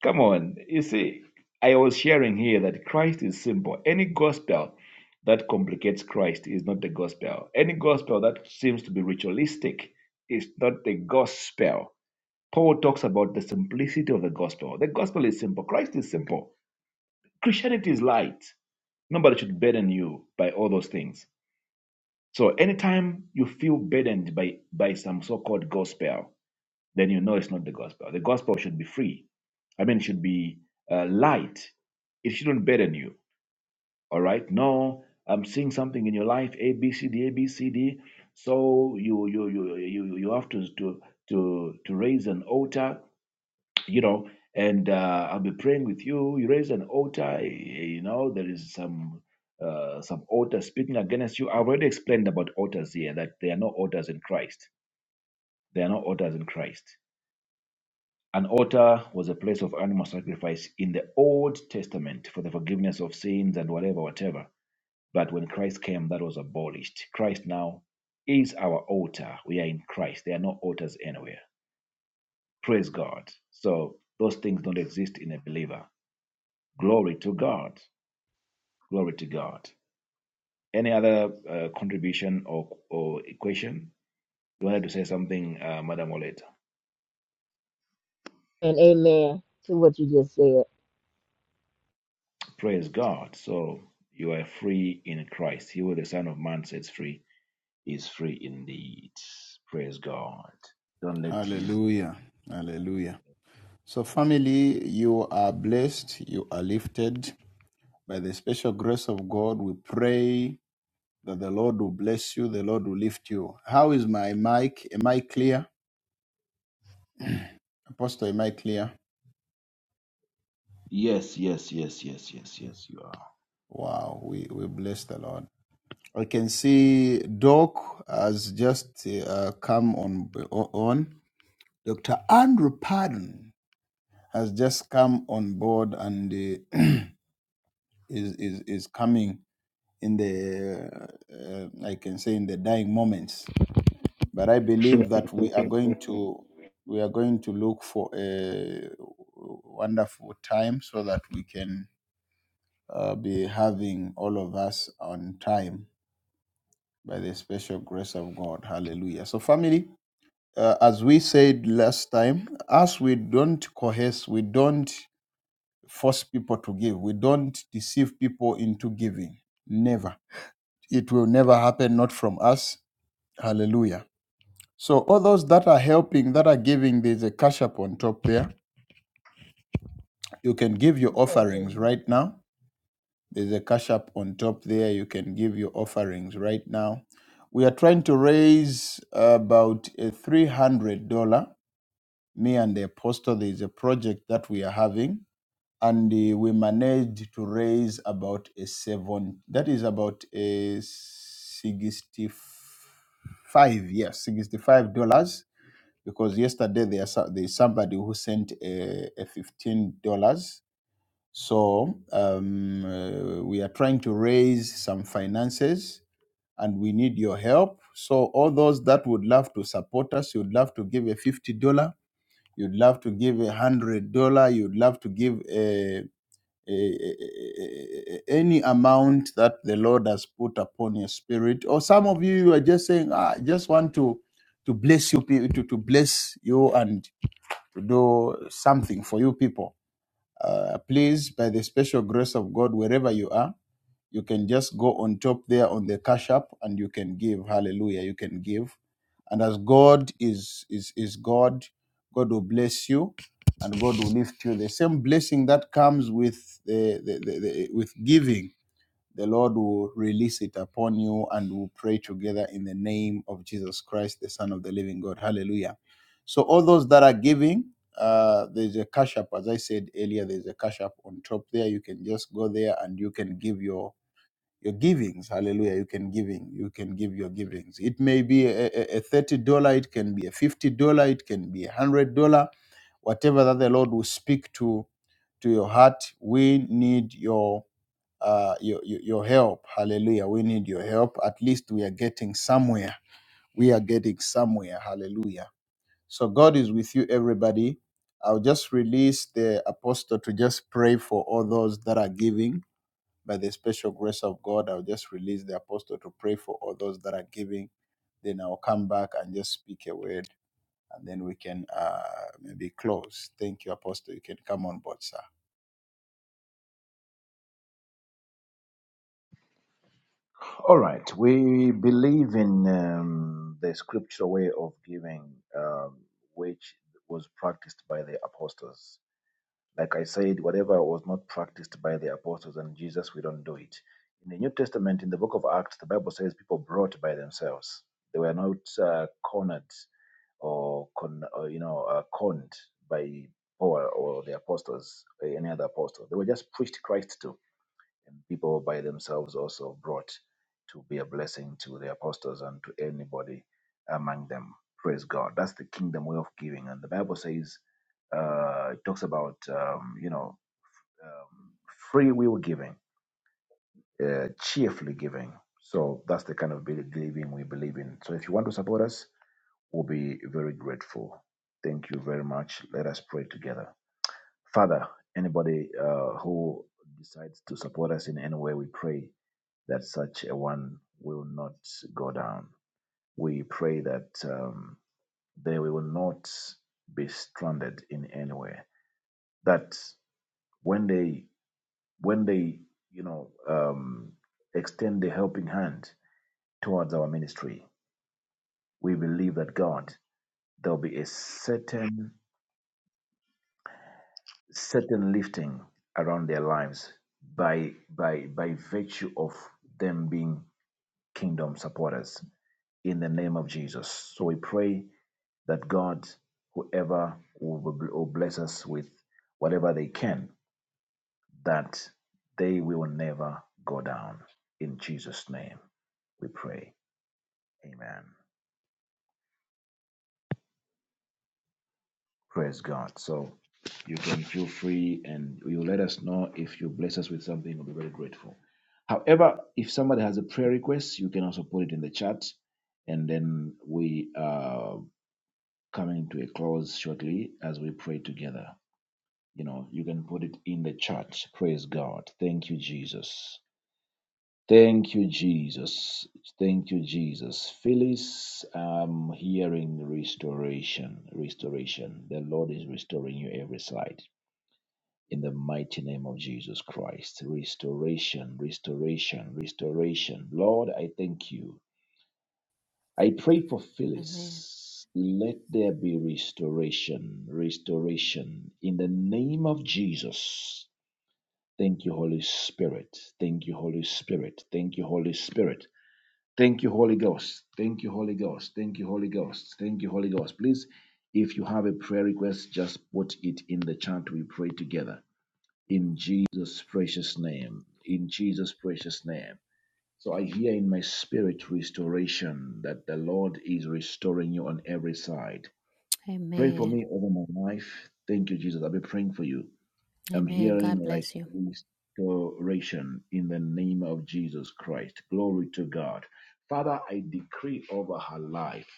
[SPEAKER 1] Come on, you see, I was sharing here that Christ is simple. Any gospel that complicates Christ is not the gospel. Any gospel that seems to be ritualistic is not the gospel Paul talks about the simplicity of the gospel. The gospel is simple. Christ is simple. Christianity is light. Nobody should burden you by all those things. So anytime you feel burdened by, by some so-called gospel, then you know it's not the gospel. The gospel should be free. I mean, it should be uh, light. It shouldn't burden you. All right. No, I'm seeing something in your life, A, B, C, D, A, B, C, D. So you you you you you have to to to to raise an altar you know and uh, i'll be praying with you you raise an altar eh, you know there is some uh, some altars speaking against you i've already explained about altars here that there are no altars in christ there are no altars in christ an altar was a place of animal sacrifice in the old testament for the forgiveness of sins and whatever whatever but when christ came that was abolished christ now is our altar we are in christ there are no altars anywhere praise god so those things don't exist in a believer Glory to God. Glory to God. Any other uh, contribution or, or equation? You wanted to say something, uh, Madam Oleta.
[SPEAKER 3] And amen to what you just said.
[SPEAKER 1] Praise God. So you are free in Christ. He who the Son of Man sets free is free indeed. Praise God. Don't let this. Yes, yes, yes, yes, yes, yes, you are.
[SPEAKER 5] in the uh, I can say in the dying moments. But I believe that we are going to we are going to look for a wonderful time so that we can uh, be having all of us on time by the special grace of God. Hallelujah. So, family, uh, as we said last time, as we don't coerce, we don't force people to give, we don't deceive people into giving. Never. It will never happen, not from us. Hallelujah. So, all those that are helping, that are giving, there's a cash up on top there. You can give your
[SPEAKER 3] We can't hear
[SPEAKER 5] offerings
[SPEAKER 3] you.
[SPEAKER 5] right now There's a cash app on top there. You can give your offerings right now. We are trying to raise about a $300. Me and the apostle, there's a project that we are having, and uh, we managed to raise about a seven, that is about a 65, yes, $65 because yesterday there, is so- somebody who sent a, a $15 so um, uh, we are trying to raise some finances and we need your help. So all those that would love to support us, you'd love to give a $50, you'd love to give a $100, you'd love to give a, a- a- a- any amount that the Lord has put upon your spirit. Or some of you, you are just saying, "Ah, I just want to, to bless you, pe- to, to bless you and to do something for you people uh, please, by the special grace of God, wherever you are, you can just go on top there on the cash app and you can give. Hallelujah. You can give. And as God is is is God, God will bless you and God will lift you. The same blessing that comes with the, the, the, the with giving the Lord will release it upon you and we'll pray together in the name of Jesus Christ, the Son of the living God. Hallelujah. So, all those that are giving, uh, there's a cash app. As I said earlier, there's a cash app on top there. You can just go there and you can give your your givings. Hallelujah. You can giving. You can give your givings. It may be a, a a $30, it can be a $50, it can be a $100, whatever that the Lord will speak to to your heart. We need your uh, your, your your help. Hallelujah. We need your help. At least we are getting somewhere. We are getting somewhere. Hallelujah. So God is with you, everybody. I'll just release the apostle to just pray for all those that are giving. By the special grace of God, I'll just release the apostle to pray for all those that are giving. Then I'll come back and just speak a word, and then we can uh, maybe close. Thank you, apostle. You can come on board, sir.
[SPEAKER 1] All right. We believe in um, the scriptural way of giving, um, which was practiced by the apostles Like I said, whatever was not practiced by the apostles and Jesus, we don't do it. In the New Testament, in the book of Acts, the Bible says people brought by themselves. They were not uh, cornered or, con- or you know uh, conned by Paul or the apostles, or any other apostle. They were just preached Christ to and people by themselves also brought to be a blessing to the apostles and to anybody among them. Praise God. That's the kingdom way of giving. And the Bible says, uh, it talks about, um, you know, um, free will giving, uh, cheerfully giving. So that's the kind of believing we believe in. So if you want to support us, we'll be very grateful. Thank you very much. Let us pray together. Father, anybody uh, who decides to support us in any way, we pray that such a one will not go down. We pray that um, they will not be stranded in any way. That when they when they you know um, extend the helping hand towards our ministry, we believe that God there will be a certain certain lifting around their lives by by by virtue of them being kingdom supporters in the name of Jesus. So we pray that God, whoever will will bless us with whatever they can, that they will never go down. In Jesus' name, we pray. Amen. Praise God. So you can feel free and you let us know if you bless us with something. We'll be very grateful. However, if somebody has a prayer request, you can also put it in the chat, and then we uh, coming to a close shortly as we pray together. You know, you can put it in the chat. Praise God. Thank you, Jesus. Thank you, Jesus. Thank you, Jesus. Phyllis, I'm hearing restoration. Restoration. The Lord is restoring you every side. In the mighty name of Jesus Christ. Restoration, restoration, restoration. Lord, I thank you. I pray for
[SPEAKER 9] Amen.
[SPEAKER 1] Phyllis. Let there be restoration, restoration in the name of Jesus. Thank you, Holy Spirit. Thank you, Holy Spirit. Thank you, Holy Spirit. Thank you, Holy Ghost. Thank you, Holy Ghost. Thank you, Holy Ghost. Thank you, Holy Ghost. Please, if you have a prayer request, just put it in the chat. We pray together. In Jesus' precious name. In Jesus' precious name. So I hear in my spirit restoration that the Lord is restoring you on every side. Pray for
[SPEAKER 9] Amen.
[SPEAKER 1] me over my life. Thank you, Jesus. I'll be praying for you. I'm
[SPEAKER 9] Amen.
[SPEAKER 1] hearing
[SPEAKER 9] God
[SPEAKER 1] like
[SPEAKER 9] bless you.
[SPEAKER 1] restoration in the name of Jesus Christ. Glory to God. Father, I decree over her life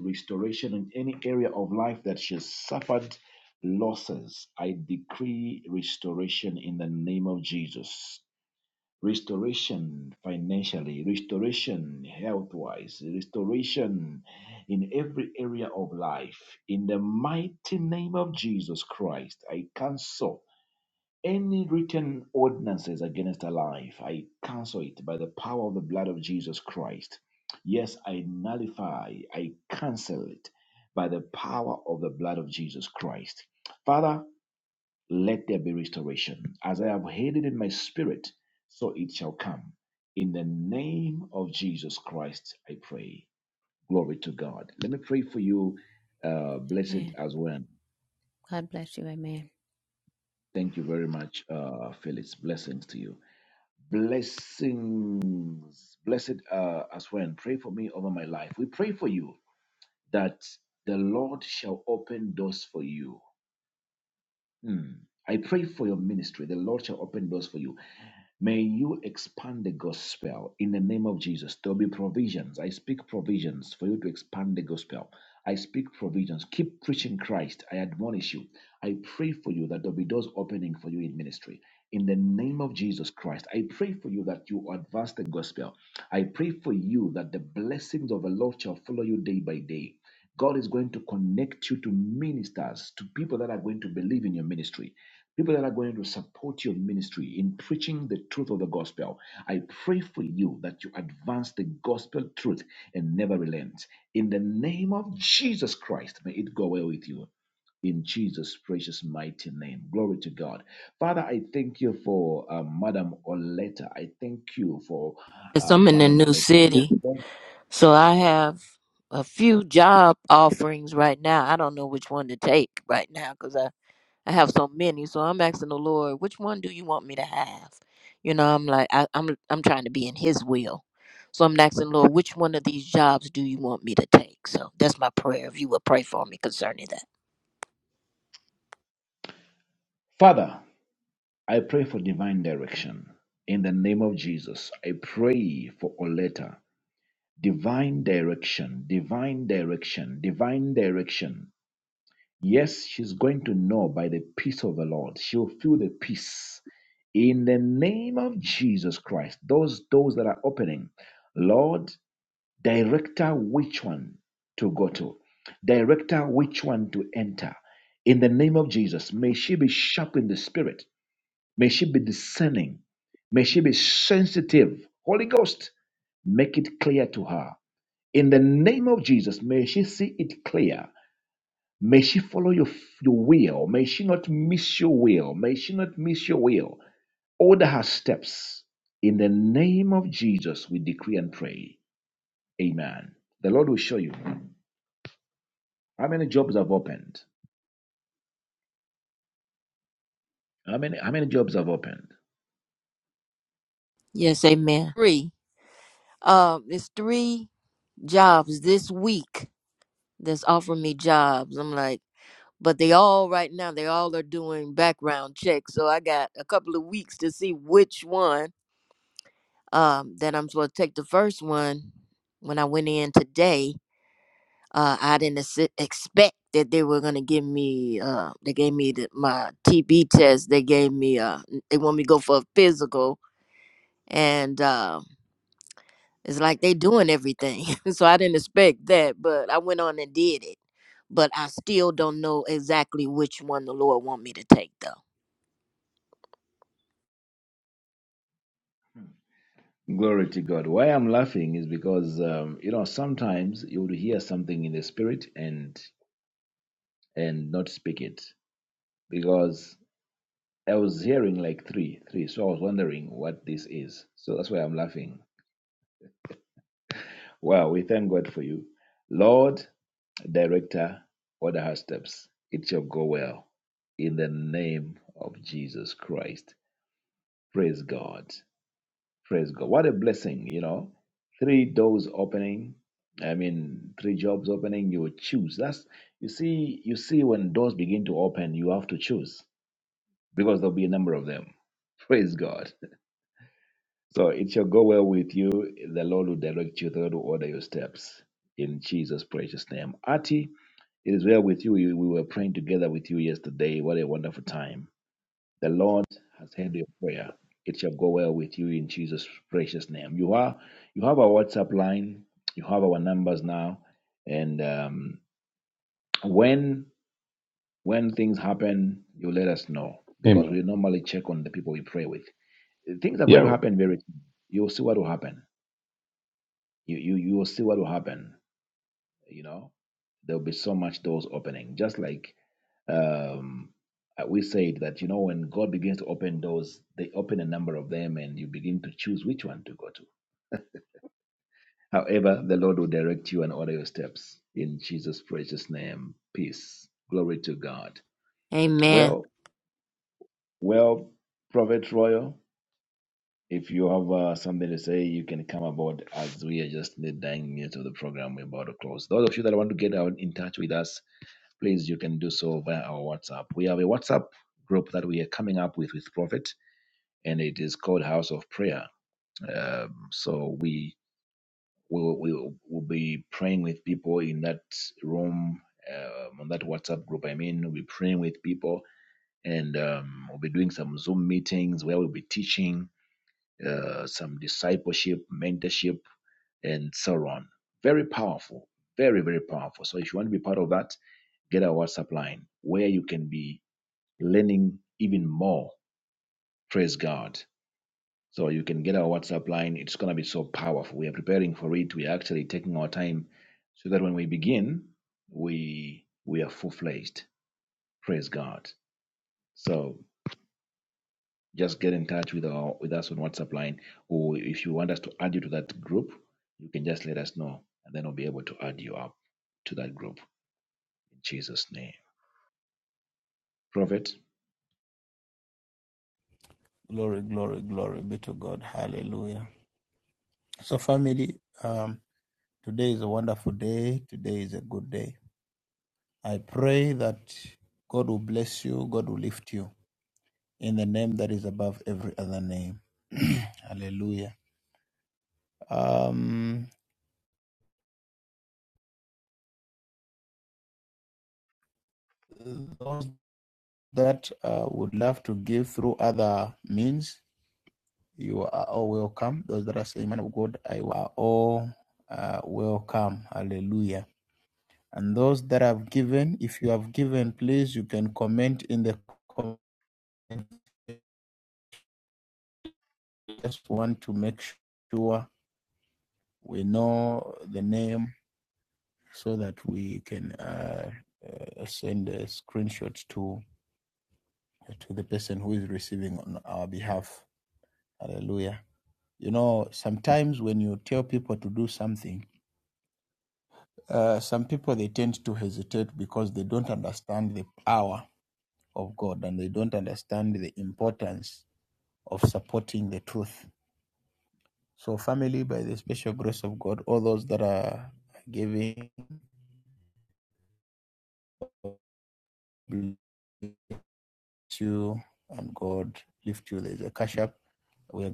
[SPEAKER 1] restoration in any area of life that she has suffered losses. I decree restoration in the name of Jesus restoration financially, restoration health wise, restoration in every area of life. In the mighty name of Jesus Christ, I cancel any written ordinances against our life. I cancel it by the power of the blood of Jesus Christ. Yes, I nullify, I cancel it by the power of the blood of Jesus Christ. Father, let there be restoration. As I have heard it in my spirit, so it shall come. In the name of Jesus Christ, I pray. Glory to God. Let me pray for you, uh, blessed
[SPEAKER 9] Amen.
[SPEAKER 1] as well.
[SPEAKER 9] God bless you. Amen.
[SPEAKER 1] Thank you very much, uh, Phyllis. Blessings to you. Blessings, blessed uh, as well. Pray for me over my life. We pray for you that the Lord shall open doors for you Mm. I pray for your ministry. The Lord shall open doors for you. May you expand the gospel in the name of Jesus. There'll be provisions. I speak provisions for you to expand the gospel. I speak provisions. Keep preaching Christ. I admonish you. I pray for you that there'll be doors opening for you in ministry in the name of Jesus Christ. I pray for you that you advance the gospel. I pray for you that the blessings of the Lord shall follow you day by day. God is going to connect you to ministers, to people that are going to believe in your ministry, people that are going to support your ministry in preaching the truth of the gospel. I pray for you that you advance the gospel truth and never relent. In the name of Jesus Christ, may it go well with you in Jesus' precious mighty name. Glory to God. Father, I thank you for uh, Madam Oleta. I thank you for
[SPEAKER 3] Yes,
[SPEAKER 1] uh,
[SPEAKER 3] I'm in a
[SPEAKER 1] Madam
[SPEAKER 3] new
[SPEAKER 1] Oleta. Yes,
[SPEAKER 3] city,
[SPEAKER 1] Lord.
[SPEAKER 3] so I have a few job offerings right now. I don't know which one to take right now because I, I have so many. So I'm asking the Lord, which one do you want me to have? You know, I'm like I, I'm I'm trying to be in His will, so I'm asking the Lord, which one of these jobs do you want me to take? So that's my prayer. If you would pray for me concerning that.
[SPEAKER 1] Father, I pray for divine direction. In the name of Jesus, I pray for Oleta. Divine direction, divine direction, divine direction. Yes, she's going to know by the peace of the Lord. She'll feel the peace. In the name of Jesus Christ, those doors that are opening, Lord, Director which one to go to. Director which one to enter. In the name of Jesus, may she be sharp in the spirit. May she be discerning. May she be sensitive. Holy Ghost, make it clear to her. In the name of Jesus, may she see it clear. May she follow your, your will. May she not miss your will. May she not miss your will. Order her steps. In the name of Jesus, we decree and pray. Amen. The Lord will show you. How many jobs have opened? How many how many jobs have opened?
[SPEAKER 3] Yes, amen. Three. Um, it's three jobs this week that's offering me jobs. I'm like, but they all right now, they all are doing background checks. So I got a couple of weeks to see which one um that I'm supposed to take. The first one, when I went in today, uh I didn't exi- expect that they were gonna give me uh they gave me the, my TB test. They gave me uh they want me to go for a physical and uh, It's like they doing everything. so I didn't expect that, but I went on and did it. But I still don't know exactly which one the Lord want me to take though.
[SPEAKER 1] Glory to God. Why I'm laughing is because um, you know sometimes you would hear something in the spirit and and not speak it because I was hearing like three three, so I was wondering what this is. So that's why I'm laughing. Wow, we thank God for you, Lord, Director, order her steps. It shall go well in the name of Jesus Christ. Praise God. Praise God. What a blessing, you know. Three doors opening. I mean, three jobs opening, you will choose. That's you see, you see when doors begin to open, you have to choose because there'll be a number of them. Praise God. So it shall go well with you. The Lord will direct you, the Lord will order your steps in Jesus' precious name. Ati, it is well with you. You- We were praying together with you yesterday. What a wonderful time. The Lord has heard your prayer. It shall go well with you in Jesus' precious name. You are you have our WhatsApp line. You have our numbers now, and um, when when things happen, you let us know because
[SPEAKER 7] Amen.
[SPEAKER 1] we normally check on the people we pray with. Things are going
[SPEAKER 7] Yahweh.
[SPEAKER 1] to happen very soon. You will see what will happen. You you you will see what will happen. You know there will be so much doors opening, just like Um, uh, we said that you know when God begins to open doors, they open a number of them, and you begin to choose which one to go to. However, the Lord will direct you and order your steps in Jesus' precious name. Peace, glory to God.
[SPEAKER 3] Amen.
[SPEAKER 1] Well, well, Prophet Royal, if you have uh, something to say, you can come aboard as we are just in the dying minutes of the program. We're about to close. Those of you that want to get out in touch with us, please you can do so via our WhatsApp. We have a WhatsApp group that we are coming up with with Prophet. and it is called House of Prayer. Um, so we will we, will will be praying with people in that room, um, on that WhatsApp group. I mean, we'll be praying with people, and um, we'll be doing some Zoom meetings where we'll be teaching uh, some discipleship, mentorship, and so on. Very powerful, very very powerful. So if you want to be part of that, get our WhatsApp line where you can be learning even more. Praise God. So you can get our WhatsApp line. It's going to be so powerful. We are preparing for it. We are actually taking our time so that when we begin, we we are full fledged. Praise God. So just get in touch with our with us on WhatsApp line, or if you want us to add you to that group, you can just let us know, and then we'll be able to add you up to that group in Jesus' name. Prophet.
[SPEAKER 5] Pray that God will bless you, God will lift you. in the name that is above every other name. Hallelujah. Um, those that uh, would love to give through other means, you are all welcome. Those that are saying, Man of God, I are all uh, welcome. Hallelujah. And those that have given, if you have given, please, you can comment in the comments. I Just want to make sure we know the name so that we can uh, uh, send a screenshot to uh, to the person who is receiving on our behalf. Hallelujah. You know, sometimes when you tell God, lift up, we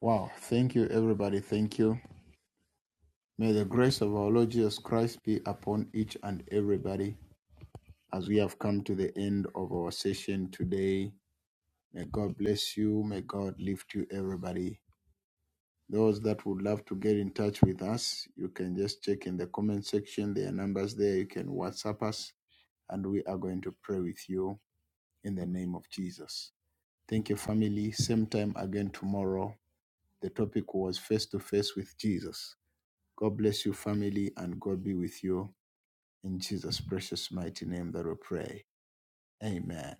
[SPEAKER 5] wow, thank you, everybody. Thank you. May the grace of our Lord Jesus Christ be upon each and everybody as we have come to the end of our session today. May God bless you. May God lift you, everybody. Those that would love to get in touch with us, you can just check in the comment section. There are numbers there. You can WhatsApp us, and we are going to pray with you in the name of Jesus. Thank you, family. Same time again tomorrow. The topic was face to face with Jesus. God bless you, family, and God be with you. In Jesus' precious mighty name that we pray. Amen.